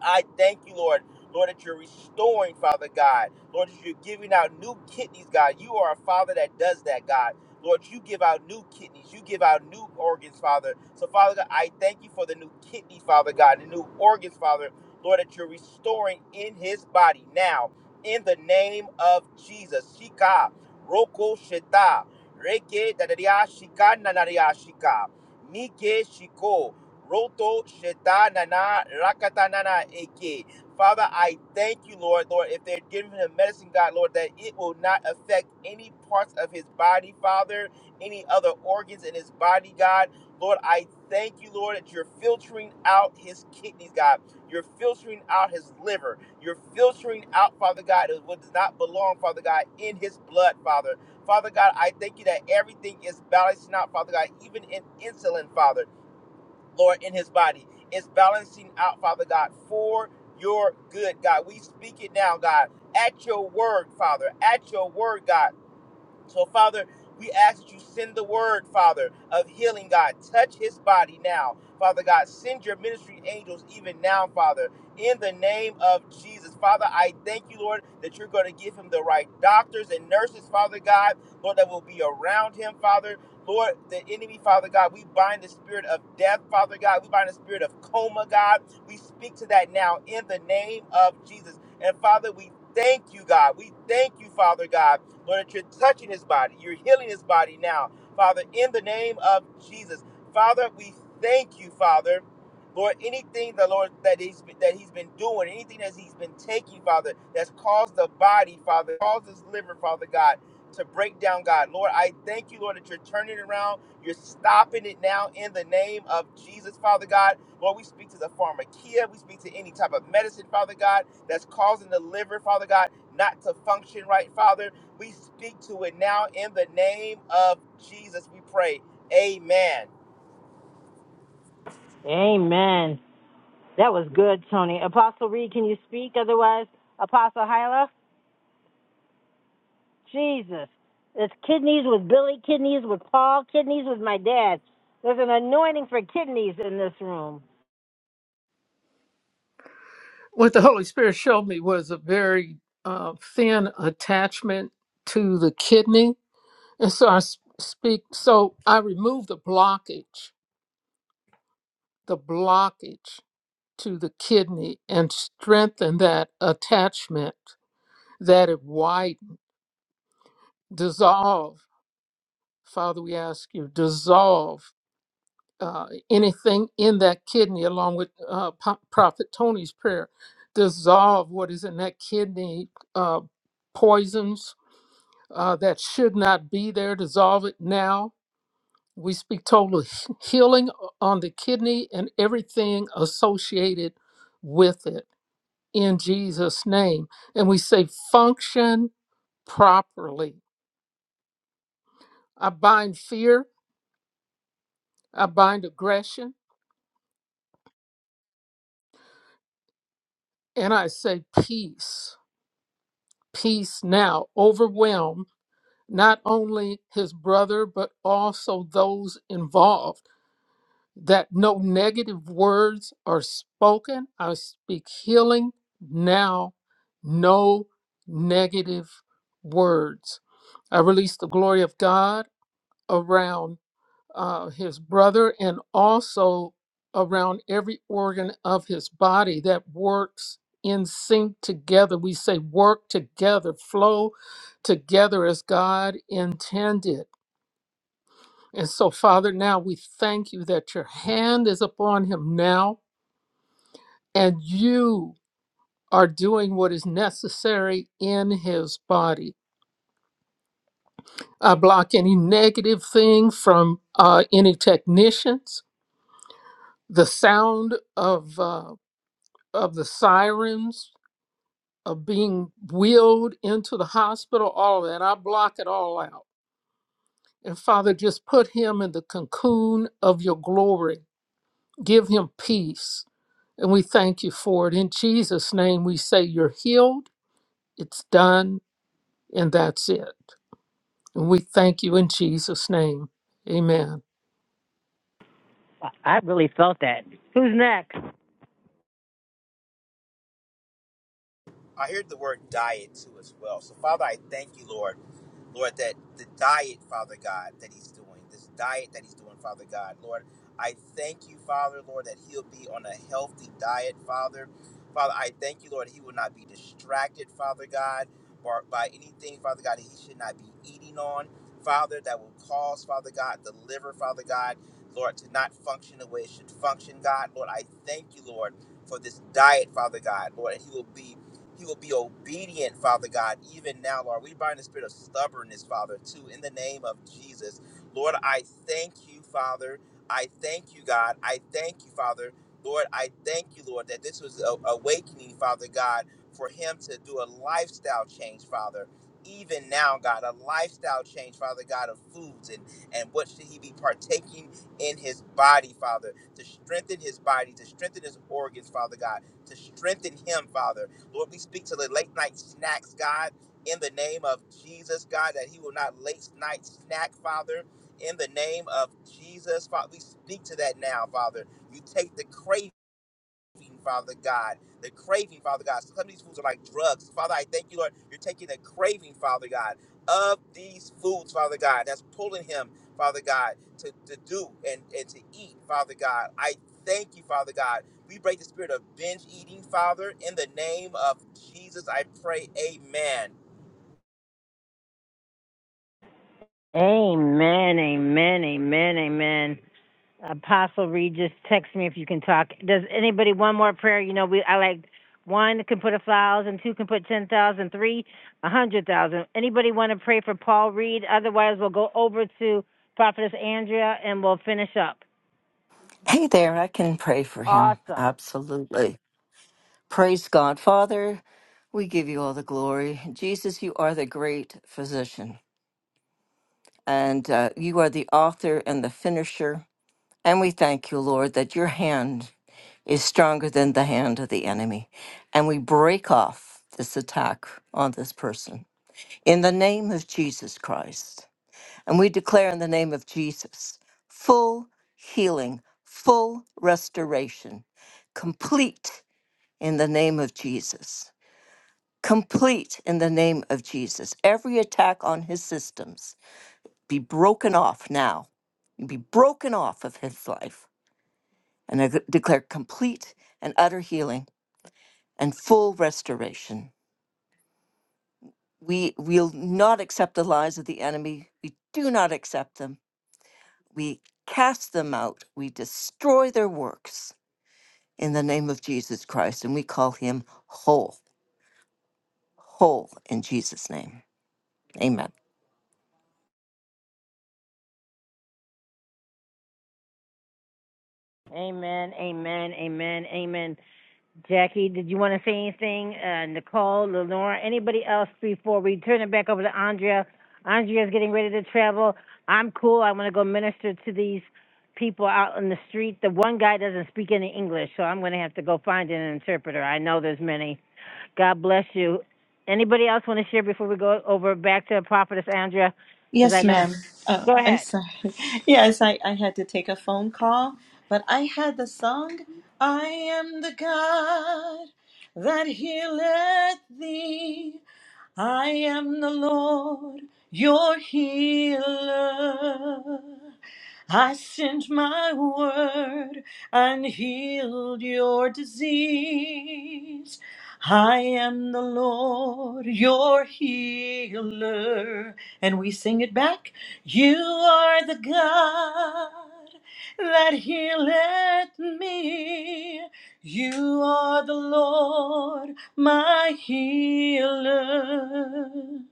I thank you, Lord. Lord, that you're restoring, Father God. Lord, that you're giving out new kidneys, God. You are a Father that does that, God. Lord, you give out new kidneys. You give out new organs, Father. So, Father God, I thank you for the new kidneys, Father God, the new organs, Father. Lord, that you're restoring in his body now, in the name of Jesus. Shika, Roko Sheta, Reke, Dadaria, Shika, Nanaria, Shika, Nike, Shiko. Roto Shetanana Rakatanana Eke. Father, I thank you, Lord, Lord, if they're giving him medicine, God, Lord, that it will not affect any parts of his body, Father, any other organs in his body, God. Lord, I thank you, Lord, that you're filtering out his kidneys, God. You're filtering out his liver. You're filtering out, Father God, what does not belong, Father God, in his blood, Father. Father God, I thank you that everything is balancing out, Father God, even in insulin, Father. Lord, in his body. It's balancing out, Father God, for your good, God. We speak it now, God, at your word, Father, at your word, God. So, Father, we ask that you send the word, Father, of healing, God. Touch his body now. Father God, send your ministry angels even now, Father, in the name of Jesus. Father, I thank you, Lord, that you're going to give him the right doctors and nurses, Father God, Lord, that will be around him, Father. Lord, the enemy, Father God, we bind the spirit of death, Father God. We bind the spirit of coma, God. We speak to that now in the name of Jesus. And Father, we thank you, God. We thank you, Father God. Lord, that you're touching his body. You're healing his body now, Father, in the name of Jesus. Father, we thank you, Father. Lord, anything the Lord that he's been, that he's been doing, anything that he's been taking, Father, that's caused the body, Father, caused his liver, Father God, to break down, God. Lord, I thank you, Lord, that you're turning it around. You're stopping it now in the name of Jesus, Father God. Lord, we speak to the pharmakia. We speak to any type of medicine, Father God, that's causing the liver, Father God, not to function right, Father. We speak to it now in the name of Jesus. We pray. Amen. Amen. That was good, Tony. Apostle Reed, can you speak? Otherwise, Apostle Hyla. Jesus. It's kidneys with Billy, kidneys with Paul, kidneys with my dad. There's an anointing for kidneys in this room. What the Holy Spirit showed me was a very uh, thin attachment to the kidney. And so I s- speak, so I remove the blockage, the blockage to the kidney and strengthen that attachment that it white dissolve father we ask you dissolve uh, anything in that kidney along with uh, Po- prophet tony's prayer dissolve what is in that kidney uh, poisons uh, that should not be there dissolve it now we speak total he- healing on the kidney and everything associated with it in jesus name and we say function properly i bind fear I bind aggression and I say peace. Peace now overwhelm not only his brother, but also those involved. That no negative words are spoken. I speak healing now, no negative words. I release the glory of God around uh, his brother and also around every organ of his body that works in sync together. We say work together, flow together as God intended. And so, Father, now we thank you that your hand is upon him now and you are doing what is necessary in his body. I block any negative thing from uh, any technicians, the sound of. uh, of the sirens of being wheeled into the hospital, all of that. I block it all out. And Father, just put him in the cocoon of your glory. Give him peace. And we thank you for it. In Jesus' name, we say you're healed, it's done, and that's it. And we thank you in Jesus' name. Amen. I really felt that. Who's next? I heard the word diet too as well. So, Father, I thank you, Lord, Lord, that the diet, Father God, that He's doing, this diet that He's doing, Father God, Lord, I thank you, Father, Lord, that He'll be on a healthy diet, Father. Father, I thank you, Lord, He will not be distracted, Father God, or by anything, Father God, that He should not be eating on, Father, that will cause, Father God, the liver, Father God, Lord, to not function the way it should function, God. Lord, I thank you, Lord, for this diet, Father God, Lord, and He will be he will be obedient, Father God, even now, Lord. We bind the spirit of stubbornness, Father, too, in the name of Jesus. Lord, I thank you, Father. I thank you, God. I thank you, Father. Lord, I thank you, Lord, that this was a awakening, Father God, for him to do a lifestyle change, Father. Even now, God, a lifestyle change, Father God, of foods and, and what should he be partaking in his body, Father, to strengthen his body, to strengthen his organs, Father God, to strengthen him, Father. Lord, we speak to the late night snacks, God, in the name of Jesus, God, that He will not late night snack, Father, in the name of Jesus, Father. We speak to that now, Father. You take the craving craving, Father God. The craving, Father God. Some of these foods are like drugs. Father, I thank you, Lord. You're taking the craving, Father God, of these foods, Father God. That's pulling him, Father God, to, to do and, and to eat, Father God. I thank you, Father God. We break the spirit of binge eating, Father. In the name of Jesus, I pray, amen. Amen, amen, amen, amen. Apostle Reed, just text me if you can talk. Does anybody one more prayer? You know, we I like one can put a thousand, two can put ten thousand, three a hundred thousand. Anybody want to pray for Paul Reed? Otherwise, we'll go over to Prophetess Andrea and we'll finish up. Hey there, I can pray for him. Awesome. Absolutely. Praise God. Father, we give you all the glory. Jesus, you are the great physician, and uh, you are the author and the finisher. And we thank you, Lord, that your hand is stronger than the hand of the enemy. And we break off this attack on this person. In the name of Jesus Christ. And we declare in the name of Jesus full healing, full restoration, complete in the name of Jesus. Complete in the name of Jesus. Every attack on his systems be broken off now, be broken off of his life. And I declare complete and utter healing and full restoration. We will not accept the lies of the enemy. We do not accept them we cast them out, we destroy their works in the name of Jesus Christ, and we call him whole, whole in Jesus' name. Amen. Amen, amen, amen, amen. Jackie, did you want to say anything? Uh, Nicole, Lenora, anybody else before we turn it back over to Andrea? Andrea's getting ready to travel. I'm cool. I want to go minister to these people out on the street. The one guy doesn't speak any English, so I'm going to have to go find an interpreter. I know there's many. God bless you. Anybody else want to share before we go over back to Prophetess Andrea? Because I Yes, know. ma'am. Oh, Go I'm ahead. sorry. Yes, I, I had to take a phone call, but I had the song, I am the God that healeth thee. I am the Lord, your healer. I sent my word and healed your disease. I am the Lord, your healer. And we sing it back. You are the God that healeth me. You are the Lord, my healer.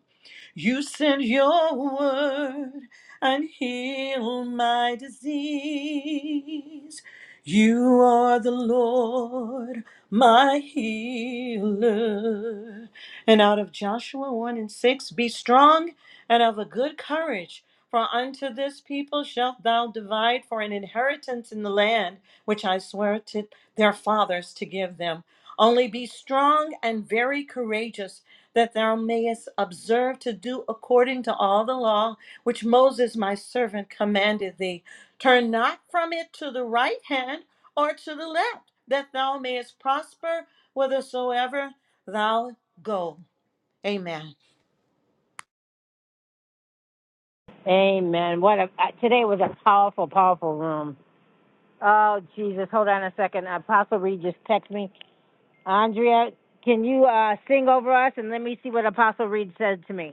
You sent your word and healed my disease. You are the Lord, my healer. And out of Joshua 1 and 6, be strong and of a good courage, for unto this people shalt thou divide for an inheritance in the land which I swear to their fathers to give them. Only be strong and very courageous that thou mayest observe to do according to all the law which Moses my servant commanded thee. Turn not from it to the right hand or to the left, that thou mayest prosper whithersoever thou go. Amen. Amen. What a, uh, today was a powerful, powerful room. Oh, Jesus. Hold on a second. Apostle Reed just texted me. Andrea, can you uh, sing over us and let me see what Apostle Reed said to me?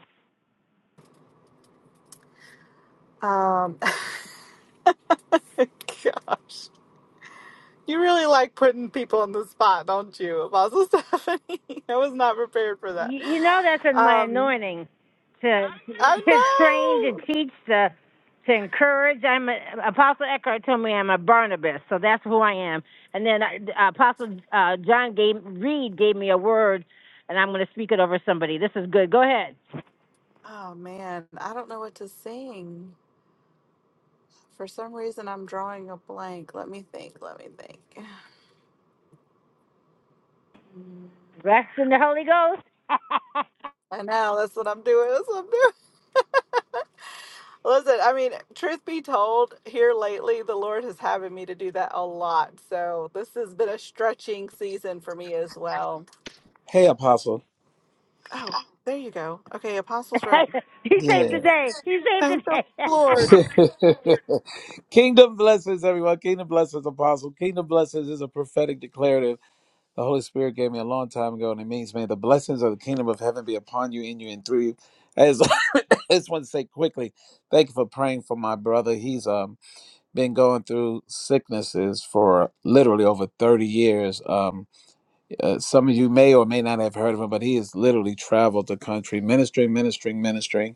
Um, gosh, you really like putting people on the spot, don't you, Apostle Stephanie? I was not prepared for that. You, you know that's in my Um, anointing to I to train, to know. teach, to to encourage. I'm a, Apostle Eckhart told me I'm a Barnabas, so that's who I am. And then uh, Apostle uh, John gave Reed gave me a word, and I'm going to speak it over somebody. This is good. Go ahead. Oh man, I don't know what to sing. For some reason, I'm drawing a blank. Let me think. Let me think. Rest in the Holy Ghost. I know that's what I'm doing. That's what I'm doing. Listen, I mean, truth be told, here lately, the Lord has having me to do that a lot. So this has been a stretching season for me as well. Hey, Apostle. Oh, there you go. Okay, Apostle's ready. he saved the Yeah. day. He saved Thank the the day. Lord. Kingdom blessings, everyone. Kingdom blessings, Apostle. Kingdom blessings is a prophetic declarative the Holy Spirit gave me a long time ago, and it means, may the blessings of the kingdom of heaven be upon you, in you, and through you. As I just want to say quickly, thank you for praying for my brother. He's um been going through sicknesses for literally over 30 years. Um, uh, some of you may or may not have heard of him, but he has literally traveled the country ministering, ministering, ministering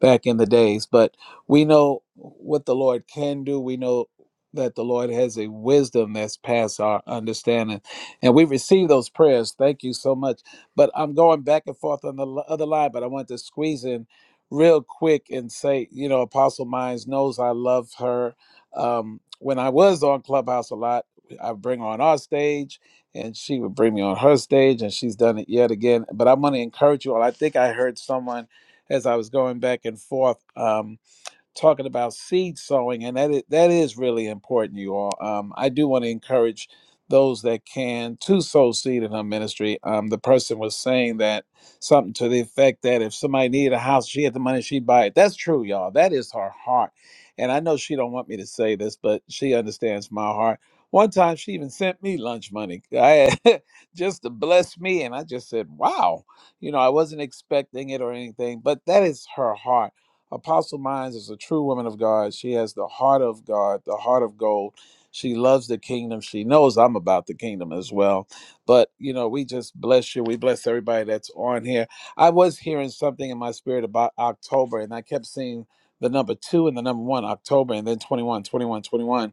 back in the days. But we know what the Lord can do. We know that the Lord has a wisdom that's past our understanding. And we receive those prayers. Thank you so much. But I'm going back and forth on the l- other line, but I want to squeeze in real quick and say, you know, Apostle Mines knows I love her. Um, when I was on Clubhouse a lot, I bring her on our stage and she would bring me on her stage and she's done it yet again. But I'm going to encourage you all. I think I heard someone as I was going back and forth. Um, talking about seed sowing, and that is, that is really important, you all. Um, I do want to encourage those that can to sow seed in her ministry. Um, the person was saying that something to the effect that if somebody needed a house, she had the money, she'd buy it. That's true, y'all. That is her heart, and I know she don't want me to say this, but she understands my heart. One time, she even sent me lunch money. I had, just to bless me, and I just said, "Wow." you know, I wasn't expecting it or anything, but that is her heart Apostle Mines is a true woman of God. She has the heart of God, the heart of gold. She loves the kingdom. She knows I'm about the kingdom as well. But, you know, we just bless you. We bless everybody that's on here. I was hearing something in my spirit about October, and I kept seeing the number two and the number one, October, and then 21, 21, 21.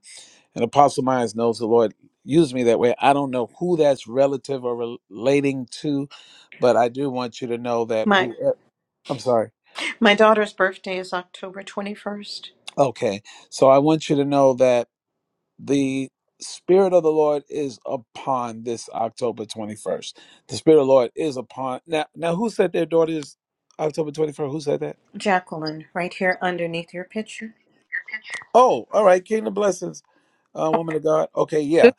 And Apostle Myers knows the Lord used me that way. I don't know who that's relative or relating to, but I do want you to know that My who. I'm sorry. my daughter's birthday is October 21st. Okay. So I want you to know that the Spirit of the Lord is upon this October 21st. The Spirit of the Lord is upon. Now, now who said their daughter is October 21st? Who said that? Jacqueline, right here underneath your picture. Oh, all right. Kingdom blessings, uh, woman of God. Okay. This, Yeah.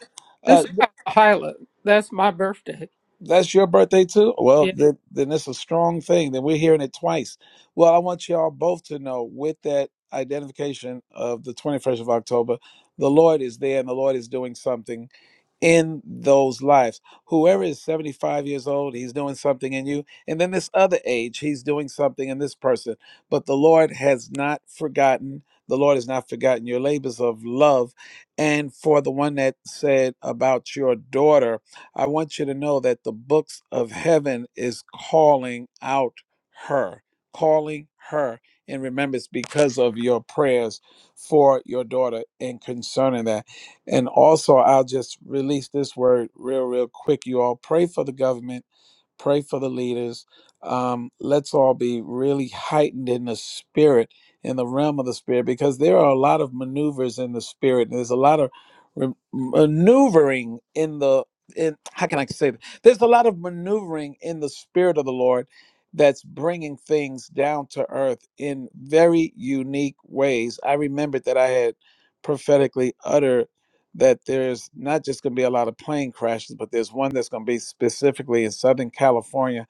this Uh, is th- Papa Hyla. That's my birthday. that's your birthday too? Well, Yeah. then, then it's a strong thing. Then we're hearing it twice. Well, I want y'all both to know with that identification of the 21st of October, the Lord is there and the Lord is doing something in those lives. Whoever is 75 years old, he's doing something in you. And then this other age, he's doing something in this person. But the Lord has not forgotten. The Lord has not forgotten your labors of love. And for the one that said about your daughter, I want you to know that the books of heaven is calling out her, calling her in remembrance because of your prayers for your daughter and concerning that. And also, I'll just release this word real, real quick. You all pray for the government, pray for the leaders. Um, let's all be really heightened in the spirit, in the realm of the spirit, because there are a lot of maneuvers in the spirit. There's a lot of re- maneuvering in the in how can I say that? There's a lot of maneuvering in the spirit of the Lord that's bringing things down to earth in very unique ways. I remembered that I had prophetically uttered that there's not just going to be a lot of plane crashes, but there's one that's going to be specifically in Southern California.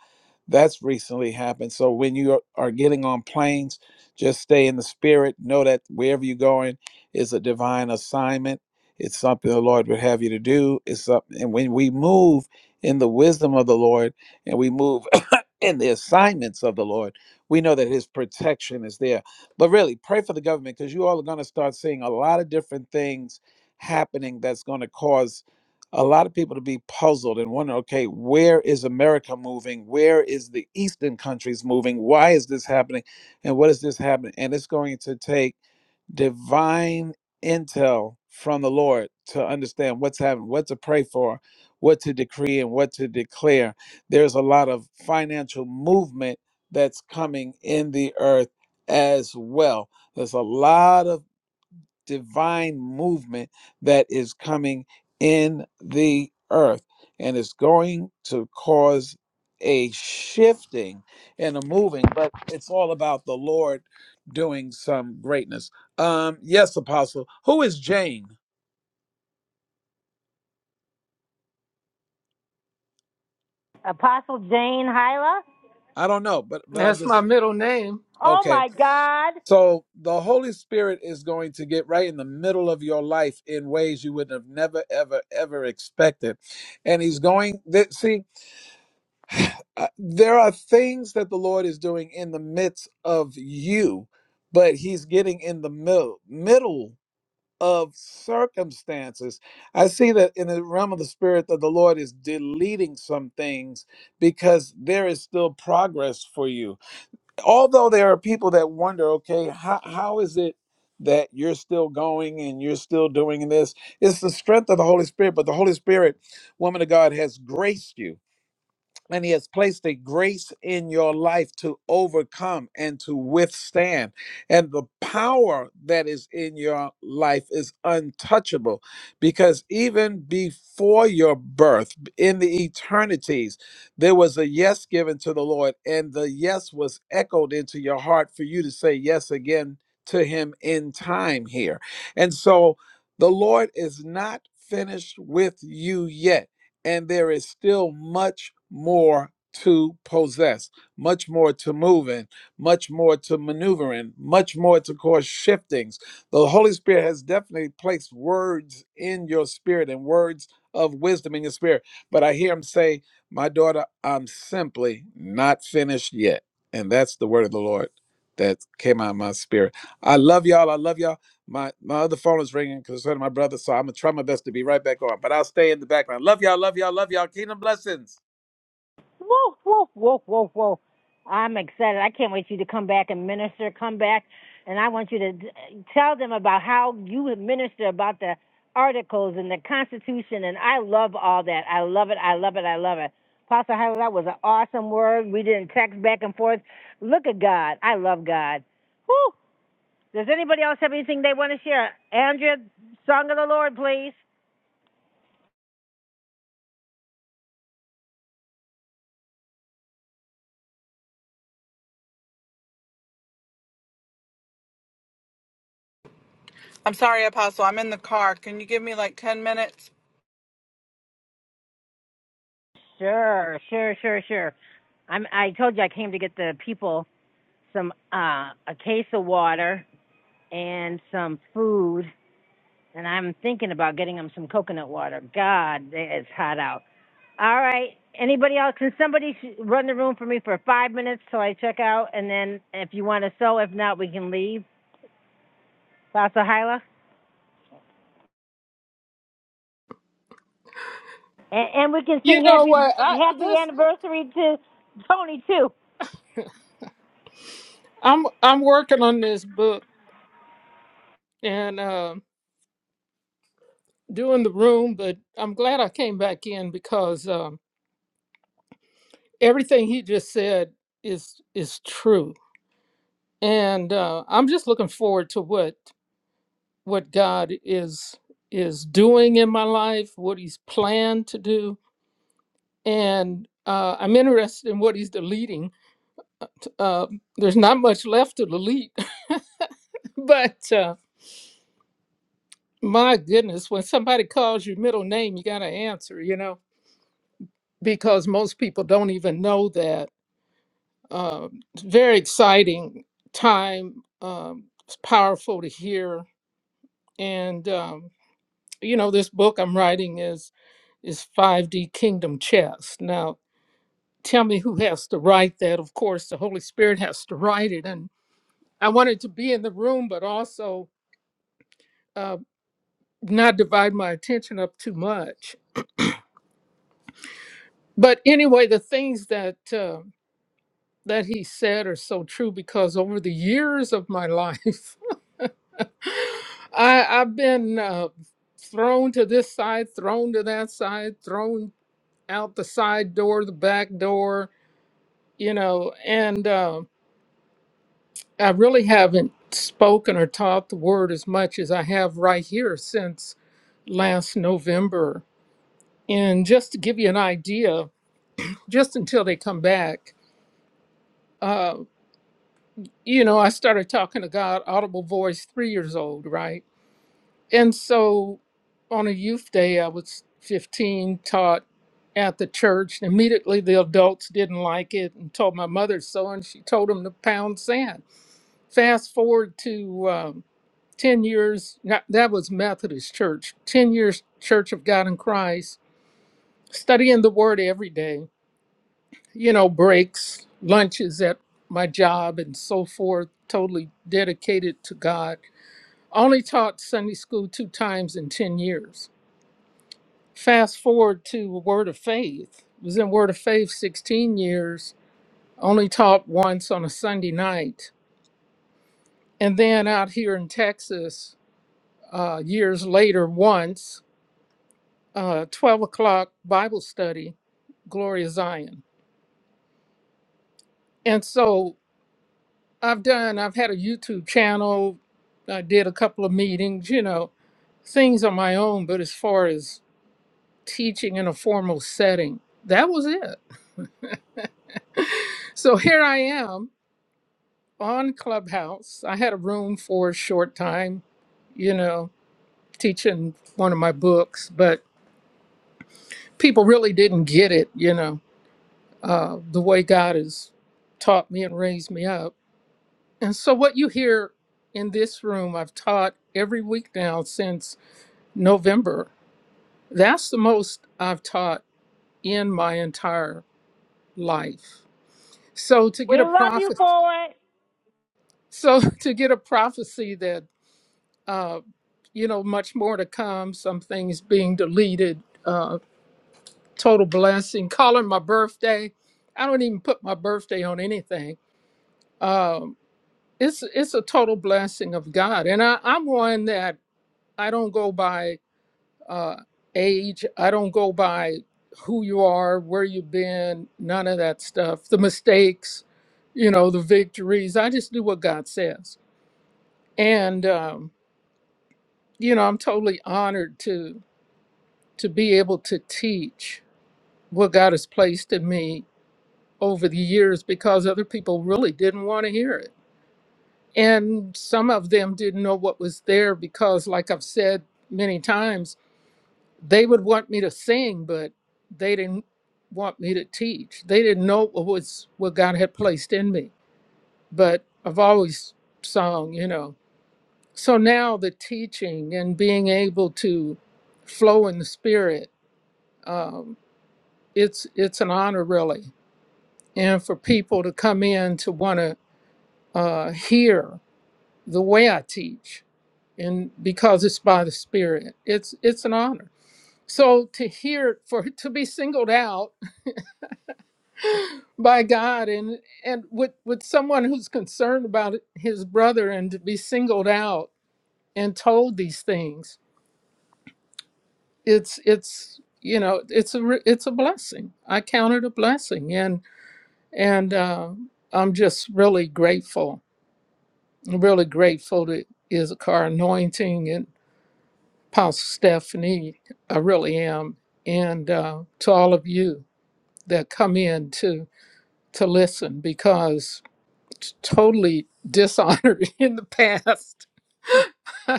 That's recently happened. So when you are are getting on planes, just stay in the spirit. Know that wherever you're going is a divine assignment. It's something the Lord would have you to do. It's something, and when we move in the wisdom of the Lord and we move in the assignments of the Lord, we know that His protection is there. But really, pray for the government because you all are going to start seeing a lot of different things happening that's going to cause a lot of people to be puzzled and wonder okay where is america moving where is the eastern countries moving why is this happening and what is this happening and it's going to take divine intel from the lord to understand what's happening what to pray for what to decree and what to declare there's a lot of financial movement that's coming in the earth as well there's a lot of divine movement that is coming in the earth and it's going to cause a shifting and a moving but it's all about the lord doing some greatness um yes apostle who is jane Apostle Jane Hyla. i don't know but but i'm That's my just middle name. Oh okay my God. so the holy spirit is going to get right in the middle of your life in ways you would have never ever ever expected and he's going that see uh, there are things that the Lord is doing in the midst of you, but He's getting in the middle middle of circumstances. I see that in the realm of the spirit that the Lord is deleting some things because there is still progress for you. Although there are people that wonder, okay, how, how is it that you're still going and you're still doing this? It's the strength of the Holy Spirit, but the Holy Spirit, woman of God, has graced you and he has placed a grace in your life to overcome and to withstand and the power that is in your life is untouchable because even before your birth in the eternities there was a yes given to the lord and the yes was echoed into your heart for you to say yes again to him in time here and so the lord is not finished with you yet and there is still much more to possess, much more to move in, much more to maneuver in, much more to cause shiftings. The Holy Spirit has definitely placed words in your spirit and words of wisdom in your spirit. But I hear him say, My daughter, I'm simply not finished yet. And that's the word of the Lord that came out of my spirit. I love y'all. I love y'all. My my other phone is ringing because it's one of my brother, so I'm gonna try my best to be right back on. But I'll stay in the background. Love y'all, love y'all, love y'all. Kingdom blessings. Woof, woof, woof, woof, woof. I'm excited. I can't wait for you to come back and minister. Come back. And I want you to tell them about how you minister about the articles and the Constitution. And I love all that. I love it. I love it. I love it. Apostle Hyla, that was an awesome word. We didn't text back and forth. Look at God. I love God. Whew. Does anybody else have anything they want to share? Andrea, Song of the Lord, please. I'm sorry, Apostle. I'm in the car. Can you give me like 10 minutes? Sure, sure, sure, sure. I'm, I told you I came to get the people some uh, a case of water and some food, and I'm thinking about getting them some coconut water. God, it's hot out. All right. Anybody else? Can somebody sh- run the room for me for five minutes till I check out, and then if you want to sew, if not, we can leave. Pastor Hyla? And, and we can You sing know happy what? I happy this anniversary to Tony too. I'm I'm working on this book and uh, doing the room, but I'm glad I came back in because um, everything he just said is is true, and uh, I'm just looking forward to what what God is is doing in my life, what He's planned to do, and uh, I'm interested in what He's deleting. Uh, there's not much left to delete, but uh, my goodness, when somebody calls your middle name, you got to answer, you know because most people don't even know that. Um, it's very exciting time. Um, it's powerful to hear, and um, you know this book I'm writing is is 5D Kingdom Chess. Now, tell me who has to write that? Of course, the Holy Spirit has to write it, and I wanted to be in the room, but also uh, not divide my attention up too much. But anyway, the things that uh, that he said are so true because over the years of my life. I I've been uh, thrown to this side, thrown to that side, thrown out the side door, the back door, you know, and uh, I really haven't spoken or taught the word as much as I have right here since last November. And just to give you an idea, just until they come back, uh, you know, I started talking to God, audible voice, three years old, right? And so on a youth day, I was 15, taught at the church. Immediately, the adults didn't like it and told my mother so, and she told them to pound sand. Fast forward to um, 10 years, not- that was Methodist Church, 10 years Church of God in Christ, studying the Word every day, you know, breaks, lunches at my job, and so forth, totally dedicated to God. Only taught Sunday school two times in 10 years Fast forward to Word of Faith. Was in Word of Faith 16 years, only taught once on a Sunday night. And then out here in Texas, uh, years later, once, uh, 12 o'clock Bible study, Gloria Zion. And so I've done, I've had a YouTube channel, I did a couple of meetings, you know, things on my own, but as far as teaching in a formal setting, that was it. So here I am on Clubhouse. I had a room for a short time, you know, teaching one of my books, but people really didn't get it, you know, uh, the way God has taught me and raised me up. And so, what you hear in this room, I've taught every week now since November. That's the most I've taught in my entire life. So, to We get a love you prophet, for it. so to get a prophecy that Uh, you know, much more to come. Some things being deleted. Uh, total blessing. Calling my birthday. I don't even put my birthday on anything. Um, it's it's a total blessing of God, and I, I'm one that I don't go by uh, age. I don't go by who you are, where you've been, none of that stuff. The mistakes, you know, the victories. I just do what God says, and um, you know, I'm totally honored to. to be able to teach what God has placed in me over the years because other people really didn't want to hear it. And some of them didn't know what was there because, like I've said many times, they would want me to sing, but they didn't want me to teach. They didn't know what was what God had placed in me. But I've always sung, you know. So now the teaching and being able to flow in the spirit, um, it's it's an honor really and for people to come in to want to uh, hear the way I teach, and because it's by the Spirit, it's it's an honor. So to hear it for to be singled out by God and and with with someone who's concerned about his brother and to be singled out and told these things, it's it's you know it's a re- it's a blessing. I count it a blessing, and and uh, I'm just really grateful I'm really grateful to Issachar Anointing and Apostle Stephanie. I really am. And uh, to all of you that come in to, to listen because it's totally dishonored in the past,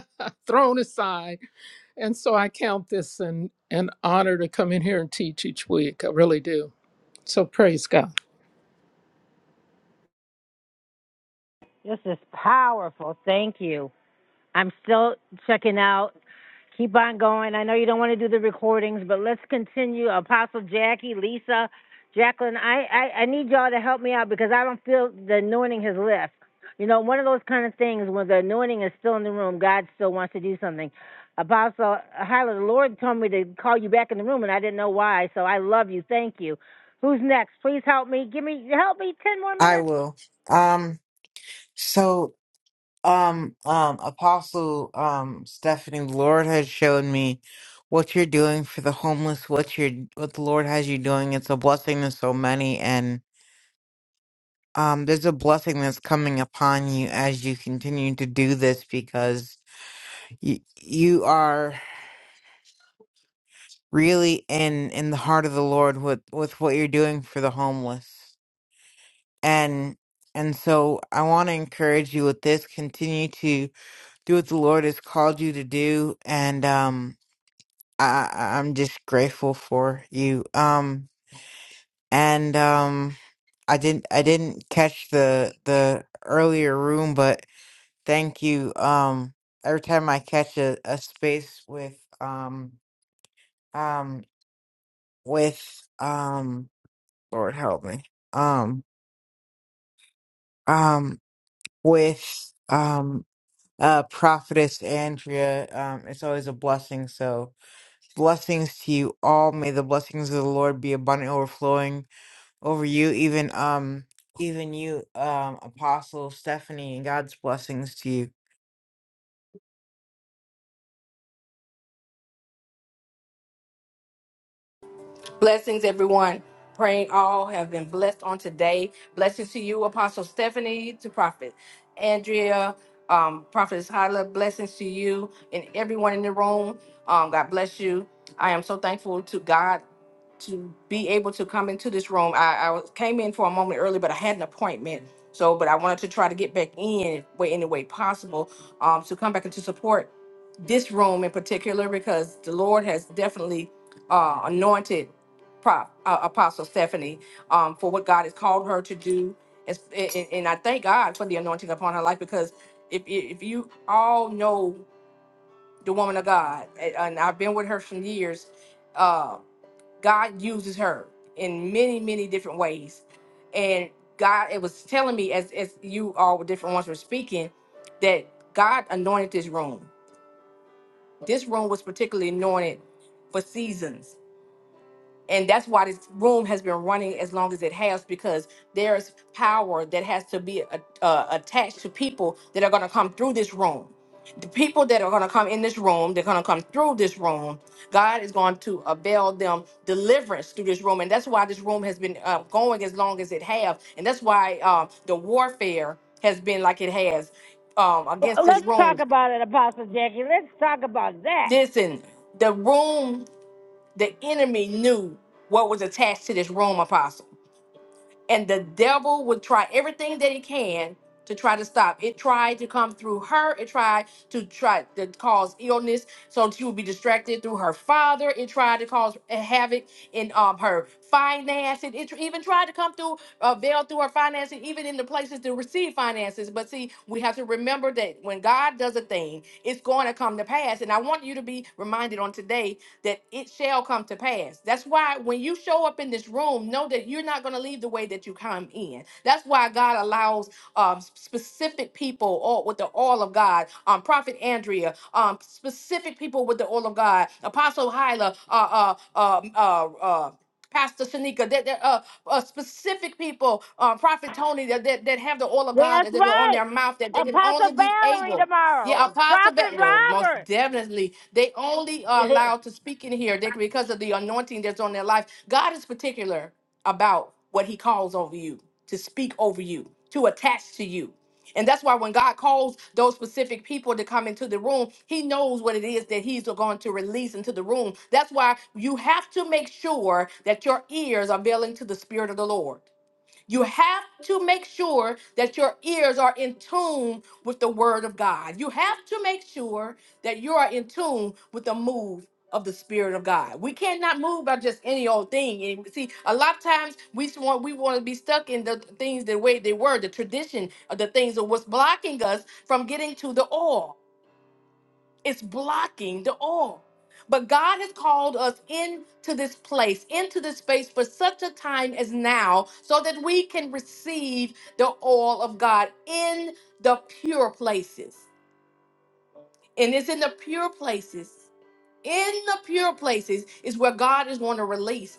thrown aside. And so I count this an, an honor to come in here and teach each week. I really do. So praise God. This is powerful. Thank you. I'm still checking out. Keep on going. I know you don't want to do the recordings, but let's continue. Apostle Jackie, Lisa, Jacqueline, I, I, I need y'all to help me out because I don't feel the anointing has left. You know, one of those kind of things when the anointing is still in the room, God still wants to do something. Apostle Hyla, the Lord told me to call you back in the room, and I didn't know why. So I love you. Thank you. Who's next? Please help me. Give me help me ten more I minutes. will. Um so um um apostle um stephanie the lord has shown me what you're doing for the homeless what you're what the lord has you doing it's a blessing to so many and um there's a blessing that's coming upon you as you continue to do this because you you are really in in the heart of the lord with with what you're doing for the homeless and and so i want to encourage you with this continue to do what the lord has called you to do and um I, I- I'm just grateful for you. Um, and um, I didn't I didn't catch the the earlier room, but thank you. Um, every time I catch a, a space with um um with um Lord help me um um with um uh prophetess Andrea, um, it's always a blessing. So blessings to you all. May the blessings of the Lord be abundant, overflowing over you, even um, even you, um, Apostle Stephanie, and God's blessings to you. Blessings, everyone. Praying all have been blessed on today. Blessings to you, Apostle Stephanie, to Prophet Andrea, um, Prophetess Hyla. Blessings to you and everyone in the room. Um, God bless you. I am so thankful to God to be able to come into this room. I, I was- came in for a moment early, but I had an appointment. So, but I wanted to try to get back in way any way possible um, to come back and to support this room in particular because the Lord has definitely uh, anointed. Prop, uh, Apostle Stephanie um, for what God has called her to do. As- And, and I thank God for the anointing upon her life because if, if you all know the woman of God, and and I've been with her for years, uh, God uses her in many, many different ways. And God, it was telling me as, as you all were different ones were speaking that God anointed this room. This room was particularly anointed for seasons and that's why this room has been running as long as it has because there's power that has to be a- uh, attached to people that are going to come through this room the people that are going to come in this room they're going to come through this room god is going to avail them deliverance through this room and that's why this room has been uh, going as long as it has, and that's why um, the warfare has been like it has um, Well, against this Let's talk room about it, Apostle Jackie. Let's talk about that. listen the room the enemy knew what was attached to this room apostle and the devil would try everything that he can to try to stop it tried to come through her it tried to try to cause illness so she would be distracted through her father it tried to cause havoc in um her finances it tr- even tried to come through uh, veil through her finances even in the places to receive finances but see we have to remember that when god does a thing it's going to come to pass and i want you to be reminded on today that it shall come to pass. That's why when you show up in this room, know that you're not going to leave the way that you come in. That's why God allows um, specific people or with the oil of God, um, Prophet Andrea, um, specific people with the oil of God, Apostle Hyla, uh, uh, uh, uh, uh, Pastor Shanika, that that, uh, uh, specific people, uh, Prophet Tony, that, that that have the oil of God That's that they're on right. their mouth, that they can only Apostle be Valerie able. Yeah, tomorrow. Apostle Prophet Bethel, most Robert. definitely. They only are Yes. allowed to speak in here they, because of the anointing that's on their life. God is particular about what he calls over you, to speak over you, to attach to you. And that's why when God calls those specific people to come into the room, he knows what it is that he's going to release into the room. That's why you have to make sure that your ears are veiling to the spirit of the Lord. You have to make sure that your ears are in tune with the word of God. You have to make sure that you are in tune with the move of the spirit of God. We cannot move by just any old thing. And see, a lot of times we just want we want to be stuck in the things the way they were, the tradition of the things of what's blocking us from getting to the oil. It's blocking the oil. But God has called us into this place, into this space for such a time as now, so that we can receive the oil of God in the pure places. And it's in the pure places, in the pure places is where God is going to release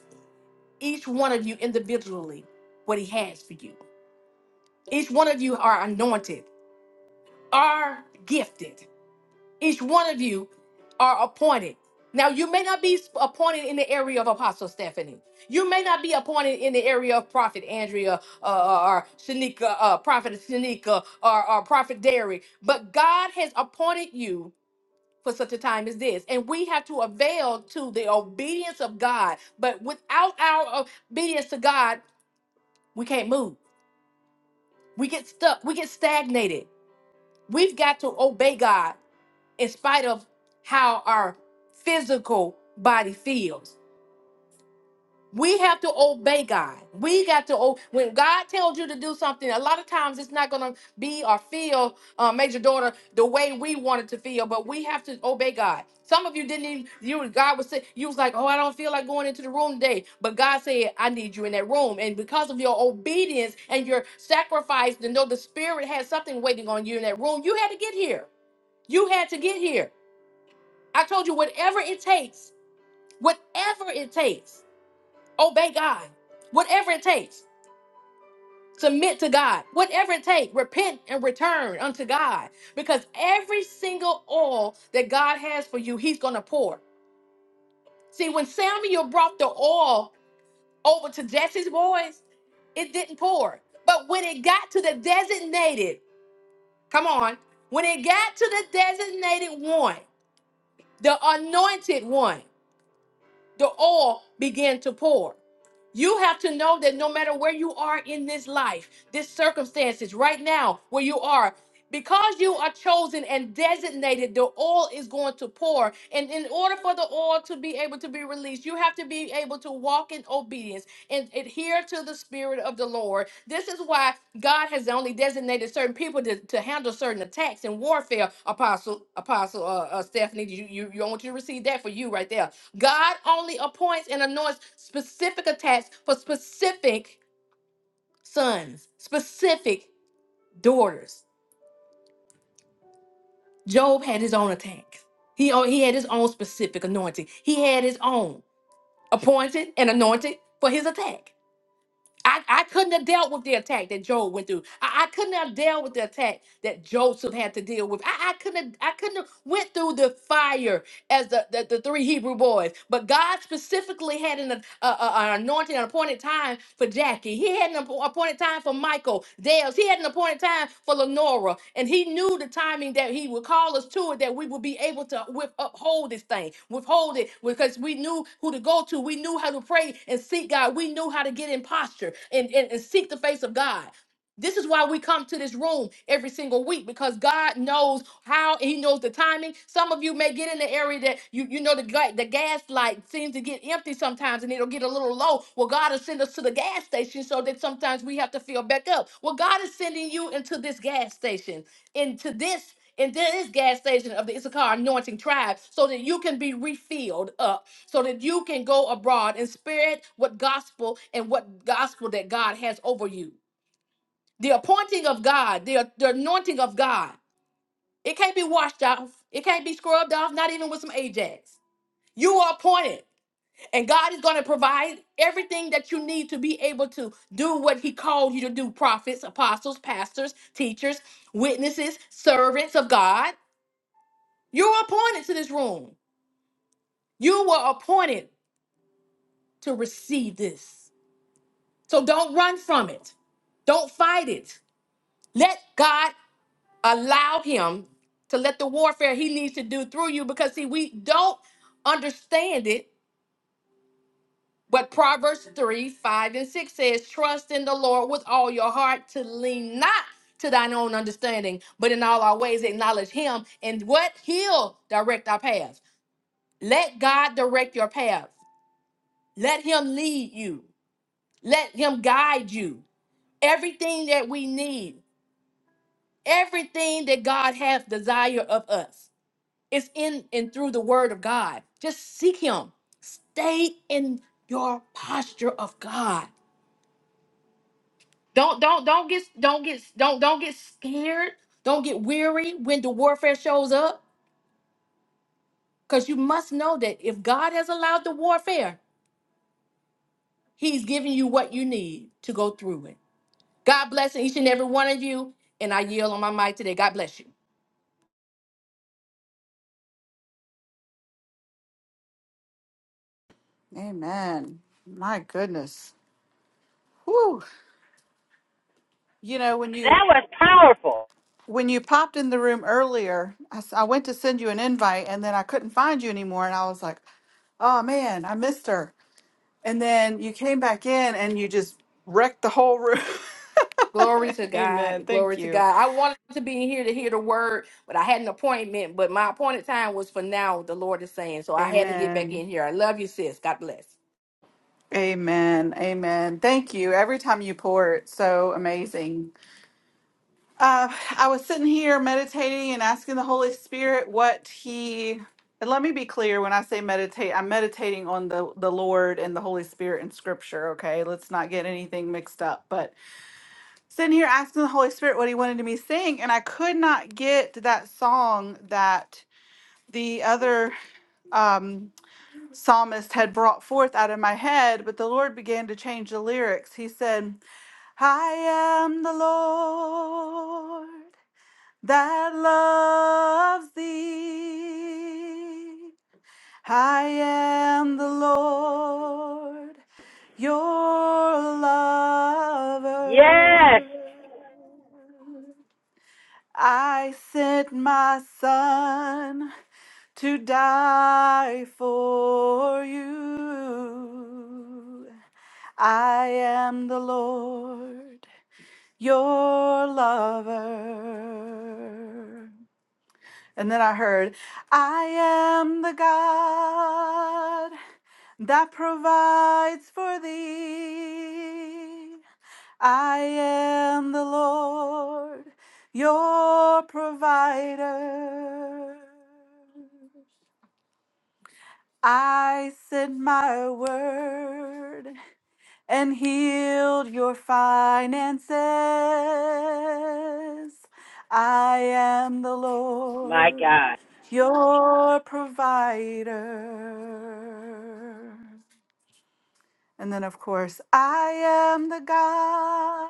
each one of you individually what He has for you. Each one of you are anointed, are gifted. Each one of you are appointed. Now, you may not be appointed in the area of Apostle Stephanie. You may not be appointed in the area of Prophet Andrea uh, uh, or Shanika, uh, Prophet Shanika or, or Prophet Derry, but God has appointed you for such a time as this. And we have to avail to the obedience of God. But without our obedience to God, we can't move. We get stuck. We get stagnated. We've got to obey God in spite of how our physical body feels. We have to obey God. We got to o- when God tells you to do something. A lot of times it's not going to be or feel, uh, major daughter, the way we want it to feel. But we have to obey God. Some of you didn't even. You God was say you was like, oh, I don't feel like going into the room today. But God said, I need you in that room. And because of your obedience and your sacrifice, to know the Spirit had something waiting on you in that room, you had to get here. You had to get here. I told you, whatever it takes, whatever it takes, obey God. Whatever it takes, submit to God. Whatever it takes, repent and return unto God. Because every single oil that God has for you, He's going to pour. See, when Samuel brought the oil over to Jesse's boys, it didn't pour. But when it got to the designated, come on, when it got to the designated one, the anointed one. the oil began to pour. You have to know that no matter where you are in this life, this circumstances, right now, where you are, because you are chosen and designated, the oil is going to pour. And in order for the oil to be able to be released, you have to be able to walk in obedience and adhere to the Spirit of the Lord. This is why God has only designated certain people to, to handle certain attacks and warfare. Apostle, Apostle uh, uh, Stephanie, you, you, you, I want you to receive that for you right there God only appoints and anoints specific attacks for specific sons, specific daughters. Job had his own attack. He, he had his own specific anointing. He had his own appointed and anointed for his attack. I, I couldn't have dealt with the attack that Job went through. I, I couldn't have dealt with the attack that Joseph had to deal with. I, I couldn't have, I couldn't have went through the fire as the, the, the three Hebrew boys. But God specifically had an, uh, uh, uh, an anointing, an appointed time for Jackie. He had an appo- appointed time for Michael, Dales. He had an appointed time for Lenora. And he knew the timing that he would call us to it, that we would be able to with, uphold this thing, withhold it, because we knew who to go to. We knew how to pray and seek God. We knew how to get in posture and, and, and seek the face of God. This is why we come to this room every single week because God knows how and He knows the timing. Some of you may get in the area that you you know the ga- the gas light seems to get empty sometimes and it'll get a little low. Well, God will send us to the gas station so that sometimes we have to fill back up. Well, God is sending you into this gas station, into this. into this gas station of the Issachar anointing tribe, so that you can be refilled up, so that you can go abroad and spread what gospel and what gospel that God has over you. The appointing of God, the, the anointing of God, it can't be washed off. It can't be scrubbed off, not even with some Ajax. You are appointed, and God is going to provide everything that you need to be able to do what He called you to do prophets, apostles, pastors, teachers, witnesses, servants of God. You're appointed to this room. You were appointed to receive this. So don't run from it, don't fight it. Let God allow him to let the warfare he needs to do through you because see we don't understand it but proverbs 3 5 and 6 says trust in the lord with all your heart to lean not to thine own understanding but in all our ways acknowledge him and what he'll direct our paths let god direct your path let him lead you let him guide you everything that we need everything that god has desire of us It's in and through the word of God. Just seek him. Stay in your posture of God. Don't don't don't get don't get don't don't get scared. Don't get weary when the warfare shows up cuz you must know that if God has allowed the warfare, he's giving you what you need to go through it. God bless each and every one of you and I yield on my mic today. God bless you. Amen. My goodness. Whew. You know, when That you was powerful. when you popped in the room earlier, I, s- I went to send you an invite and then I couldn't find you anymore. And I was like, oh man, I missed her. And then you came back in and you just wrecked the whole room. Glory to Amen. God. Glory Thank to you. God. I wanted to be in here to hear the word, but I had an appointment, but my appointed time was for now, the Lord is saying. So I had to get back Amen. in here. I love you, sis. God bless. Amen. Amen. Thank you. Every time you pour, it's so amazing. Uh, I was sitting here meditating and asking the Holy Spirit what He. And let me be clear when I say meditate, I'm meditating on the, the Lord and the Holy Spirit in Scripture, okay? Let's not get anything mixed up. But sitting here asking the Holy Spirit what He wanted me to be sing, and I could not get that song that the other um, psalmist had brought forth out of my head, but the Lord began to change the lyrics. He said, I am the Lord that loves thee. I am the Lord your lover. Yes. I sent my son to die for you. I am the Lord, your lover. And then I heard, I am the God that provides for thee. I am the Lord, your provider. I sent my word and healed your finances. I am the My Lord, God. your provider. And then, of course, I am the God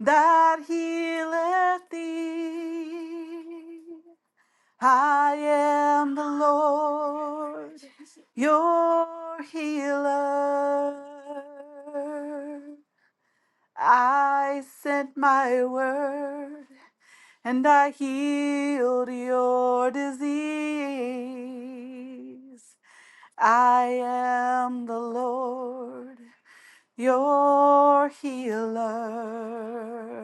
that healeth thee. I am the Lord, your healer. I sent my word and I healed your disease. I am the Lord, your healer.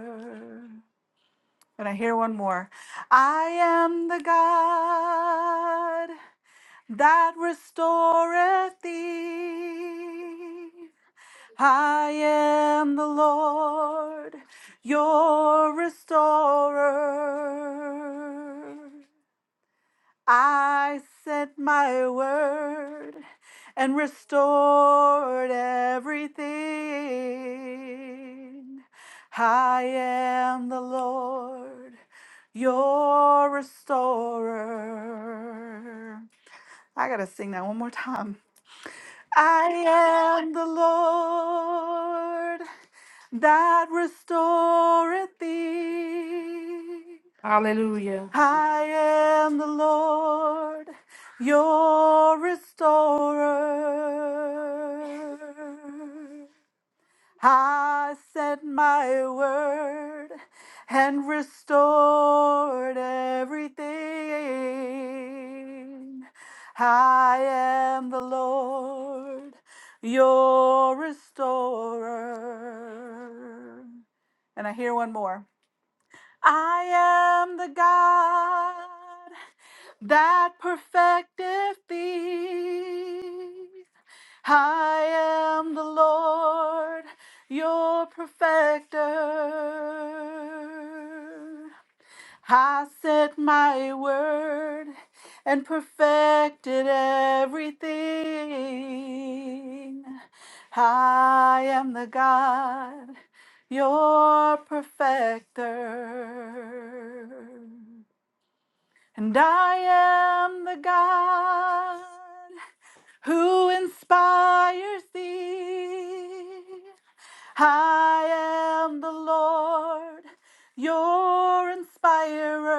And I hear one more. I am the God that restoreth thee. I am the Lord, your restorer. I sent my word and restored everything. I am the Lord, your restorer. I gotta sing that one more time. I am the Lord that restoreth thee. Hallelujah. I am the Lord your restorer. I sent my word and restored everything. I am the Lord, your restorer. And I hear one more. I am the God that perfecteth thee. I am the Lord, your perfecter. I said my word and perfected everything. I am the God, your perfecter. And I am the God. Who inspires thee? I am the Lord, your inspirer.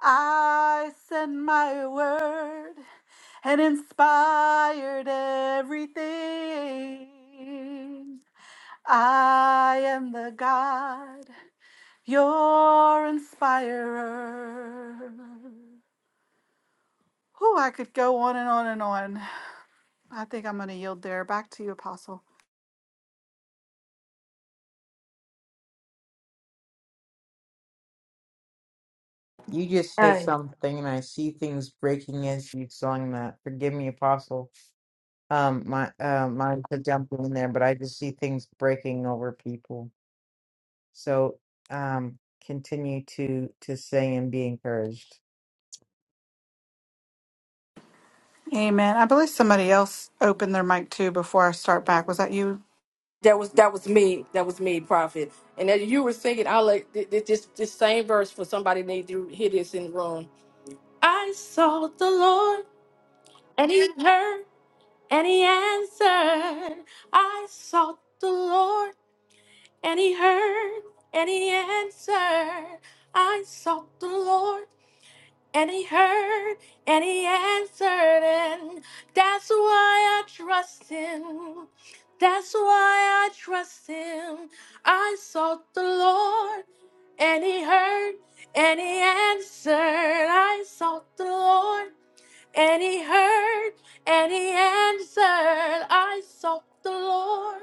I send my word and inspired everything. I am the God, your inspirer. Who I could go on and on and on. I think I'm going to yield there. Back to you, Apostle. You just hit Hey. something, and I see things breaking as you sung that. Forgive me, Apostle. Um, my uh, mine to jump in there, but I just see things breaking over people. So, um, continue to to sing and be encouraged. Amen. I believe somebody else opened their mic too before I start back. Was that you? That was that was me. That was me, prophet. And as you were singing, i like th- th- this this same verse for somebody need to hear this in the room. I sought the Lord and he heard and he answered. I sought the Lord and he heard and he answered. I sought the Lord and he heard and he answered, and that's why I trust him. That's why I trust him. I sought the Lord and he heard and he answered. I sought the Lord and he heard and he answered, I sought the Lord.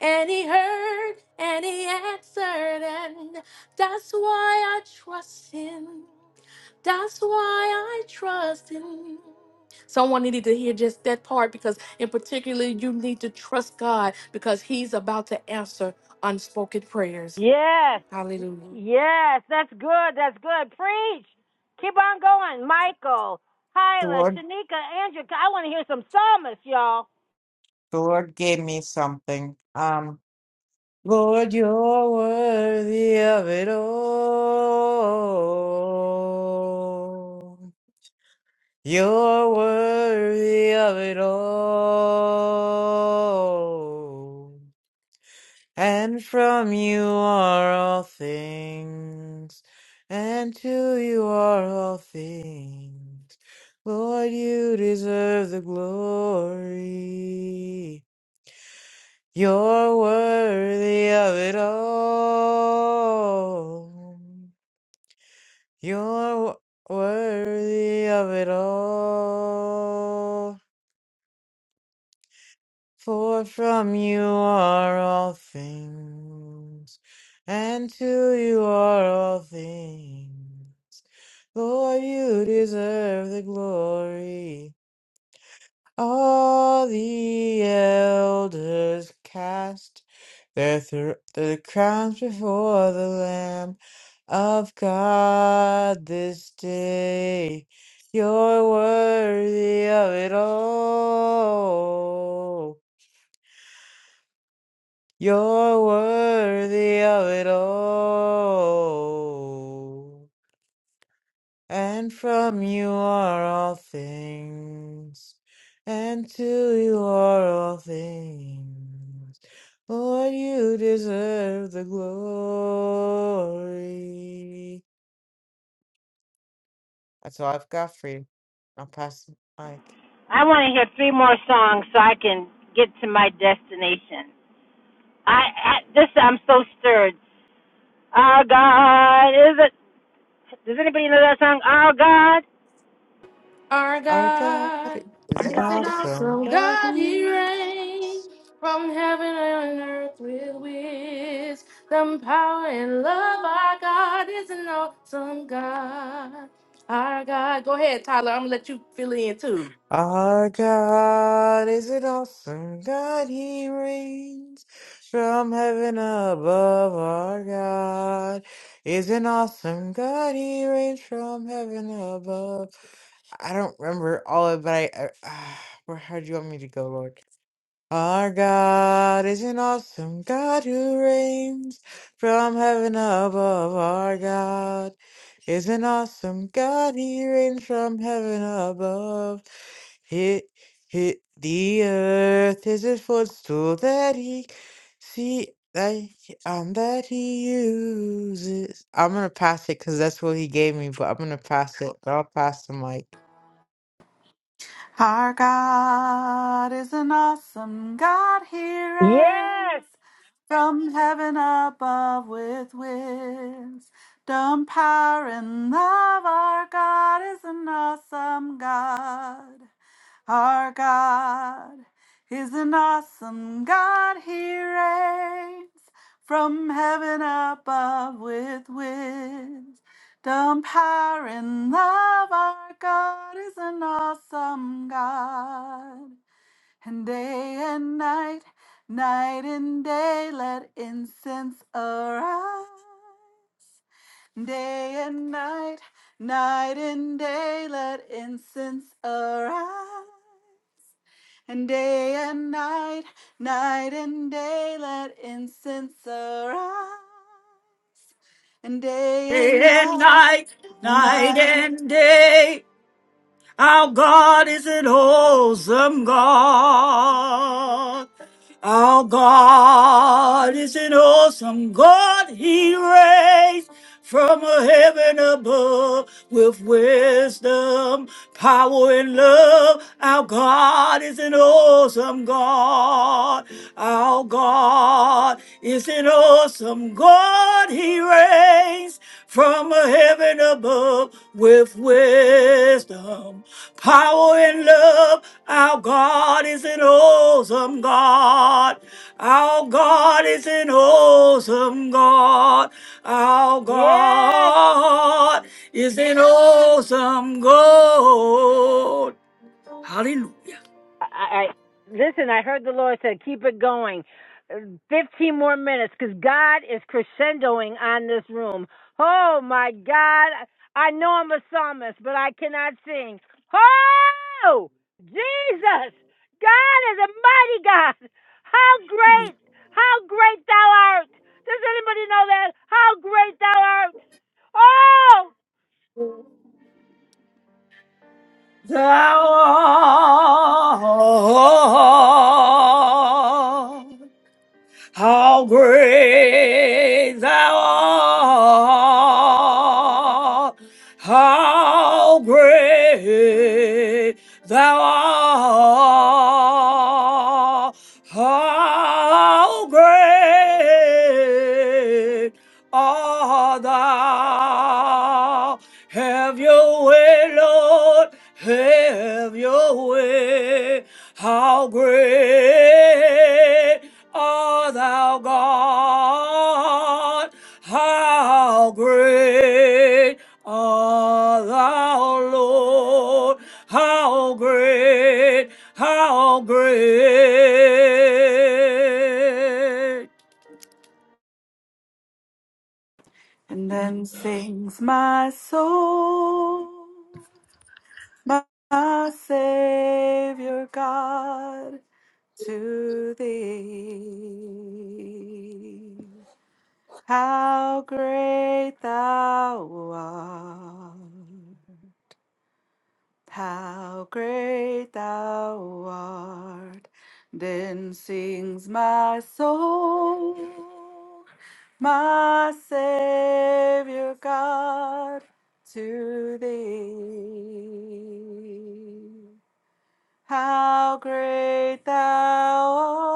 And he heard and he answered, and that's why I trust him. That's why I trust him. Someone needed to hear just that part because, in particular, you need to trust God because he's about to answer unspoken prayers. yes. Hallelujah. Yes. That's good. That's good. Preach. Keep on going. Michael, The Hyla, Lord, Shanika, Andrew. I want to hear some psalmists, y'all. the Lord gave me something. Um, Lord, you're worthy of it all. You're worthy of it all. And from you are all things, and to you are all things. Lord, you deserve the glory. You're worthy of it all. You're wo- worthy of it all. For from you are all things, and to you are all things. Lord, you deserve the glory. All the elders cast their, thr their crowns before the Lamb of God this day. You're worthy of it all. You're worthy of it all. And from you are all things, and to you are all things. Lord, you deserve the glory. That's all I've got for you. I'll pass the mic. I want to hear three more songs so I can get to my destination. I, I this I'm so stirred. Our God is it? Does anybody know that song? Our God Our Our God God is an is an awesome awesome God. God. He reigns from heaven and earth with wisdom, power, and love. Our God is an awesome God. Our God. Go ahead, Tyler. I'm gonna let you fill in too. Our God is an awesome God. He reigns from heaven above. Our God is an awesome God. He reigns from heaven above. I don't remember all of it, but I. Uh, where, how do you want me to go, Lord? Our God is an awesome God who reigns from heaven above. Our God is an awesome God. He reigns from heaven above. Hit, hit the earth is his footstool that he see that he- um that he uses. I'm gonna pass it because that's what he gave me, but I'm gonna pass it. But I'll pass the mic. Our God is an awesome God. He Yes, reigns from heaven above with wisdom, power, and love. Our God is an awesome God. Our God is an awesome God. He reigns from heaven above with wisdom, power, and love. Our God is an awesome God. And day and night, night and day, let incense arise. Day and night, night and day, let incense arise. And day and night, night and day, let incense arise. And day and Day and night, night, night night, and day. Our God is an awesome God. Our God is an awesome God. He reigns from a heaven above with wisdom, power, and love. Our God is an awesome God. Our God is an awesome God. He reigns from a heaven above with wisdom, power, and love. Our God is an awesome God. Our God is an awesome God. Our yes. God is an awesome God. Hallelujah. I, I listen. I heard the Lord said, "Keep it going." Uh, Fifteen more minutes, because God is crescendoing on this room. Oh my God! I know I'm a psalmist, but I cannot sing. Oh, Jesus! God is a mighty God. How great! How great Thou art! Does anybody know that? How great Thou art! Oh. Thou art How great thou art! How great thou art! How great art thou! Have your way, Lord, have your way. How great! O thou God, how great art thou, Lord, how great, how great and then sings my soul, my, my Savior God, to thee. How great thou art! How great thou art, then sings my soul, my Savior God, to thee. How great thou art.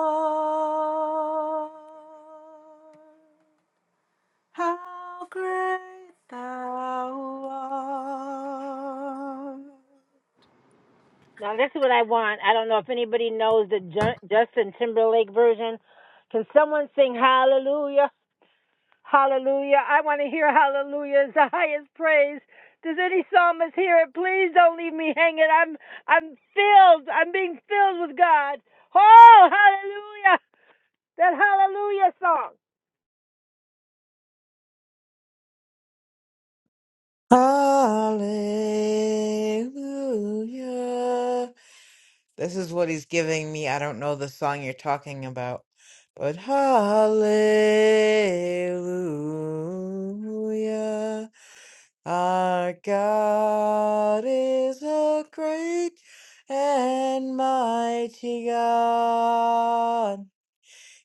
How great thou art. Now this is what I want. I don't know if anybody knows the Justin Timberlake version. Can someone sing Hallelujah, Hallelujah? I want to hear Hallelujah is the highest praise. Does any psalmist hear it? Please don't leave me hanging. I'm I'm filled. I'm being filled with God. Oh, Hallelujah! That Hallelujah song. Hallelujah. This is what he's giving me. I don't know the song you're talking about, but hallelujah. Our God is a great and mighty God.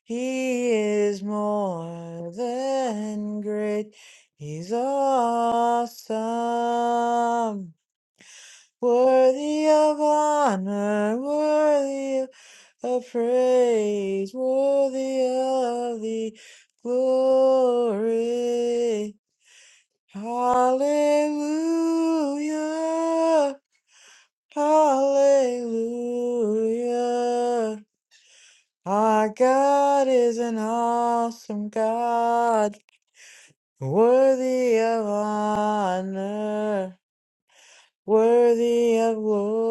He is more than great. He's awesome. Worthy of honor, worthy of praise, worthy of the glory. Hallelujah, hallelujah. Our God is an awesome God, worthy of honor, worthy of glory.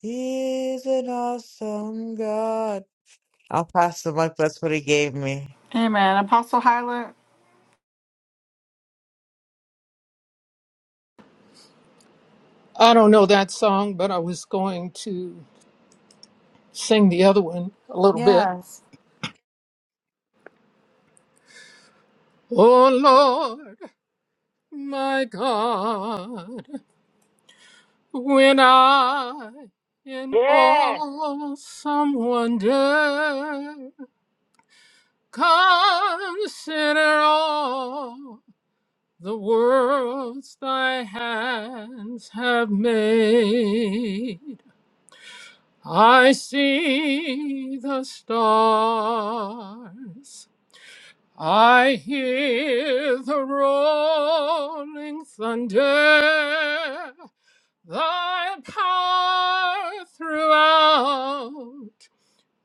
He is an awesome God. I'll pass the mic, that's what he gave me. Amen. Apostle Hyland. I don't know that song, but I was going to sing the other one a little bit. Yes. Oh Lord. My God, when I in Yes. awesome wonder consider all the worlds thy hands have made, I see the stars. I hear the rolling thunder. thy power throughout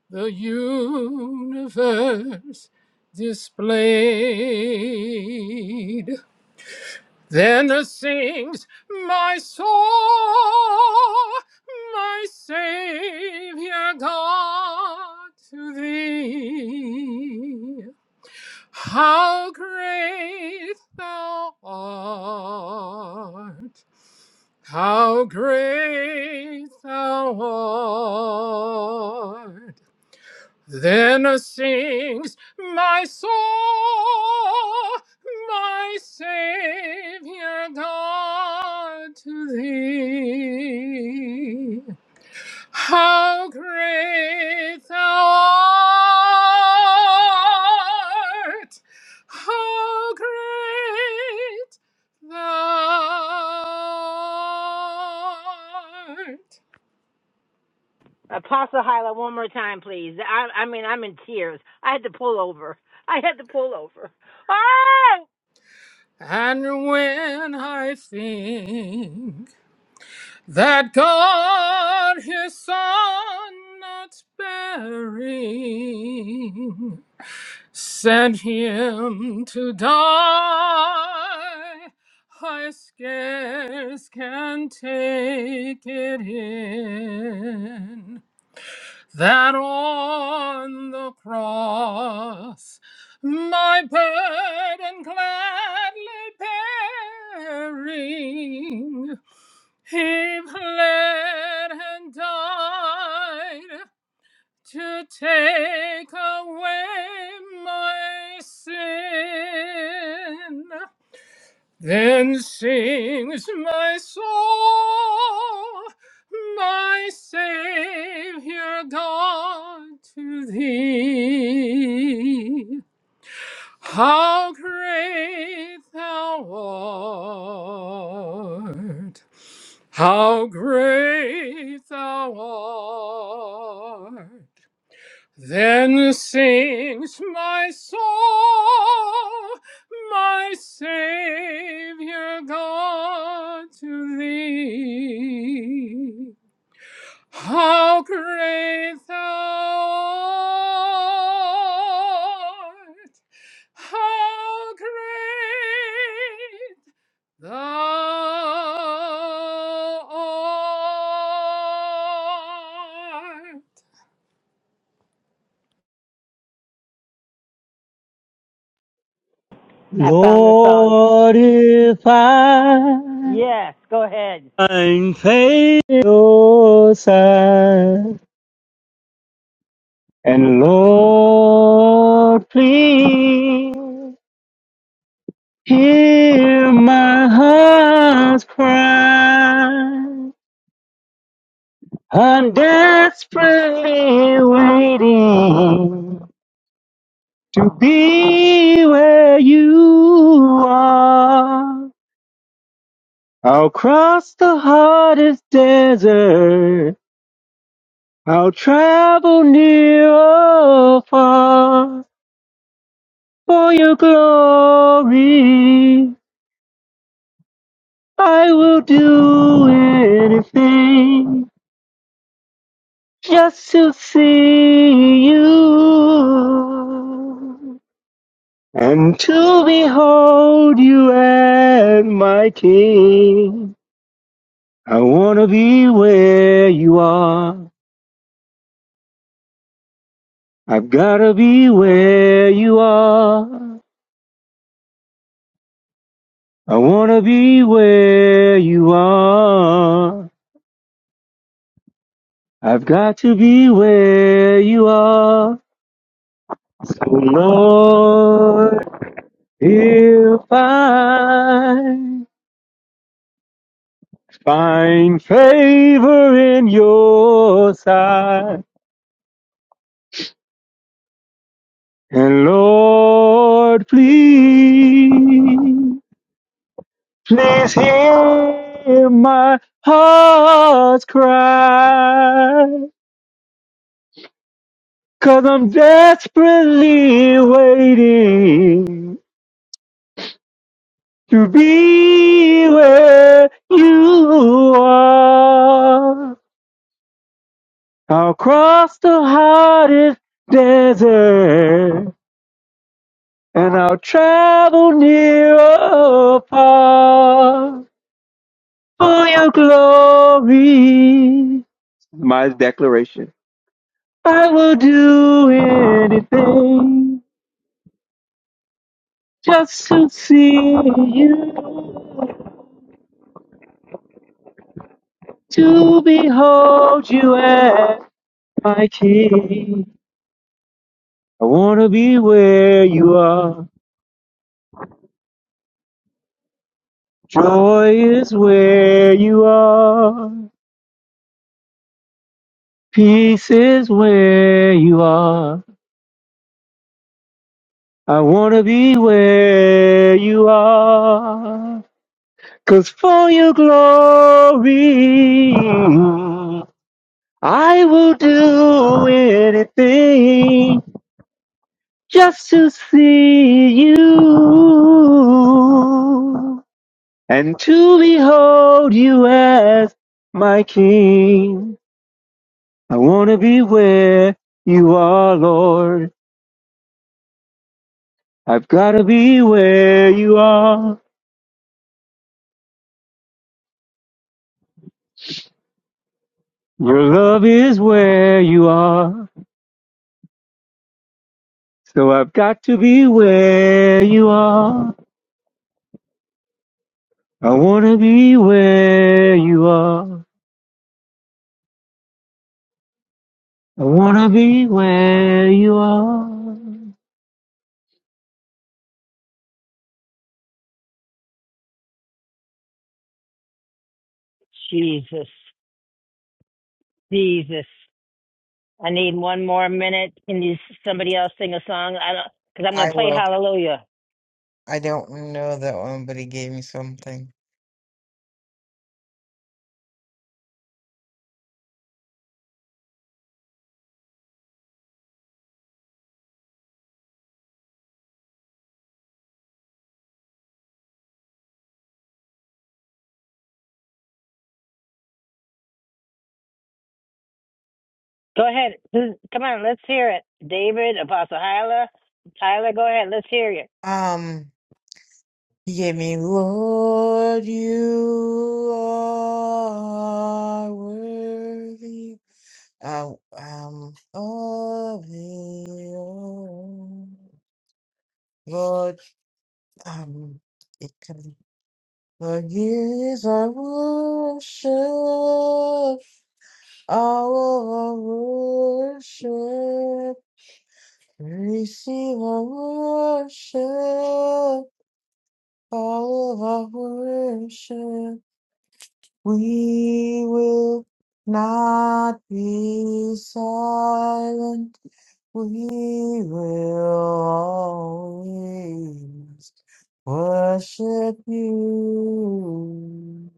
the universe displayed. Then sings my soul, my Savior God to thee. How great thou art! How great thou art! Then sings my soul, my Savior God to thee. How great thou art! How great thou art! Apostle Hyla, one more time, please. I I mean I'm in tears. I had to pull over. I had to pull over. Oh! And when I think that God his Son not sparing Sent him to die. I scarce can take it in that on the cross my burden gladly bearing, he bled and died to take away my sin. Then sings my soul, my Savior God, to thee. How great thou art! How great thou art! Then sings my soul, my Savior God to thee. How great thou art! How great thou art! I found the song. Lord, if I Yes, go ahead. find favor in your sight, and Lord, please hear my heart's cry. I'm desperately waiting to be where you are. I'll cross the hardest desert I'll travel near or far for your glory. I will do anything just to see you and to behold you as my king. I want to be where you are. I've got to be where you are. I wanna be where you are. I've got to be where you are. So Lord, if I find favor in your sight, and Lord, please, please hear my heart's cry. Cause I'm desperately waiting to be where you are. I'll cross the hottest desert and I'll travel near or far for your glory. My declaration. I will do anything just to see you. to behold you as my king. I wanna be where you are. Joy is where you are. Peace is where you are. I wanna be where you are. 'Cause for your glory, I will do anything just to see you. and to behold you as my king. I want to be where you are, Lord. I've got to be where you are. Your love is where you are. So I've got to be where you are. I want to be where you are. I want to be where you are. Jesus, Jesus. I need one more minute. Can you somebody else sing a song? I don't, because I'm I gonna play will. Hallelujah. I don't know that one, but he gave me something. Go ahead. Who's- Come on, let's hear it. David, Apostle Hyla, Tyler, go ahead. Let's hear it. Um, he gave me, Lord, you are worthy. Uh, um, of it all. Lord, um, it can, Lord, years our worship, all of our worship, receive our worship. All of our worship, we will not be silent. We will always worship you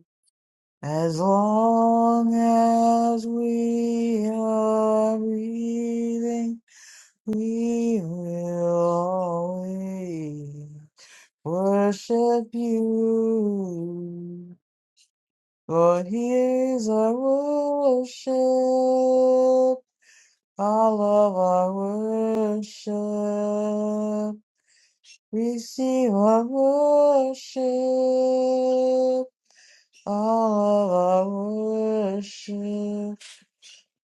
as long as we are breathing. We will always worship you. Lord, here's our worship, all of our worship. Receive our worship, all of our worship.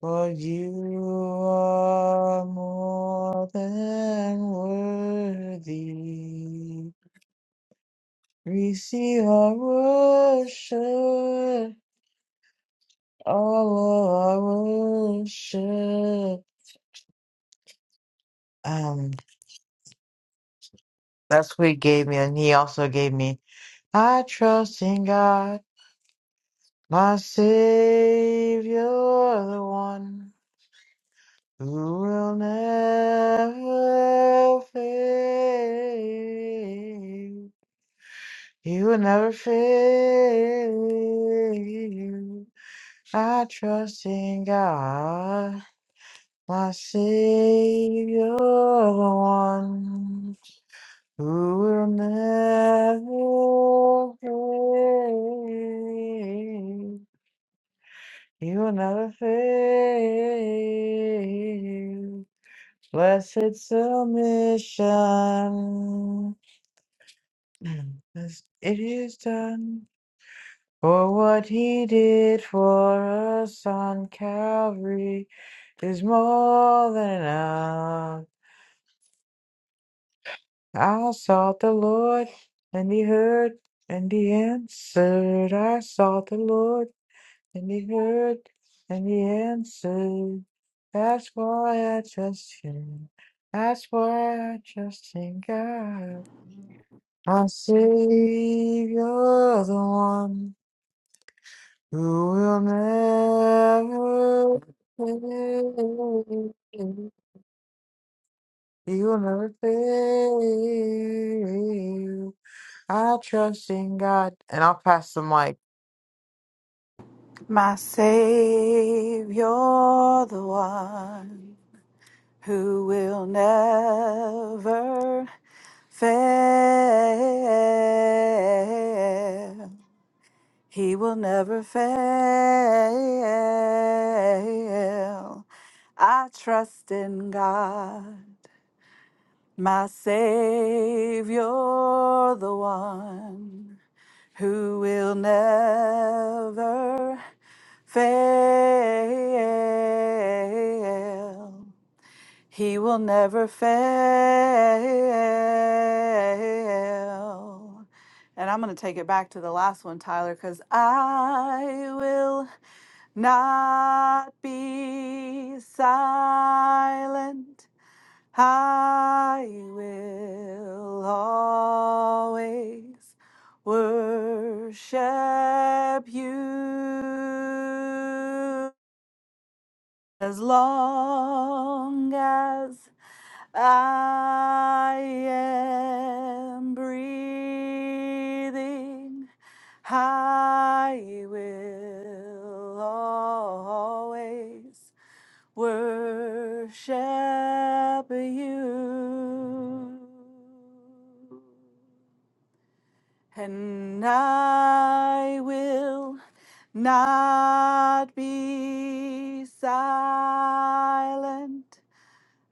For you are more than worthy. Receive our worship, all of our worship. Um, that's what he gave me, and he also gave me, I trust in God, my Savior, the one who will never fail. He will never fail. I trust in God. My Savior, the one who will never fail. He will never fail. Blessed submission. As It is done for what he did for us on Calvary is more than enough. I sought the Lord, and he heard, and he answered. I sought the Lord, and he heard, and he answered. That's why I trust him. That's why I trust in God. My Savior, the one who will never fail. He will never fail. I trust in God. And I'll pass the mic. My Savior, the one who will never fail. He will never fail. I trust in God, my Savior, the one. who will never fail. He will never fail. And I'm going to take it back to the last one, Tyler, because I will not be silent. I will always worship you as long as I am breathing. I will always worship you. And I will not be silent.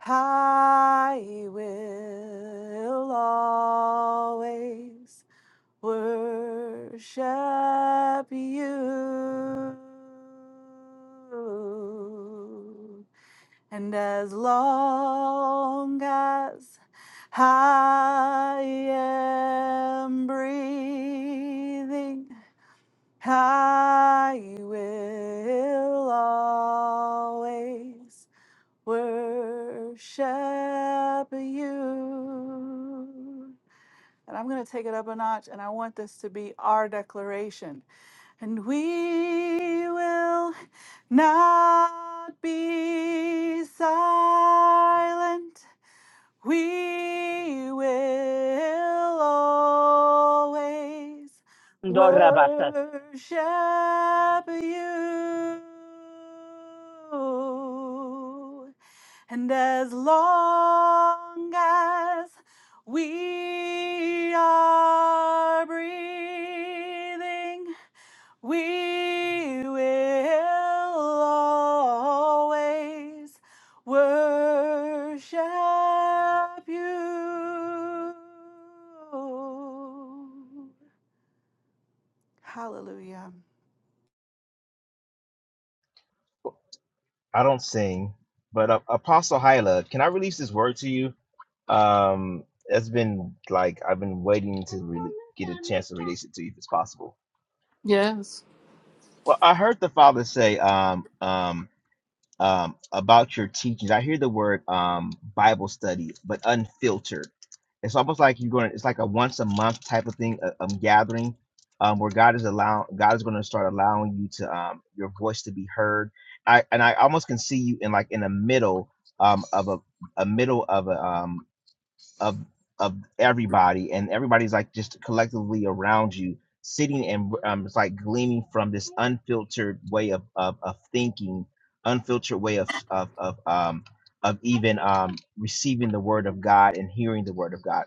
I will always worship you. And as long as I am breathing, I will always worship you. And I'm going to take it up a notch, and I want this to be our declaration and we will not be silent. We will always Ndorabasa. worship you. And as long as we are breathing, we will always worship you. Hallelujah. I don't sing, but uh, Apostle Hyla, can I release this word to you? Um, it's been like I've been waiting to really get a chance to release it to you if it's possible. Yes. Well, I heard the father say um um um about your teachings. I hear the word um Bible study, but unfiltered. It's almost like you're going. It's like a once a month type of thing, a, um, gathering, um, where God is allow God is going to start allowing you to um your voice to be heard. I and I almost can see you in like in the middle um of a a middle of a um of of everybody, and everybody's like just collectively around you, sitting and um, it's like gleaming from this unfiltered way of of, of thinking, unfiltered way of of of um of even um receiving the word of God and hearing the word of God.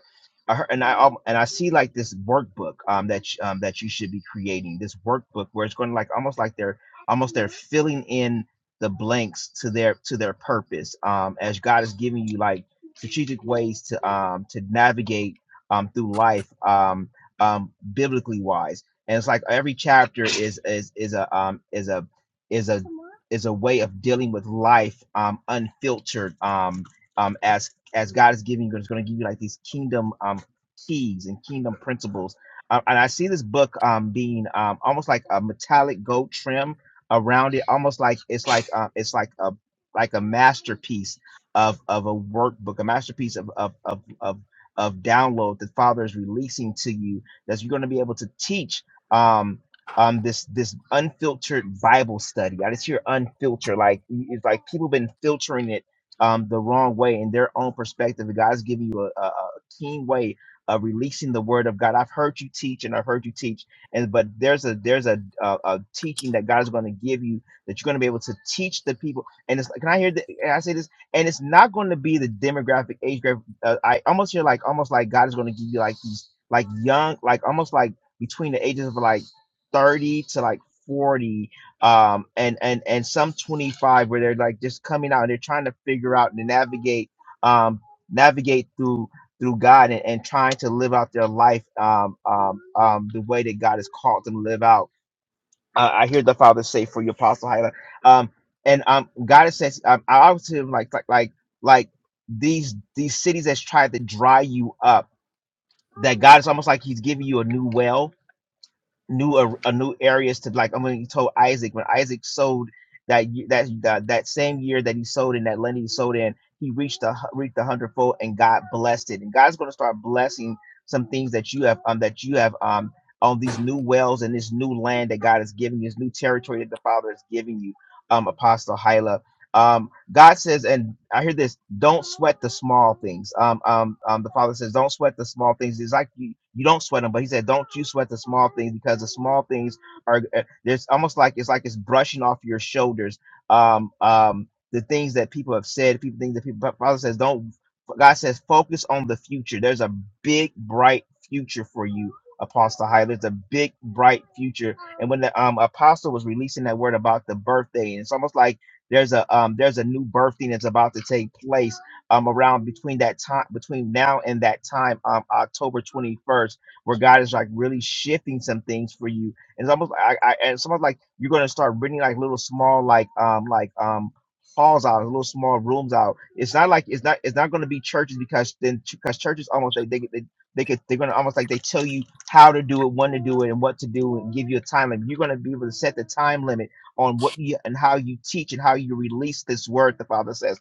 I heard, and I al- and I see like this workbook um that sh- um that you should be creating this workbook where it's going to like almost like they're almost they're filling in the blanks to their to their purpose um as God is giving you like strategic ways to um, to navigate um, through life um, um, biblically wise. And it's like every chapter is is is a um, is a is a is a way of dealing with life um, unfiltered um, um, as as God is giving you. It's going to give you like these kingdom um, keys and kingdom principles. Uh, and I see this book um, being um, almost like a metallic gold trim around it, almost like it's like uh, it's like a like a masterpiece of of a workbook, a masterpiece of of of of, of download that Father is releasing to you. That you're going to be able to teach um um this this unfiltered Bible study. I just hear unfiltered, like it's like people been filtering it um the wrong way in their own perspective. And God's giving you a, a, a keen way of releasing the word of God. I've heard you teach and I've heard you teach, and but there's a there's a a, a teaching that God is going to give you that you're going to be able to teach the people and it's like, can I hear that? I say this? and it's not going to be the demographic age group. Uh, I almost feel like almost like God is going to give you like these like young like almost like between the ages of like thirty to like forty, um, and and and some twenty five where they're like just coming out and they're trying to figure out and navigate um navigate through through God and, and trying to live out their life um, um, um, the way that God has called them to live out uh, I hear the Father say for your Apostle Hyla. Um, and um, God is says, um, I always hear him like like like like these these cities that's tried to dry you up. That God is almost like He's giving you a new well new a, a new areas to like. I'm gonna told Isaac when Isaac sold that ye- that that that same year that he sold in that land he sold in, he reached a hu- reaped a hundredfold and God blessed it. And God's going to start blessing some things that you have um that you have um on these new wells and this new land that God is giving you, this new territory that the Father is giving you. Um, Apostle Hyla. Um, God says, and I hear this: don't sweat the small things. Um, um, um, the Father says, don't sweat the small things. It's like you, you don't sweat them, but He said, don't you sweat the small things because the small things are. uh, There's almost like it's like it's brushing off your shoulders. Um, um, the things that people have said, people things that people. But Father says, don't. God says, focus on the future. There's a big, bright future for you. Apostle High, there's a big bright future. And when the um apostle was releasing that word about the birthday, and it's almost like there's a um, there's a new birthing that's about to take place um, around between that time between now and that time um, October 21st, where God is like really shifting some things for you. And it's almost I, I and it's almost like you're gonna start bringing like little small like um like um halls out, little small rooms out. It's not like it's not it's not going to be churches because then because churches almost they they they, they could they're going to almost like they tell you how to do it, when to do it, and what to do, and give you a time limit. You're going to be able to set the time limit on what you and how you teach and how you release this word, the Father says.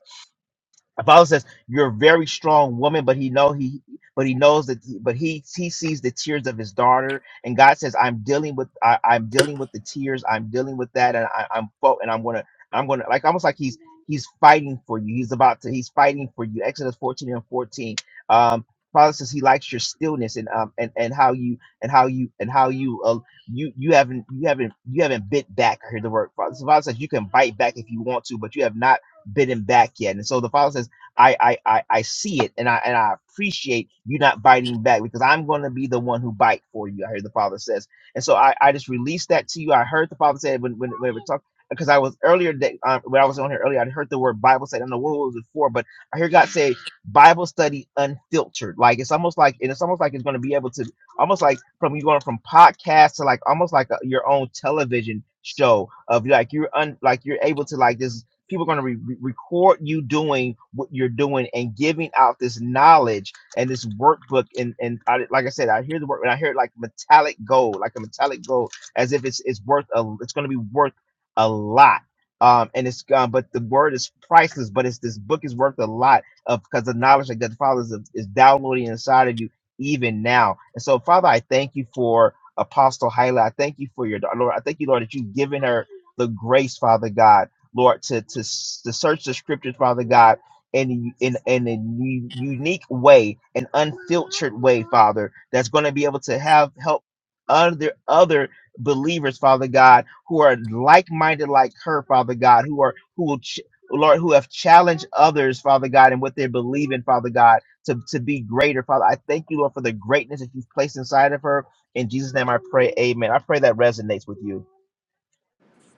The Bible says you're a very strong woman, but he know he but he knows that but he he sees the tears of his daughter and God says I'm dealing with I, I'm dealing with the tears I'm dealing with that and I, I'm fo- and I'm gonna I'm gonna like almost like he's he's fighting for you he's about to he's fighting for you Exodus 14 and 14 um Father says he likes your stillness and um and and how you and how you and how you uh, you you haven't you haven't you haven't bit back I hear the word Father, so Father says you can bite back if you want to but you have not bitten back yet. And so the Father says. I, I I I see it and I and I appreciate you not biting back because I'm going to be the one who bite for you. I hear the Father says, and so I I just released that to you. I heard the Father say when when when we talked because I was earlier that um, when I was on here earlier I heard the word Bible study. I don't know what was it for, but I hear God say Bible study unfiltered. Like it's almost like and it's almost like it's going to be able to almost like from you going from podcast to like almost like a, your own television show of like you're un, like you're able to like this people are going to re- re- record you doing what you're doing and giving out this knowledge and this workbook and and I, like i said i hear the word and i hear it like metallic gold like a metallic gold as if it's it's worth a it's going to be worth a lot um and it's um, but the word is priceless but it's this book is worth a lot of because the knowledge that the father is, is downloading inside of you even now and so father i thank you for apostle hyla i thank you for your daughter lord i thank you lord that you've given her the grace father god Lord, to to to search the scriptures, Father God, in in in a u- unique way, an unfiltered way, Father, that's going to be able to have help other other believers, Father God, who are like-minded like her, Father God, who are who will ch- Lord, who have challenged others, Father God, and what they believe in, Father God, to, to be greater, Father. I thank you, Lord, for the greatness that you've placed inside of her. In Jesus' name I pray, amen. I pray that resonates with you.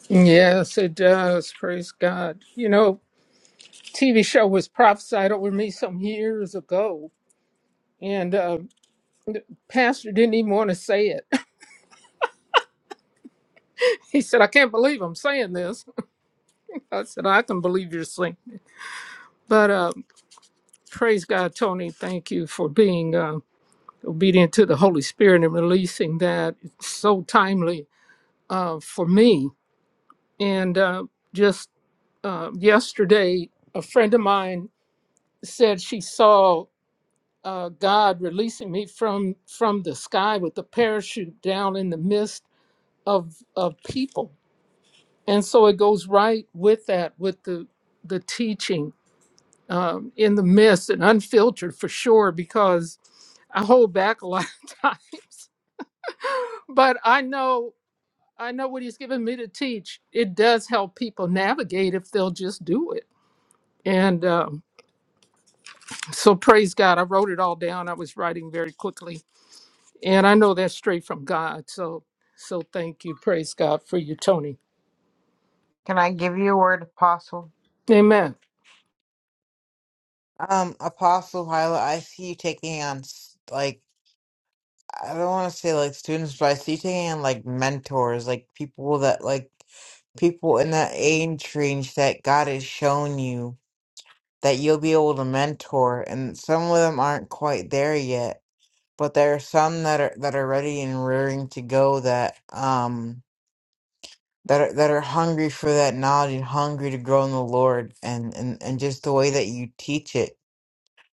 Yes, it does. Praise God. You know, TV show was prophesied over me some years ago, and uh, the pastor didn't even want to say it. He said, "I can't believe I'm saying this." I said, "I can believe you're saying it." But uh, praise God, Tony. Thank you for being uh, obedient to the Holy Spirit and releasing that. It's so timely uh, for me. And uh, just uh, yesterday, a friend of mine said she saw. uh, God releasing me from from the sky with a parachute down in the midst of of people. And so it goes right with that, with the the teaching um, in the midst and unfiltered for sure, because I hold back a lot of times. But I know I know what He's given me to teach. It does help people navigate if they'll just do it. And um, so praise God. I wrote it all down. I was writing very quickly And I know that's straight from God. So so thank you. Praise God for you, Tony. Can I give you a word, Apostle? Amen. Um, Apostle Hyla, I see you taking on, s- like, I don't want to say like students, but I see you taking on like mentors, like people that, like, people in that age range that God has shown you that you'll be able to mentor. And some of them aren't quite there yet, but there are some that are, that are ready and rearing to go that, um, that are, that are hungry for that knowledge and hungry to grow in the Lord and, and, and just the way that you teach it.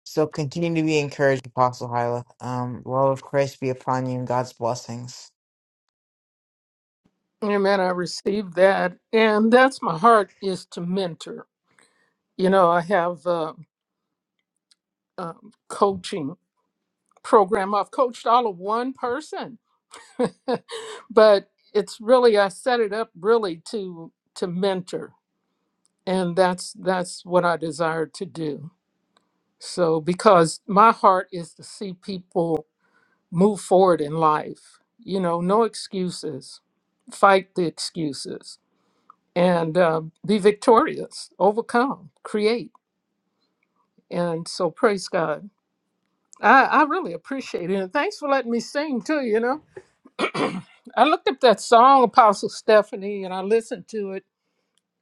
So continue to be encouraged, Apostle Hyla. Um, love of Christ be upon you and God's blessings. Amen. I received that. And that's my heart is to mentor. You know, I have uh, a, um coaching program. I've coached all of one person, but it's really, I set it up really to, to mentor. And that's, that's what I desire to do. So, because my heart is to see people move forward in life. You know, no excuses. Fight the excuses and uh, be victorious, overcome, create. And so, praise God. I, I really appreciate it. And thanks for letting me sing too. You know, I looked up that song, Apostle Stephanie, and I listened to it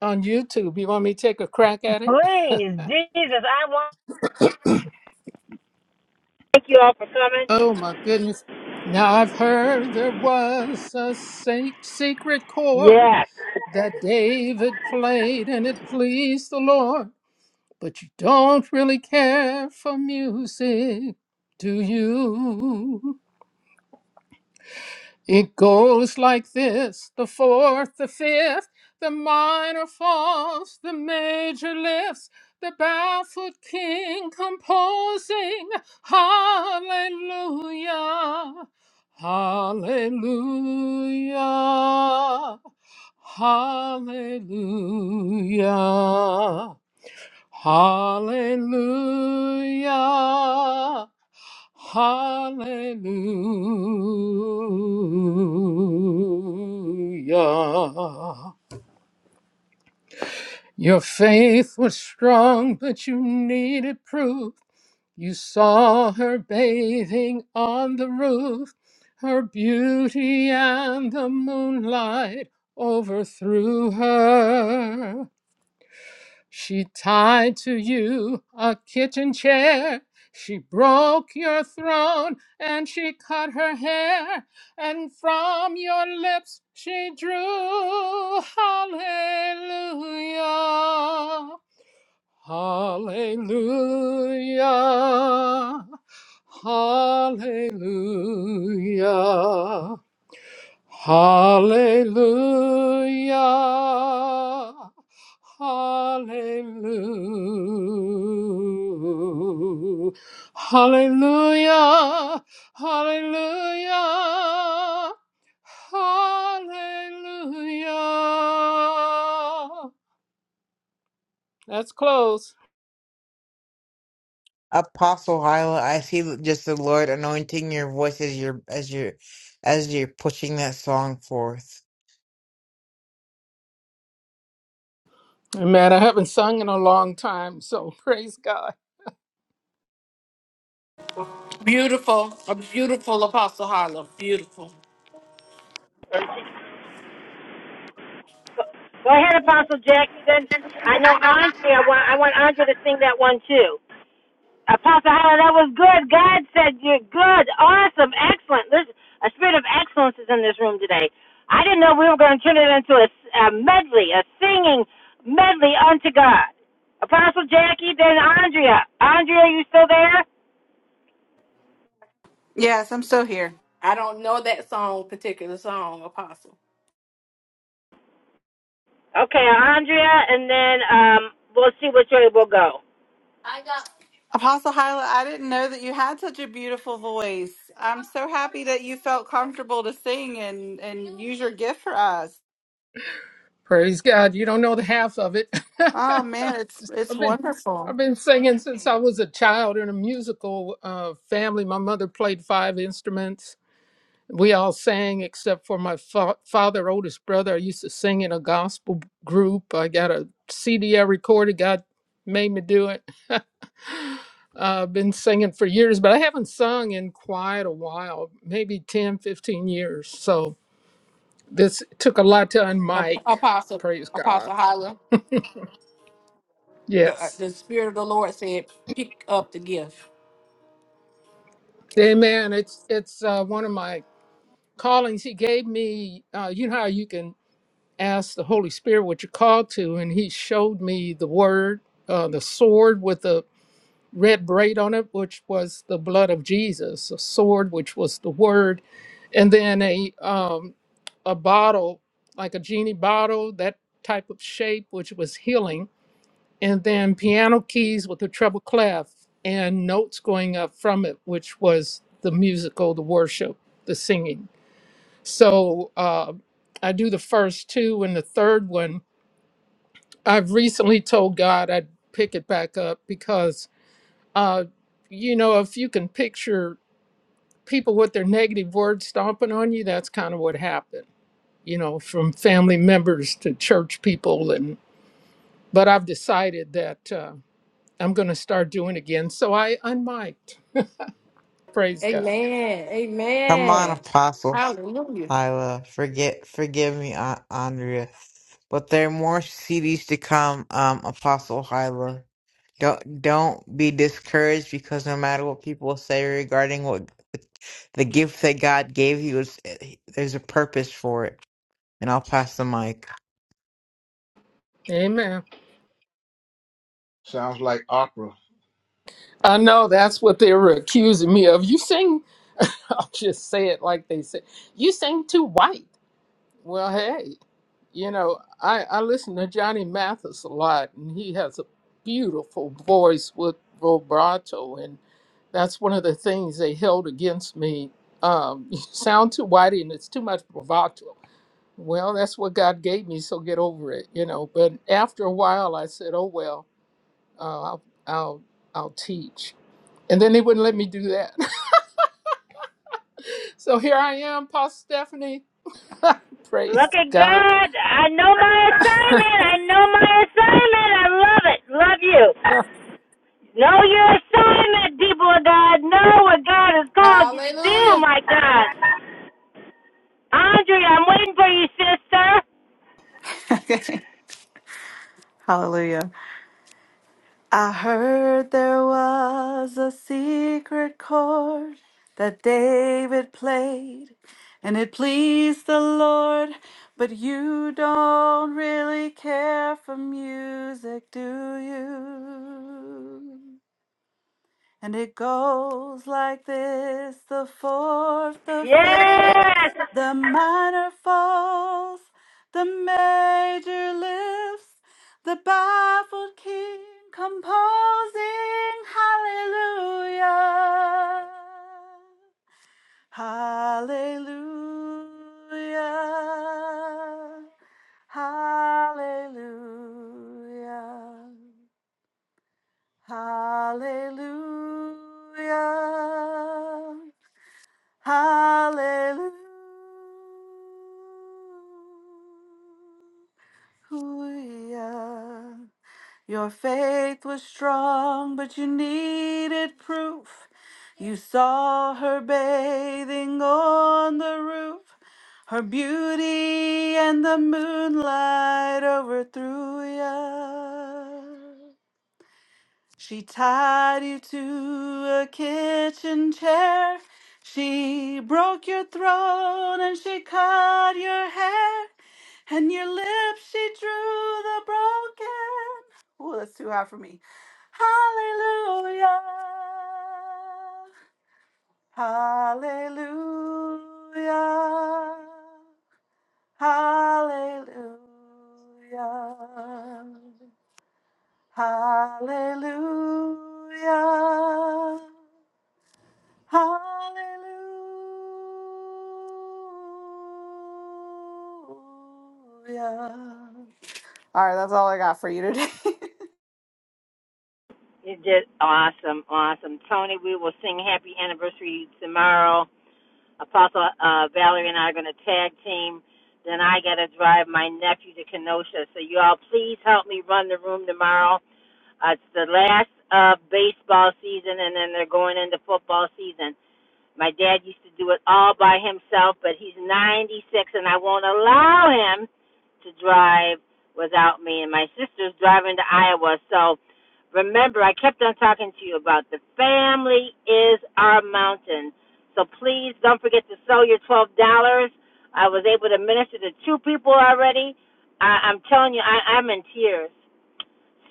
on YouTube. You want me to take a crack at it? Please, Jesus, I want to thank you all for coming. Oh, my goodness. Now I've heard there was a sa- secret chord Yes. that David played and it pleased the Lord. But you don't really care for music, do you? It goes like this the fourth, the fifth, the minor falls, the major lifts, the barefoot king composing. Hallelujah! Hallelujah! Hallelujah! Hallelujah. Hallelujah. Your faith was strong, but you needed proof. You saw her bathing on the roof. Her beauty and the moonlight overthrew her. She tied to you a kitchen chair. She broke your throne and she cut her hair. And from your lips she drew Hallelujah. Hallelujah. Hallelujah. Hallelujah. Hallelujah. Hallelujah. Hallelujah. Hallelujah. That's close. Apostle Hyla, I see just the Lord anointing your voice as you're as you're as you're pushing that song forth. Man, I haven't sung in a long time, so praise God. Beautiful, a beautiful Apostle Harlow. Beautiful. Go ahead, Apostle Jackson. I know Andre. I want I want Andre to sing that one too. Apostle Holler, that was good. God said you're good, awesome, excellent. There's a spirit of excellence is in this room today. I didn't know we were going to turn it into a, a medley, a singing medley unto God. Apostle Jackie, then Andrea. Andrea, you still there? Yes, I'm still here. I don't know that song, particular song, Apostle. Okay, Andrea, and then um, we'll see which way we'll go. Apostle Hyla, I didn't know that you had such a beautiful voice. I'm so happy that you felt comfortable to sing and, and use your gift for us. Praise God. You don't know the half of it. Oh man, it's it's I've been wonderful. I've been singing since I was a child in a musical uh, family. My mother played five instruments. We all sang except for my fa- father, oldest brother. I used to sing in a gospel group. I got a CD I recorded. God made me do it. uh, I've been singing for years, but I haven't sung in quite a while, maybe ten, fifteen years. So this took a lot to unmic. Ap- Apostle, Praise God. Apostle Hyla. The, uh, Yes. the Spirit of the Lord said, pick up the gift. Amen. It's it's uh, one of my callings. He gave me, uh, you know how you can ask the Holy Spirit what you're called to, and he showed me the word, uh, the sword with the red braid on it, which was the blood of Jesus, a sword which was the word, and then a um, a bottle like a genie bottle, that type of shape, which was healing and then piano keys with a treble clef and notes going up from it, which was the musical, the worship, the singing. So uh, I do the first two and the third one. I've recently told God I'd pick it back up because, uh, you know, if you can picture people with their negative words stomping on you, that's kind of what happened, you know, from family members to church people. And, but I've decided that. Uh, I'm going to start doing again. So I unmiked. Praise God. Amen. Come on, Amen. Apostle Hallelujah. Hyla. Forget forgive me, An- Andrea. But there are more CDs to come, um, Apostle Hyla. Don't don't be discouraged because no matter what people say regarding what the gift that God gave you is there's a purpose for it. And I'll pass the mic. Amen. Sounds like opera. I know that's what they were accusing me of. You sing, I'll just say it like they say, you sing too white. Well, hey, you know, I, I listen to Johnny Mathis a lot, and he has a beautiful voice with vibrato. And that's one of the things they held me um, whitey, and it's too much bravado. Well, that's what God gave me, so get over it, you know. But after a while, I said, oh, well uh, I'll, I'll, I'll teach. And then they wouldn't let me do that. So here I am, Pastor Stephanie. Look Praise at God. God. I know my assignment. I know my assignment. I love it. Love you. Know your assignment, people of God. Know what God has called you to do, Hallelujah. my God. Andrea, I'm waiting for you, sister. Hallelujah. I heard there was a secret chord that David played, and it pleased the Lord. But you don't really care for music, do you? And it goes like this the fourth, the fifth, Yes. the minor falls, the major lifts, the baffled king composing hallelujah. Hallelujah. Hallelujah. Hallelujah. Hallelujah. Your faith was strong, but you needed proof. You saw her bathing on the roof. Her beauty and the moonlight overthrew ya. She tied you to a kitchen chair. She broke your throat and she cut your hair. And your lips she drew the broken. Ooh, that's too high for me. Hallelujah. Hallelujah. Hallelujah. Hallelujah. Hallelujah. All right, that's all I got for you today. You're just awesome, awesome. Tony, we will sing happy anniversary tomorrow. Apostle uh, Valerie and I are going to tag team. Then I got to drive my nephew to Kenosha. So, you all, please help me run the room tomorrow. Uh, it's the last of uh, baseball season, and then they're going into football season. My dad used to do it all by himself, but he's 96 and I won't allow him to drive without me. And my sister's driving to Iowa. So remember, I kept on talking to you about the family is our mountain. So please don't forget to sell your $12. I was able to minister to two people already. I, I'm telling you, I, I'm in tears.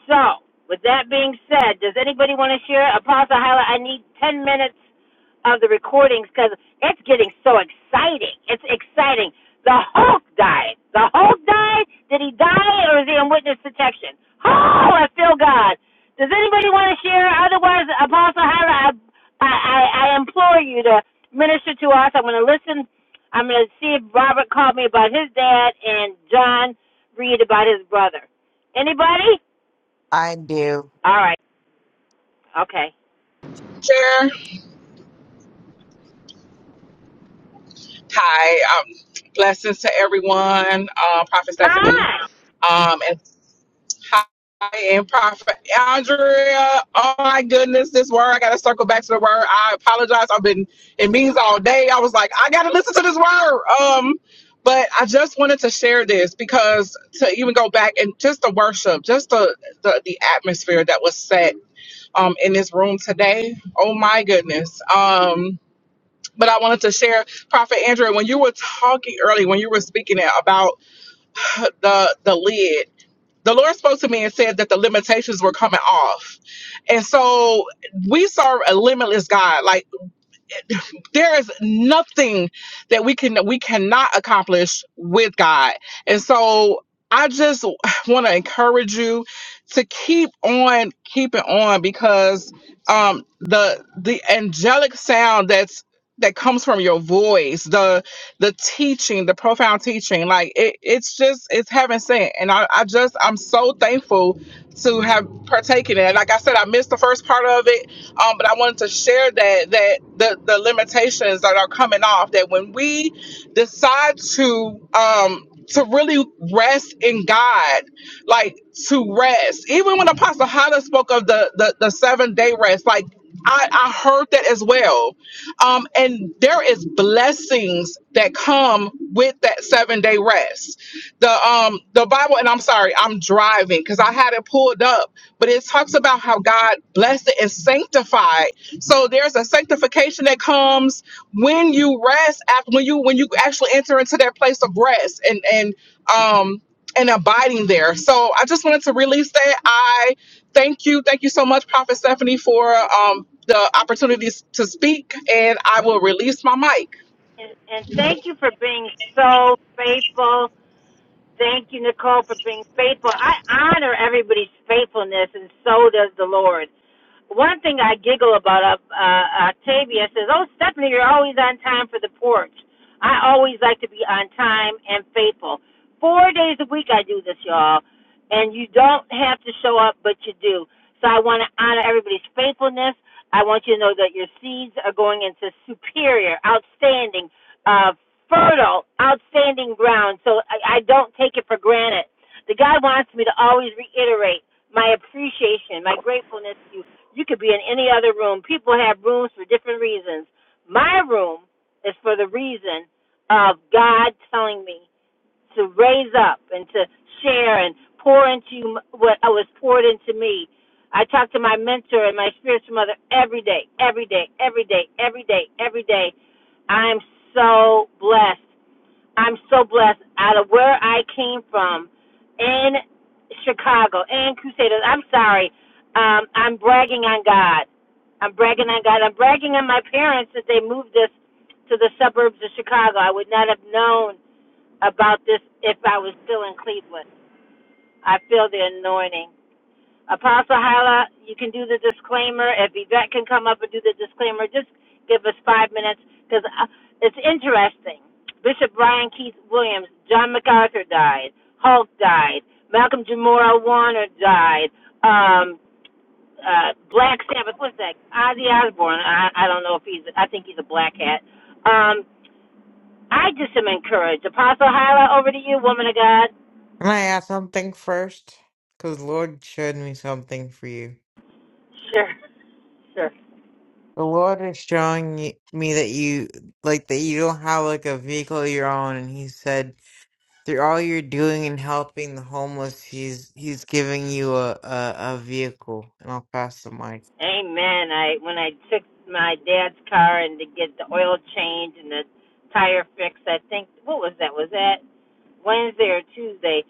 So, with that being said, does anybody want to share? Apostle Hyla, I need 10 minutes of the recordings because it's getting so exciting. It's exciting. The Hulk died. The Hulk died? Did he die or is he in witness protection? Oh, I feel God. Does anybody want to share? Otherwise, Apostle Hyla, I, I, I I implore you to minister to us. I'm going to listen. I'm going to see if Robert called me about his dad and John Reed about his brother. Anybody? I do. All right. Okay. Hi, um, blessings to everyone. Uh, Prophet Stephanie, Hi. um, and hi, and Prophet Andrea. Oh my goodness, this word! I got to circle back to the word. I apologize. I've been in meetings all day. I was like, I got to listen to this word. Um, but I just wanted to share this because to even go back and just the worship, just the the, the atmosphere that was set. um, in this room today. Oh my goodness. Um, but I wanted to share, Prophet Andrew, when you were talking earlier, when you were speaking it about the the lid, the Lord spoke to me and said that the limitations were coming off. And so we serve a limitless God. Like there is nothing that we can we cannot accomplish with God. And so I just want to encourage you to keep on keeping on because um the the angelic sound that's that comes from your voice, the the teaching, the profound teaching, like it, it's just it's heaven sent. And I, I just I'm so thankful to have partaken in it. Like I said, I missed the first part of it um, but I wanted to share that that the the limitations that are coming off that when we decide to um to really rest in God, like to rest. Even when Apostle Hyla spoke of the the, the seven day rest, like I, I heard that as well. Um, and there is blessings that come with that seven day rest. The um the Bible, and I'm sorry, I'm driving because I had it pulled up but it talks about how God blessed it and sanctified. So there's a sanctification that comes when you rest after when you when you actually enter into that place of rest and and um and abiding there. So I just wanted to release that. I thank you, thank you so much, Prophet Stephanie, for um the opportunities to speak, and I will release my mic. And, and thank you for being so faithful Thank you, Nicole, for being faithful. I honor everybody's faithfulness, and so does the Lord. One thing I giggle about uh, uh, Octavia says, "Oh, Stephanie, you're always on time for the porch." I always like to be on time and faithful. Four days a week I do this, y'all, and you don't have to show up, but you do. So I want to honor everybody's faithfulness. I want you to know that your seeds are going into superior, outstanding, uh, fertile, outstanding ground. So I, I don't take it for granted. The God wants me to always reiterate my appreciation, my gratefulness to you. You could be in any other room. People have rooms for different reasons. My room is for the reason of God telling me to raise up and to share and pour into m- what uh, was poured into me. I talk to my mentor and my spiritual mother every day, every day, every day, every day, every day. I'm so blessed. I'm so blessed out of where I came from in Chicago and Crusaders. I'm sorry. Um, I'm bragging on God. I'm bragging on God. I'm bragging on my parents that they moved us to the suburbs of Chicago. I would not have known about this if I was still in Cleveland. I feel the anointing. Apostle Hala, you can do the disclaimer. If Yvette can come up and do the disclaimer, just give us five minutes because it's interesting. Bishop Brian Keith Williams, John MacArthur died, Hulk died, Malcolm Jamora Warner died, um, uh, Black Sabbath, what's that? Ozzy Osbourne. I, I don't know if he's, I think he's a black hat. Um, I just am encouraged. Apostle Hyla, over to you, woman of God. Can I ask something first? Because Lord showed me something for you. Sure, sure. The Lord is showing y- me that you like that you don't have like a vehicle of your own, and He said through all you're doing and helping the homeless, He's He's giving you a a, a vehicle. And I'll pass the mic. Amen. I when I took my dad's car and to get the oil change and the tire fixed, I think what was that? Was that Wednesday or Tuesday?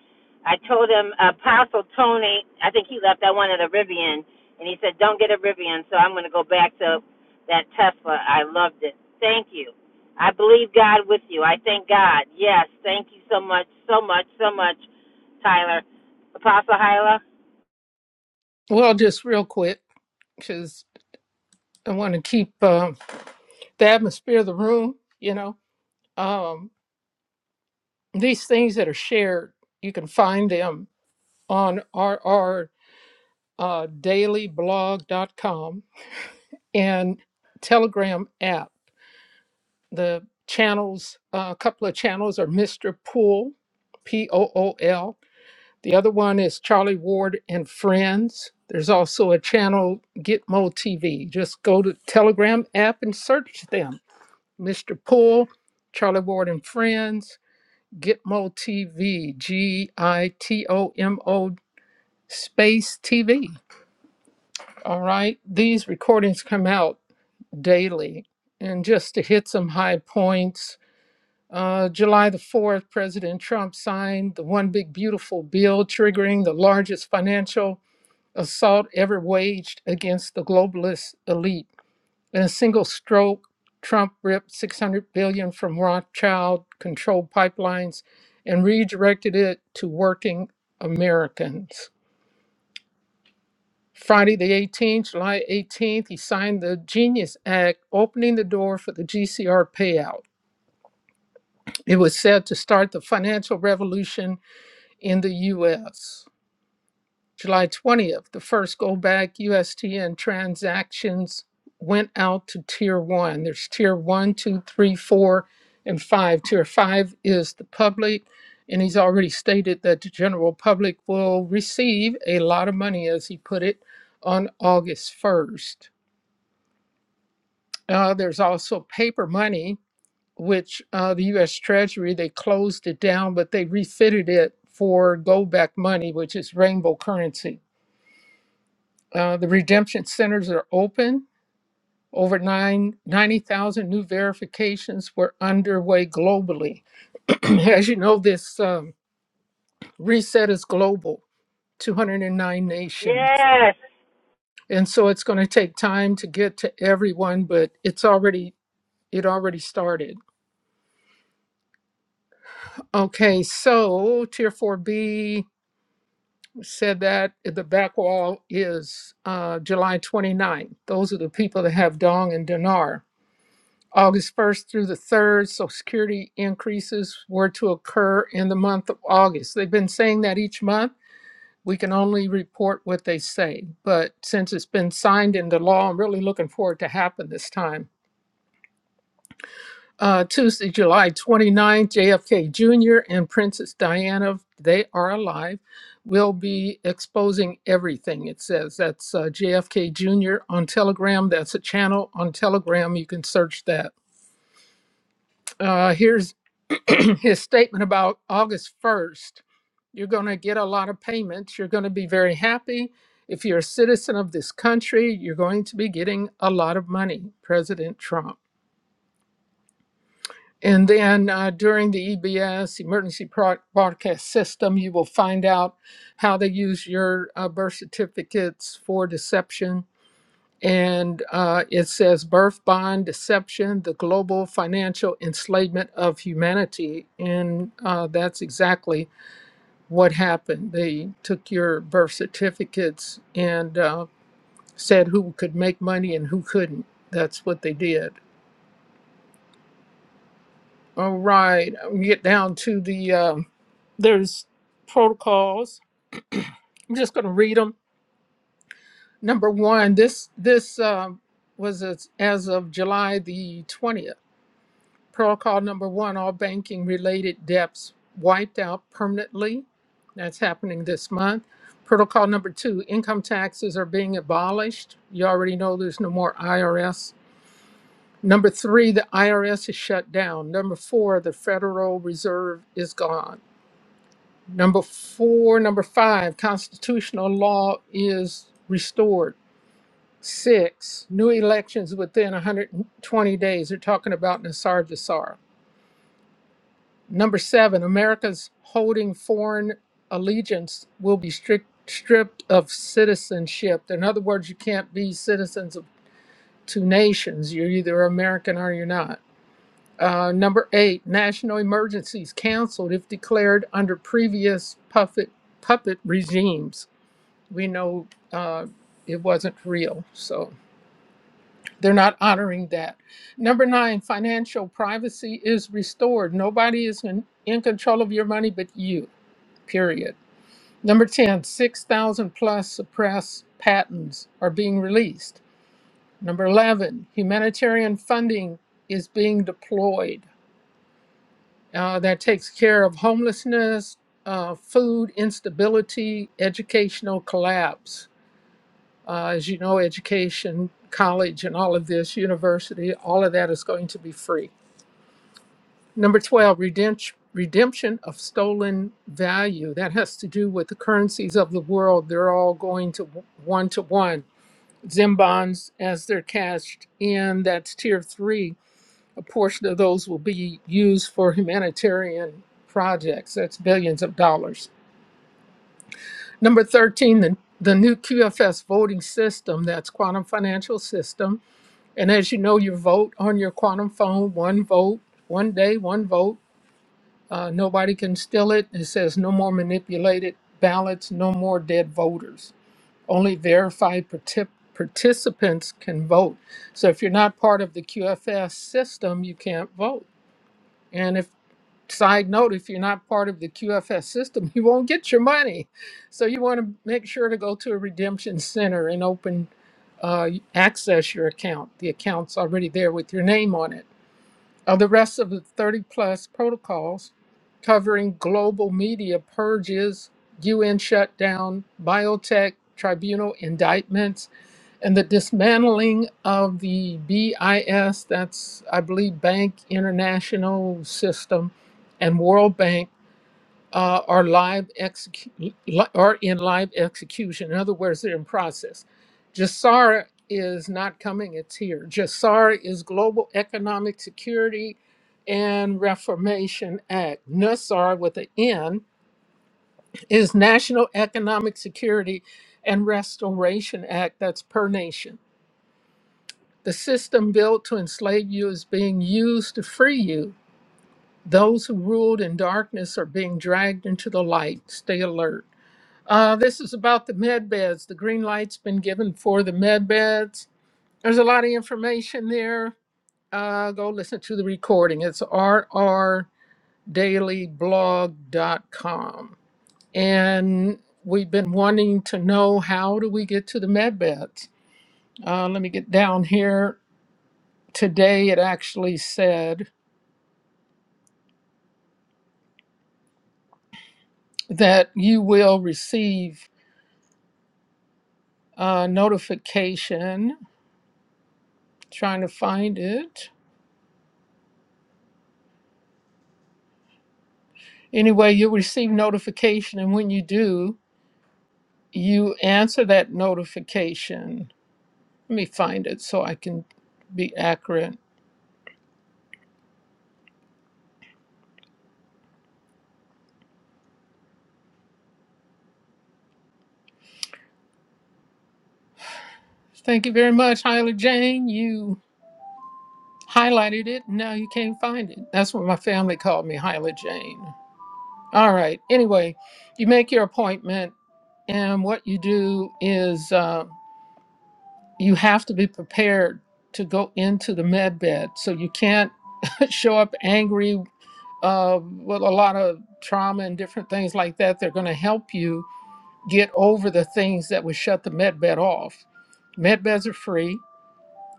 I told him Apostle Tony. I think he left. I wanted a Rivian, and he said, "Don't get a Rivian." So I'm going to go back to that Tesla. I loved it. Thank you. I believe God with you. I thank God. Yes, thank you so much, so much, so much, Tyler. Apostle Hyla. Well, just real quick, because I want to keep um, the atmosphere of the room, you know. Um, these things that are shared, you can find them on our, our uh, dailyblog.com and Telegram app. The channels, uh, a couple of channels are Mr. Pool, P O O L The other one is Charlie Ward and Friends. There's also a channel, Gitmo TV. Just go to Telegram app and search them. Mr. Poole, Charlie Ward and Friends, Gitmo TV, G I T O M O space TV. All right. These recordings come out daily. And just to hit some high points, uh, July the 4th, President Trump signed the One Big Beautiful Bill, triggering the largest financial assault ever waged against the globalist elite. In a single stroke, Trump ripped 600 billion dollars from Rothschild controlled pipelines and redirected it to working Americans. Friday the 18th, July 18th, he signed the Genius Act, opening the door for the GCR payout. It was said to start the financial revolution in the U.S. July 21st, go back, U.S. students went on. There's tier one. three, four, and five. Tier five late indicated that the general public will receive a lot of money, as he put it, on August 1st. Uh, there's also paper money, which uh, the U.S. Treasury they closed it down, but they refitted it for gold back money, which is rainbow currency. Uh, the redemption centers are open. Over nine ninety thousand new verifications were underway globally. As you know, this um, reset is global 209 nations. Yes. And so it's going to take time to get to everyone, but it's already it already started. Okay, so Tier 4B said that the back wall is uh, July 29. Those are the people that have Dong and Dinar. August 1st through the 3rd, Social Security increases were to occur in the month of August. They've been saying that each month We can only report what they say. But since it's been signed into law, I'm really looking forward to happen this time. Uh, Tuesday, July twenty ninth, JFK Jr. and Princess Diana, they are alive, will be exposing everything. It says that's uh, JFK Jr. on Telegram. That's a channel on Telegram. You can search that. Uh, here's his statement about August 1st, you're going to get a lot of payments. You're going to be very happy. If you're a citizen of this country, you're going to be getting a lot of money, President Trump. And then uh, during the EBS, Emergency Pro- Broadcast System, you will find out how they use your uh, birth certificates for deception. And uh, it says Birth Bond Deception, the Global Financial Enslavement of Humanity. And uh, that's exactly what happened. They took your birth certificates and uh, said who could make money and who couldn't. That's what they did. All right, we get down to the um there's protocols. I'm just going to read them. Number one, this this um was as, as of July the 20th. Protocol number one, all banking related debts wiped out permanently. That's happening this month. Protocol number two, income taxes are being abolished. You already know there's no more IRS. Number three, the IRS is shut down. Number four, the Federal Reserve is gone. Number four, number five, constitutional law is restored. Six, new elections within 120 days. They're talking about Nasar Jasar. Number seven, America's holding foreign allegiance will be strict, stripped of citizenship. In other words, you can't be citizens of two nations. You're either American or you're not. Uh, number eight, national emergencies canceled if declared under previous puppet puppet regimes. We know uh, it wasn't real, so they're not honoring that. Number nine, financial privacy is restored. Nobody is in, in control of your money but you period. Number 10, 6,000 plus suppressed patents are being released. Number 11, humanitarian funding is being deployed uh, that takes care of homelessness, uh, food instability, educational collapse. Uh, as you know, education, college, and all of this, university, all of that is going to be free. Number 12, redemption, redemption of stolen value. That has to do with the currencies of the world. They're all going to one to one. Zim bonds, as they're cashed in, that's tier three. A portion of those will be used for humanitarian projects. That's billions of dollars. Number 13, the, the new QFS voting system. That's quantum financial system. And as you know, you vote on your quantum phone, one vote, one day, one vote Uh, nobody can steal it. It says no more manipulated ballots, no more dead voters. Only verified partic- participants can vote. So if you're not part of the QFS system, you can't vote. And if side note, if you're not part of the QFS system, you won't get your money. So you want to make sure to go to a redemption center and open uh, access your account. The account's already there with your name on it. Of the rest of the 30 plus protocols covering global media purges, UN shutdown, biotech tribunal indictments, and the dismantling of the BIS, that's, I believe, Bank International System, and World Bank uh, are live execu- li- are in live execution. In other words, they're in process. Jassara is not coming; it's here. Jassara is Global Economic Security and Reformation Act. NUSAR with an N is National Economic Security and Restoration Act. That's per nation. The system built to enslave you is being used to free you. Those who were in darkness are being dragged into the light. Stay alert. Uh, this is about the med beds. The green light's been given for the med beds. There's a lot of information there. Uh, go to the recording. It's rrdailyblog.com. And we've been wanting to know how do we get to the med beds. Uh, let me get down here. Today it actually said that you will receive a notification. Trying to find it. Anyway, you'll receive notification, and when you do, you answer that notification. Let me find it so I can be accurate. Thank you very much, Hyla Jane. You highlighted it. Now you can't find it. That's what my family called me, Hyla Jane. All right. Anyway, you make your appointment, and what you do is uh, you have to go into that. So you can't show up angry uh, with a lot of trauma and different things like that. They're going to help you get over the things that would shut the med bed off. Med beds are free,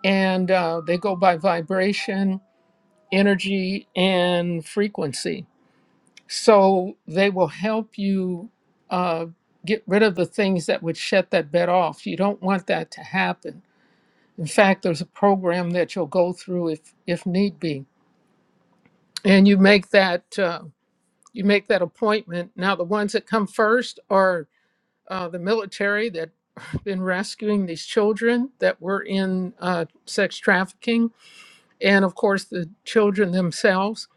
and uh, they go by vibration, energy, and frequency. So they will help you uh, get rid of the things that would shut that bed off. You don't want that to happen. In fact, there's a program that you'll go through if if need be, and you make that uh, you make that appointment. Now, the ones that come first are uh, the military that been rescuing these children that were in uh, sex trafficking and of course the children themselves,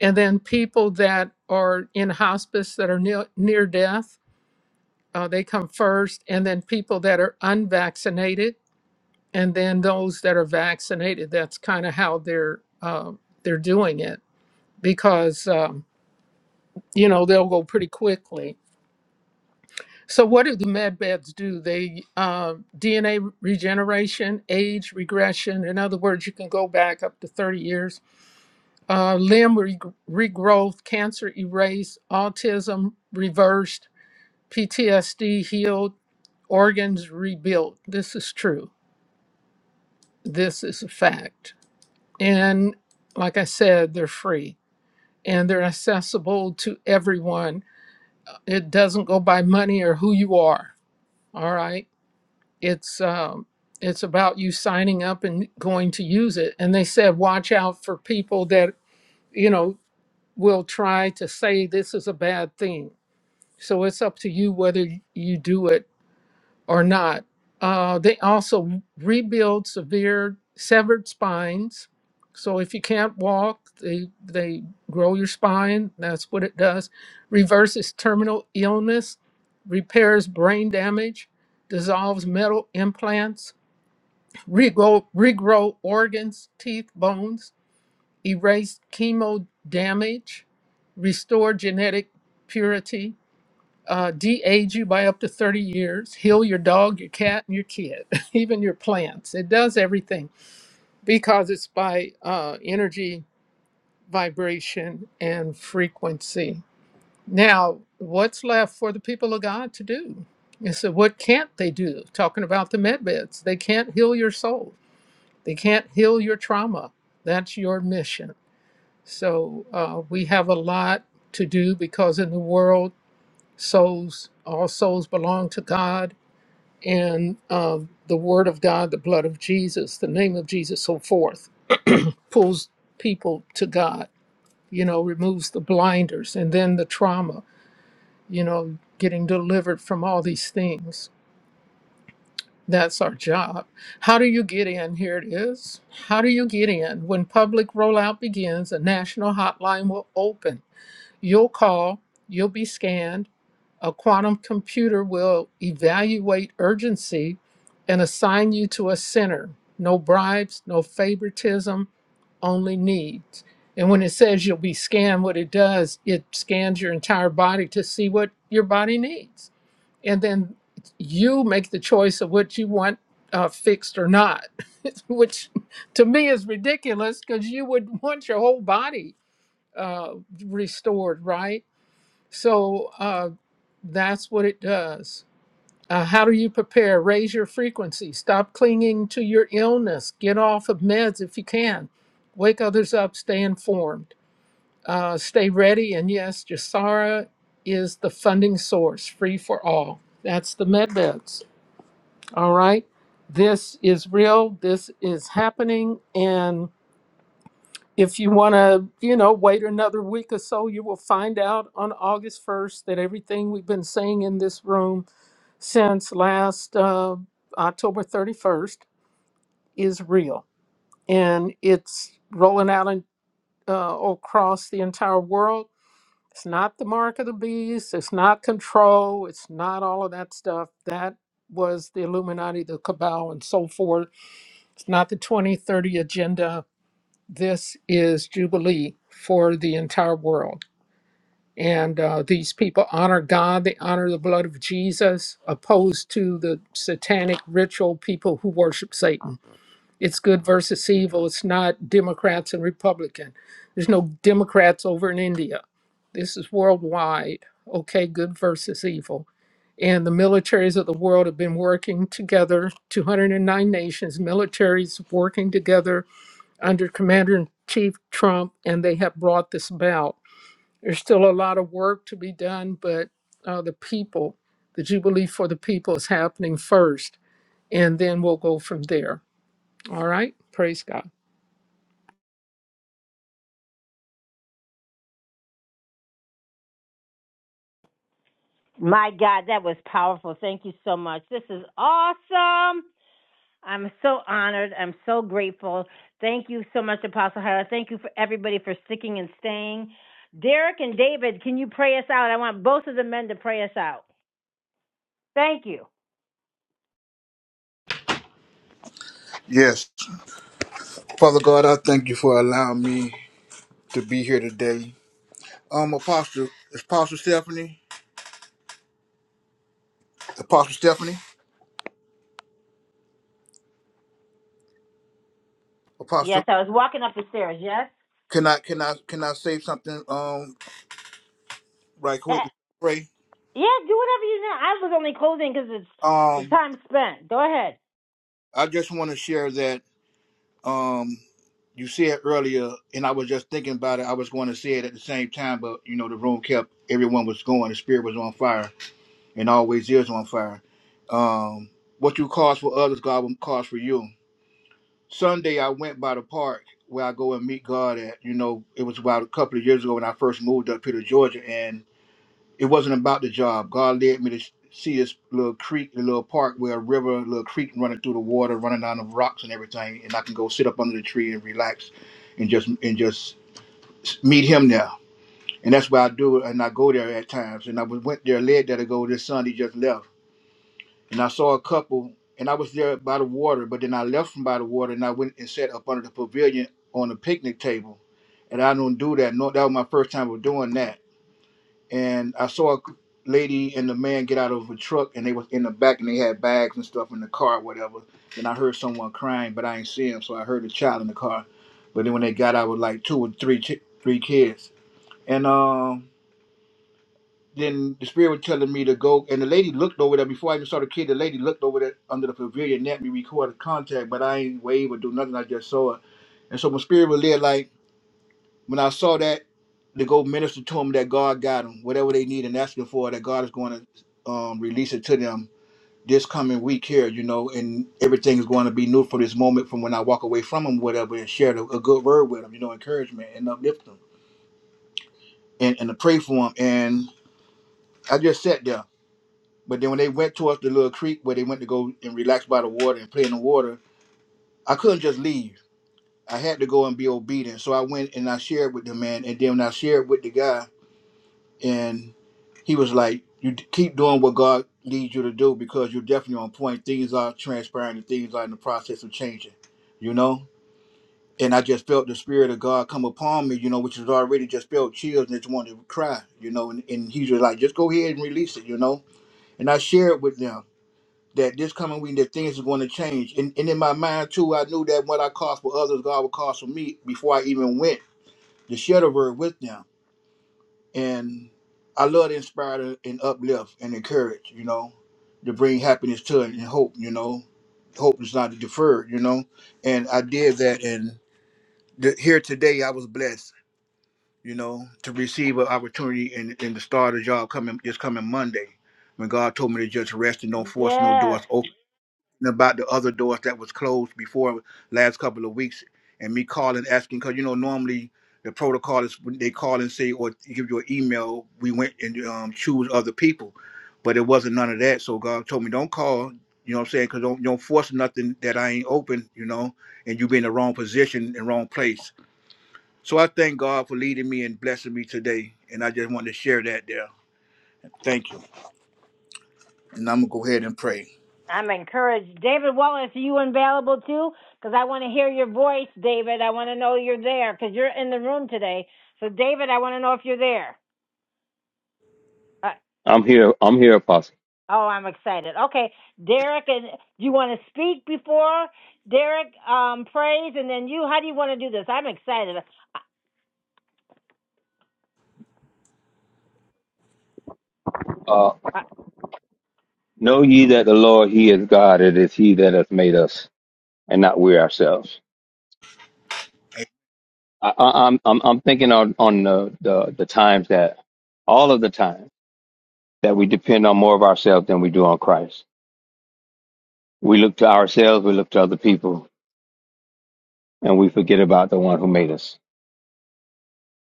and then people that are in hospice that are near, near death, uh, they come first, and then people that are unvaccinated, and then those that are vaccinated. That's kind of how they're uh, they're doing it because um, you know they'll go pretty quickly. So what do the med beds do? They uh, DNA regeneration, age regression. In other words, you can go back up to 30 years uh, limb re- regrowth, cancer erased, autism reversed, PTSD healed, organs rebuilt. This is true. This is a fact. And like I said, they're free and they're accessible to everyone. Uh, It doesn't go by money or who you are. All right. It's, um, it's about you signing up and going to use it. And they said, watch out for people that, you know, will try to say this is a bad thing So it's up to you whether you do it or not. Uh, they also rebuild severe severed spines. So if you can't walk, they they grow your spine. That's what it does. Reverses terminal illness, repairs brain damage, dissolves metal implants, regrow, regrow organs, teeth, bones, erase chemo damage, restore genetic purity, uh, de-age you by up to 30 years, heal your dog, your cat, and your kid, even your plants. It does everything because it's by uh, energy, vibration, and frequency. Now, what's left for the people of God to do? And so, what can't they do? Talking about the med beds, they can't heal your soul. They can't heal your trauma. That's your mission. So, uh, we have a lot to do because in the world, souls, all souls belong to God and uh, the Word of God, the blood of Jesus, the name of Jesus, so forth, pulls people to God, you know, removes the blinders and then the trauma, you know, getting delivered from all these things. That's our job. How do you get in? Here it is. How do you get in? When public rollout begins, a national hotline will open. You'll call, you'll be scanned. A quantum computer will evaluate urgency and assign you to a center. No bribes, no favoritism, only needs. And when it says you'll be scanned, what it does, it scans your entire body to see what your body needs. And then you make the choice of what you want uh, fixed or not, which to me is ridiculous because you would want your whole body uh, restored, right? So uh, that's what it does. Uh, how do you prepare? Raise your frequency. Stop clinging to your illness. Get off of meds if you can. Wake others up. Stay informed. Uh, stay ready. And yes, Jasara is the funding source, free for all. That's the med beds. All right. This is real. This is happening. and if you want to, you know, wait another week or so, you will find out on August 1st that everything we've been saying in this room since last uh, October 31st is real. And it's rolling out in, uh, across the entire world. It's not the mark of the beast, it's not control, it's not all of that stuff. That was the Illuminati, the cabal, and so forth. It's not the 2030 agenda. This is Jubilee for the entire world And uh, these people honor God, they honor the blood of Jesus, opposed to the satanic ritual people who worship Satan. It's good versus evil. It's not Democrats and Republican. There's no Democrats over in India. This is worldwide. Okay, good versus evil. And the militaries of the world have been working together, 209 nations, militaries working together under Commander in Chief Trump, and they have brought this about there's still a lot of work to be done, but uh, the people, the Jubilee for the people is happening first, and then we'll go from there. All right. Praise God. My God, that was powerful. Thank you so much. This is awesome. I'm so honored. I'm so grateful. Thank you so much, Apostle Hera. Thank you for everybody for sticking and staying. Derek and David, can you pray us out? I want both of the men to pray us out. Thank you. Yes. Father God, I thank you for allowing me to be here today. Um, Apostle, Apostle Stephanie, Apostle Stephanie. Apostle, Yes, I was walking up the stairs. Yes? can I can I can I say something um right Eh, quick before we pray? Yeah, do whatever you know. I was only closing because it's the Um time spent. Go ahead. I just want to share that um you said earlier and I was just thinking about it. I was going to say it at the same time, but you know the room kept everyone was going, the spirit was on fire and always is on fire. Um what you cause for others, God will cause for you. Sunday I went by the park where I go and meet God at, you know, it was about a couple of years ago when I first moved up here to Georgia and. It wasn't about the job. God led me to sh- see this little creek, a little park where a river, a little creek running through the water, running down the rocks and everything, and I can go sit up under the tree and relax, and just and just s- meet Him there. And that's why I do, it. and I go there at times. And I was- went there, led there to go this Sunday, just left, and I saw a couple, and I was there by the water, but then I left from by the water, and I went and sat up under the pavilion on a picnic table, and I don't do that. No, that was my first time of doing that and I saw a lady and the man get out of a truck, and they was in the back, and they had bags and stuff in the car, whatever. And I heard someone crying, but I ain't see him, so I heard a child in the car. But then when they got out, with like two or three chi- three kids, and um, then the spirit was telling me to go, and the lady looked over there before I even saw the kid. The lady looked over there under the pavilion, and that me recorded contact, but I ain't wave or do nothing. I just saw it, and so my spirit was there like. When I saw that, to go minister to them that God got them, whatever they need and asking for, that God is going to um, release it to them this coming week here, you know, and everything is going to be new for this moment from when I walk away from them, whatever, and share the, a good word with them, you know, encouragement and uplift them and, and to pray for them. And I just sat there. But then when they went towards the little creek where they went to go and relax by the water and play in the water, I couldn't just leave. I had to go and be obedient. So I went and I shared with the man. And then when I shared with the guy, and he was like, "You d- keep doing what God leads you to do because you're definitely on point. Things are transpiring, and things are in the process of changing, you know." And I just felt the spirit of God come upon me, you know, which was already just felt chills and just wanted to cry, you know. And, and he was like, "Just go ahead and release it," you know. And I shared with them that this coming week that things are going to change. And, and in my mind too, I knew that what I caused for others, God would cause for me before I even went to share the word with them and I love to inspire and uplift and encourage, you know, to bring happiness to it and hope, you know. Hope is not deferred, you know. And I did that, and th- here today I was blessed, you know, to receive an opportunity and, and to start a job coming this coming Monday. When God told me to just rest and don't force no Yes. doors about the other doors that was closed before last couple of weeks and me calling asking because you know normally the protocol is when they call and say or give you an email we went and um, choose other people but it wasn't none of that so god told me don't call you know what i'm saying because don't, don't force nothing that i ain't open you know and you be in the wrong position and wrong place so i thank god for leading me and blessing me today and i just wanted to share that there thank you and i'm gonna go ahead and pray I'm encouraged. David Wallace, are you available too? Because I want to hear your voice, David. I want to know you're there because you're in the room today. So, David, I want to know if you're there. Uh, I'm here. I'm here, Apostle. oh, I'm excited. Okay, Derek, and do you want to speak before Derek um, prays, and then you? How do you want to do this? I'm excited. Uh, Uh, know ye that the Lord, He is God. It is He that hath made us. and not weary ourselves. I, I, I'm, I'm I'm thinking on on the, the the times that all of the time that we depend on more of ourselves than we do on Christ. We look to ourselves, we look to other people, and we forget about the one who made us.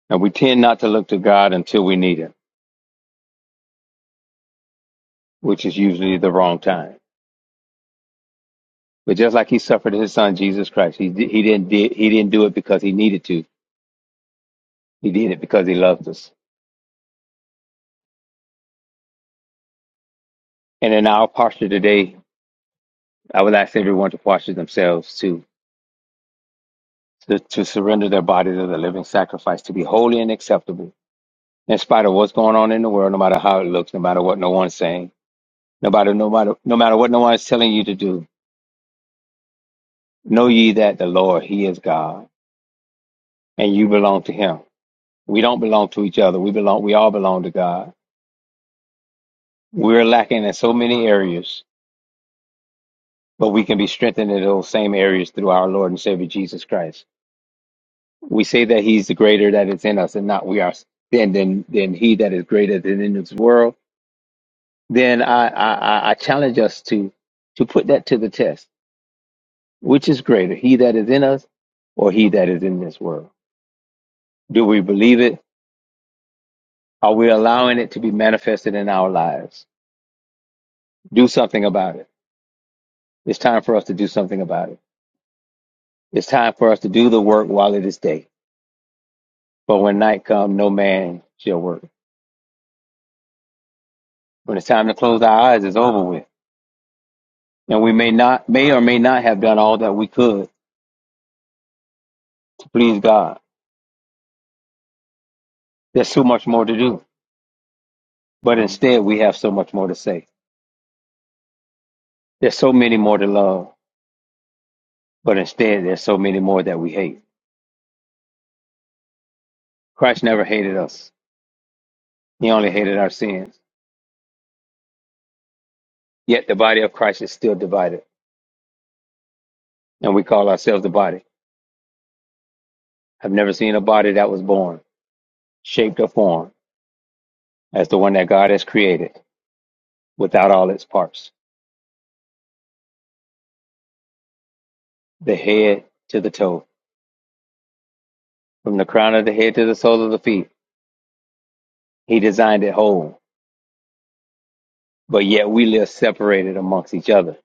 And we tend not to look to God until we need Him, which is usually the wrong time. But just like He suffered His Son Jesus Christ, He He didn't di- He didn't do it because He needed to. He did it because He loved us. And in our posture today, I would ask everyone to posture themselves too to, to surrender their bodies as a living sacrifice, to be holy and acceptable, in spite of what's going on in the world, no matter how it looks, no matter what no one's saying, no matter, no matter, no matter what no one's telling you to do. Know ye that the Lord, He is God, and you belong to Him. We don't belong to each other. We belong, we all belong to God. We're lacking in so many areas, but we can be strengthened in those same areas through our Lord and Savior Jesus Christ. We say that He's the greater that is in us and not we are, than, than, than He that is greater than in this world then I, I, I I challenge us to to put that to the test. Which is greater, he that is in us or he that is in this world? Do we believe it? Are we allowing it to be manifested in our lives? Do something about it. It's time for us to do something about it. It's time for us to do the work while it is day. But when night come, no man shall work. When it's time to close our eyes, it's over with. And we may not, may or may not have done all that we could to please God. There's so much more to do. But instead, we have so much more to say There's so many more to love, but instead there's so many more that we hate. Christ never hated us. He only hated our sins. Yet the body of Christ is still divided, and we call ourselves the body. I've never seen a body that was born, shaped or formed as the one that God has created without all its parts. The head to the toe, from the crown of the head to the sole of the feet, he designed it whole. But yet we live separated amongst each other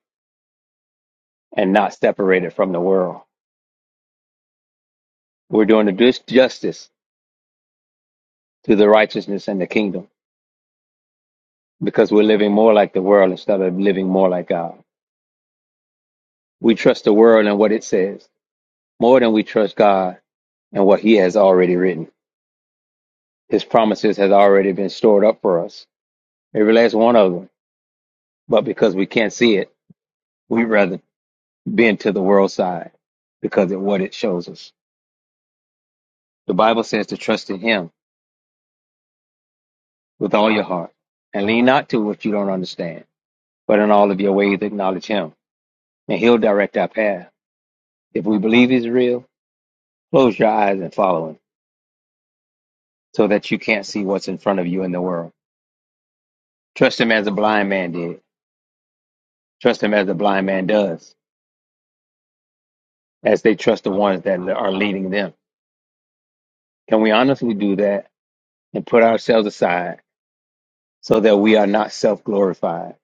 and not separated from the world. We're doing the dis- justice to the righteousness and the kingdom because we're living more like the world instead of living more like God. We trust the world and what it says more than we trust God and what He has already written. His promises has already been stored up for us, every last one of them. But because we can't see it, we'd rather bend to the world side because of what it shows us. The Bible says to trust in Him with all your heart and lean not to what you don't understand, but in all of your ways acknowledge Him and He'll direct our path. If we believe He's real, close your eyes and follow Him. so that you can't see what's in front of you in the world. Trust him as a blind man did. Trust him as a blind man does, as they trust the ones that are leading them. Can we honestly do that and put ourselves aside so that we are not self glorified?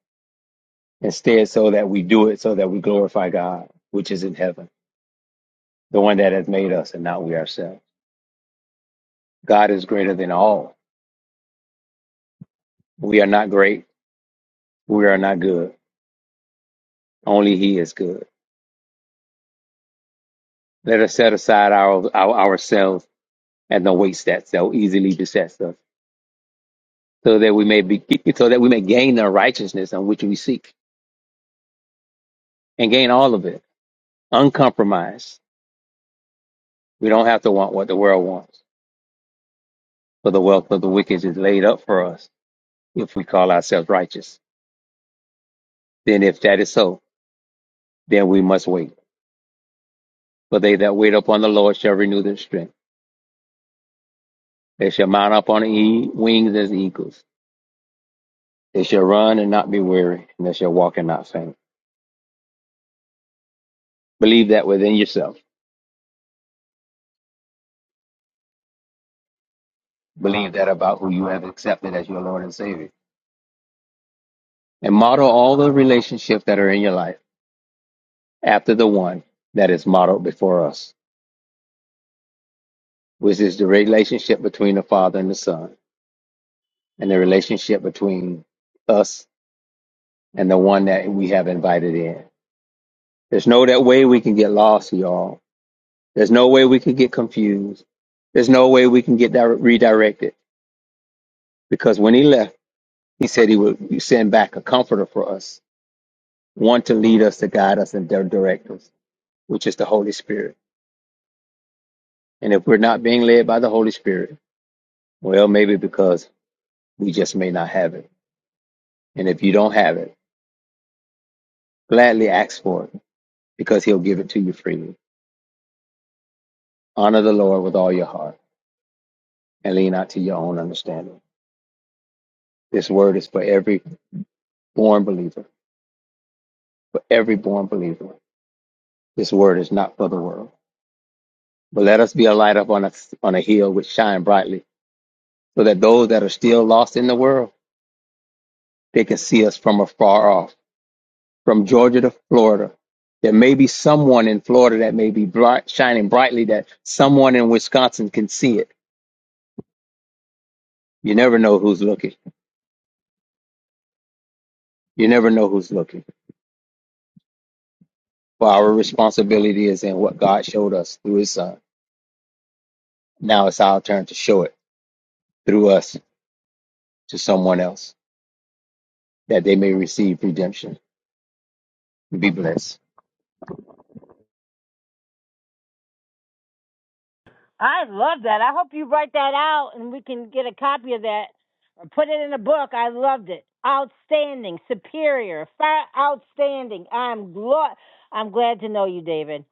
Instead, so that we do it so that we glorify God, which is in heaven, the one that has made us and not we ourselves. God is greater than all. We are not great. We are not good. Only He is good. Let us set aside our, our ourselves and the weights that so easily besets us so that we may be so that we may gain the righteousness on which we seek and gain all of it uncompromised we don't have to want what the world wants for the wealth of the wicked is laid up for us if we call ourselves righteous then if that is so then we must wait for they that wait upon the lord shall renew their strength they shall mount up on e- wings as eagles they shall run and not be weary and they shall walk and not faint believe that within yourself believe that about who you have accepted as your lord and savior and model all the relationships that are in your life after the one that is modeled before us, which is the relationship between the Father and the Son, and the relationship between us and the one that we have invited in. There's no that way we can get lost, y'all. There's no way we can get confused. There's no way we can get dire- redirected because when he left, he said he would send back a comforter for us, one to lead us, to guide us, and to direct us, which is the Holy Spirit. And if we're not being led by the Holy Spirit, well, maybe because we just may not have it. And if you don't have it, gladly ask for it because he'll give it to you freely. Honor the Lord with all your heart and lean not to your own understanding. This word is for every born believer, for every born believer. This word is not for the world. But let us be a light up on a, on a hill which shine brightly so that those that are still lost in the world, they can see us from afar off, from Georgia to Florida. There may be someone in Florida that may be bright, shining brightly that someone in Wisconsin can see it. You never know who's looking. You never know who's looking. But our responsibility is in what God showed us through His Son. Now it's our turn to show it through us to someone else that they may receive redemption and be blessed. I love that. I hope you write that out and we can get a copy of that or put it in a book. I loved it. Outstanding, superior, far outstanding. I'm glad. I'm glad to know you, David.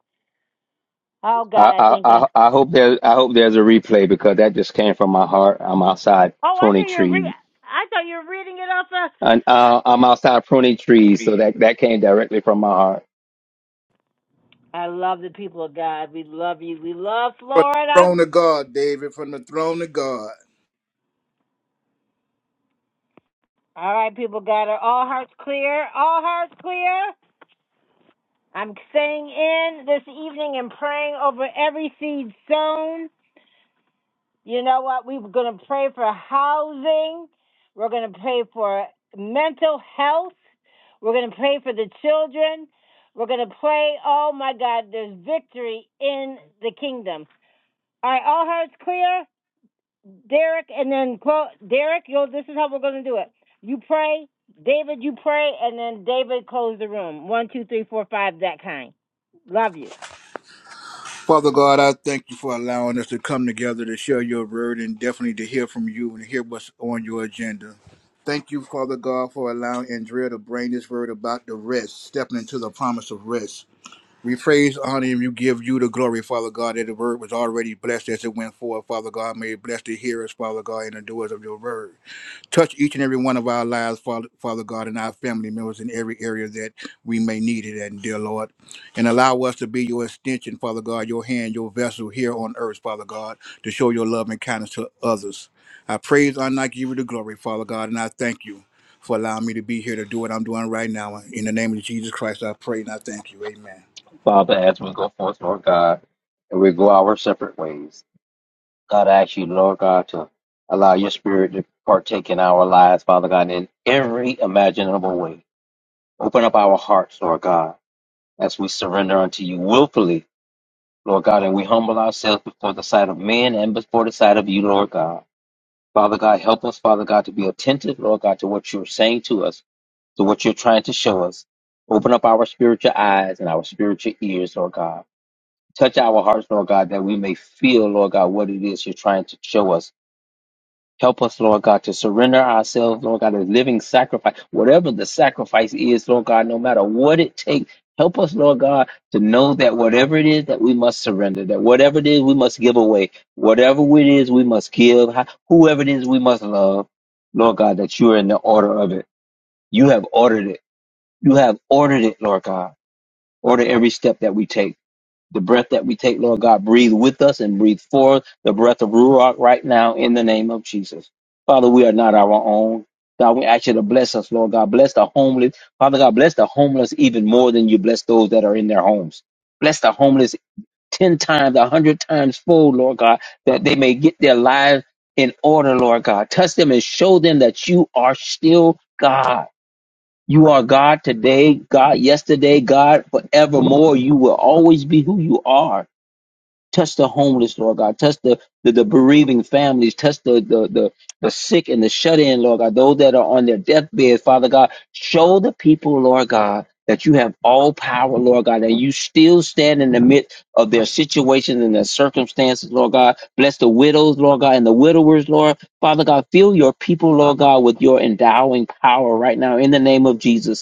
Oh I, God, I I, think. Uh, I I hope there I hope there's a replay because that just came from my heart. I'm outside oh, I pruning thought you were re- trees. I thought you were reading it off. Uh, And, uh, I'm outside pruning trees, so that, that came directly from my heart. I love the people of God. We love you. We love from the Florida. throne of god david from the throne of god All right, people of God, are all hearts clear? All hearts clear. I'm staying in this evening and praying over every seed sown You know what? We're going to pray for housing. We're going to pray for mental health. We're going to pray for the children. We're going to pray. Oh my God, there's victory in the kingdom. All right, all hearts clear. Derek, and then Clo- Derek, yo, this is how we're going to do it. You pray, David, you pray, and then David close the room. One, two, three, four, five, that kind. Love you. Father God, I thank you for allowing us to come together to share your word and definitely to hear from you and hear what's on your agenda. Thank you, Father God, for allowing Andrea to bring this word about the rest, stepping into the promise of rest. We praise, honor, and you give you the glory, Father God, that the word was already blessed as it went forth, Father God. May it bless the hearers, Father God, and the doers of your word. Touch each and every one of our lives, Father, Father God, and our family members in every area that we may need it. And dear Lord, and allow us to be your extension, Father God, your hand, your vessel here on earth, Father God, to show your love and kindness to others. I praise, honor, and I give you the glory, Father God, and I thank you for allowing me to be here to do what I'm doing right now. In the name of Jesus Christ, I pray and I thank you. Amen. Father, as we go forth, Lord God, and we go our separate ways. God, I ask you, Lord God, to allow your spirit to partake in our lives, Father God, in every imaginable way. Open up our hearts, Lord God, as we surrender unto you willfully, Lord God, and we humble ourselves before the sight of men and before the sight of you, Lord God. Father God, help us, Father God, to be attentive, Lord God, to what you're saying to us, to what you're trying to show us. Open up our spiritual eyes and our spiritual ears, Lord God. Touch our hearts, Lord God, that we may feel, Lord God, what it is you're trying to show us Help us, Lord God, to surrender ourselves, Lord God, as living sacrifice. Whatever the sacrifice is, Lord God, no matter what it takes, help us, Lord God, to know that whatever it is that we must surrender, that whatever it is we must give away, whatever it is we must give, whoever it is we must love, Lord God, that you are in the order of it. You have ordered it. You have ordered it, Lord God. Order every step that we take. The breath that we take, Lord God, breathe with us and breathe forth the breath of Ruach right now in the name of Jesus. Father, we are not our own. God, we ask you to bless us, Lord God. Bless the homeless. Father God, bless the homeless even more than you bless those that are in their homes. Bless the homeless 10 times, 100 times fold, Lord God, that they may get their lives in order, Lord God. Touch them and show them that you are still God. You are God today, God yesterday, God forevermore. You will always be who you are. Touch the homeless, Lord God. Touch the, the, the bereaving families. Touch the, the, the, the sick and the shut in, Lord God. Those that are on their deathbed, Father God. Show the people, Lord God, that you have all power, Lord God, and you still stand in the midst of their situations and their circumstances, Lord God. Bless the widows, Lord God, and the widowers, Lord. Father God, fill your people, Lord God, with your endowing power right now in the name of Jesus.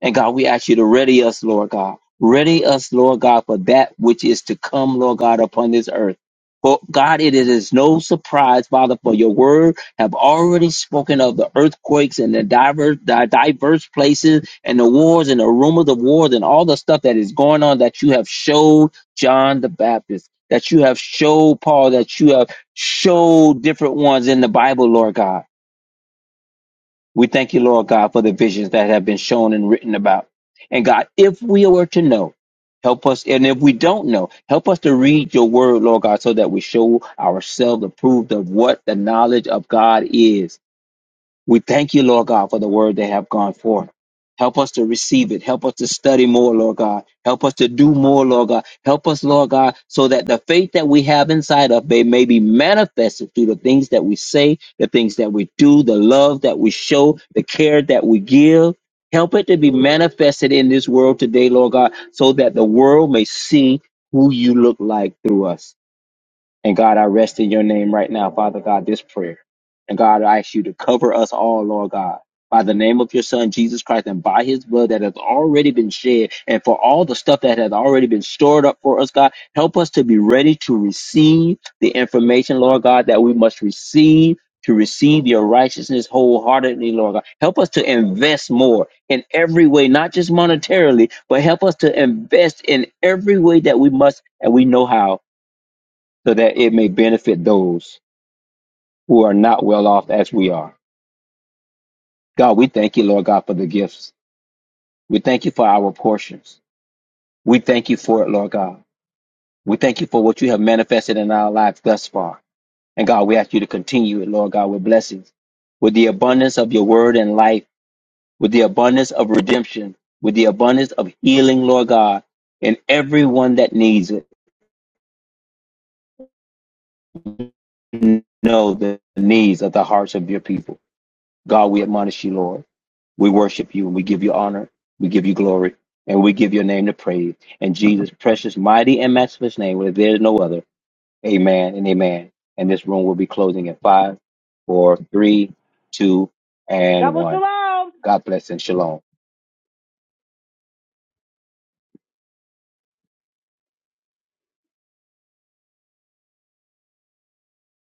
And God, we ask you to ready us, Lord God. Ready us, Lord God, for that which is to come, Lord God, upon this earth. For God, it is no surprise, Father, for your word have already spoken of the earthquakes and the diverse, the diverse places and the wars and the rumors of wars and all the stuff that is going on that you have showed John the Baptist, that you have showed Paul, that you have showed different ones in the Bible, Lord God. We thank you, Lord God, for the visions that have been shown and written about. And God, if we were to know, help us. And if we don't know, help us to read your word, Lord God, so that we show ourselves approved of what the knowledge of God is we thank you, Lord God, for the word they have gone forth. Help us to receive it. Help us to study more, Lord God. Help us to do more, Lord God. Help us, Lord God, so that the faith that we have inside of may, may be manifested through the things that we say, the things that we do, the love that we show, the care that we give. Help it to be manifested in this world today, Lord God, so that the world may see who you look like through us. And God, I rest in your name right now, Father God, this prayer. And God, I ask you to cover us all, Lord God, by the name of your Son, Jesus Christ, and by his blood that has already been shed, and for all the stuff that has already been stored up for us, God, help us to be ready to receive the information, Lord God, that we must receive. To receive your righteousness wholeheartedly, Lord God. Help us to invest more in every way, not just monetarily, but help us to invest in every way that we must and we know how so that it may benefit those who are not well off as we are. God, we thank you, Lord God, for the gifts. We thank you for our portions. We thank you for it, Lord God. We thank you for what you have manifested in our lives thus far. And God, we ask you to continue it, Lord God, with blessings, with the abundance of your word and life, with the abundance of redemption, with the abundance of healing, Lord God, and everyone that needs it. Know the needs of the hearts of your people. God, we admonish you, Lord. We worship you and we give you honor. We give you glory and we give your name the praise. In Jesus' precious, mighty, and matchless name, where there is no other. Amen and amen. And this room will be closing in five, four, three, two, and Double one. shalom. God bless and shalom.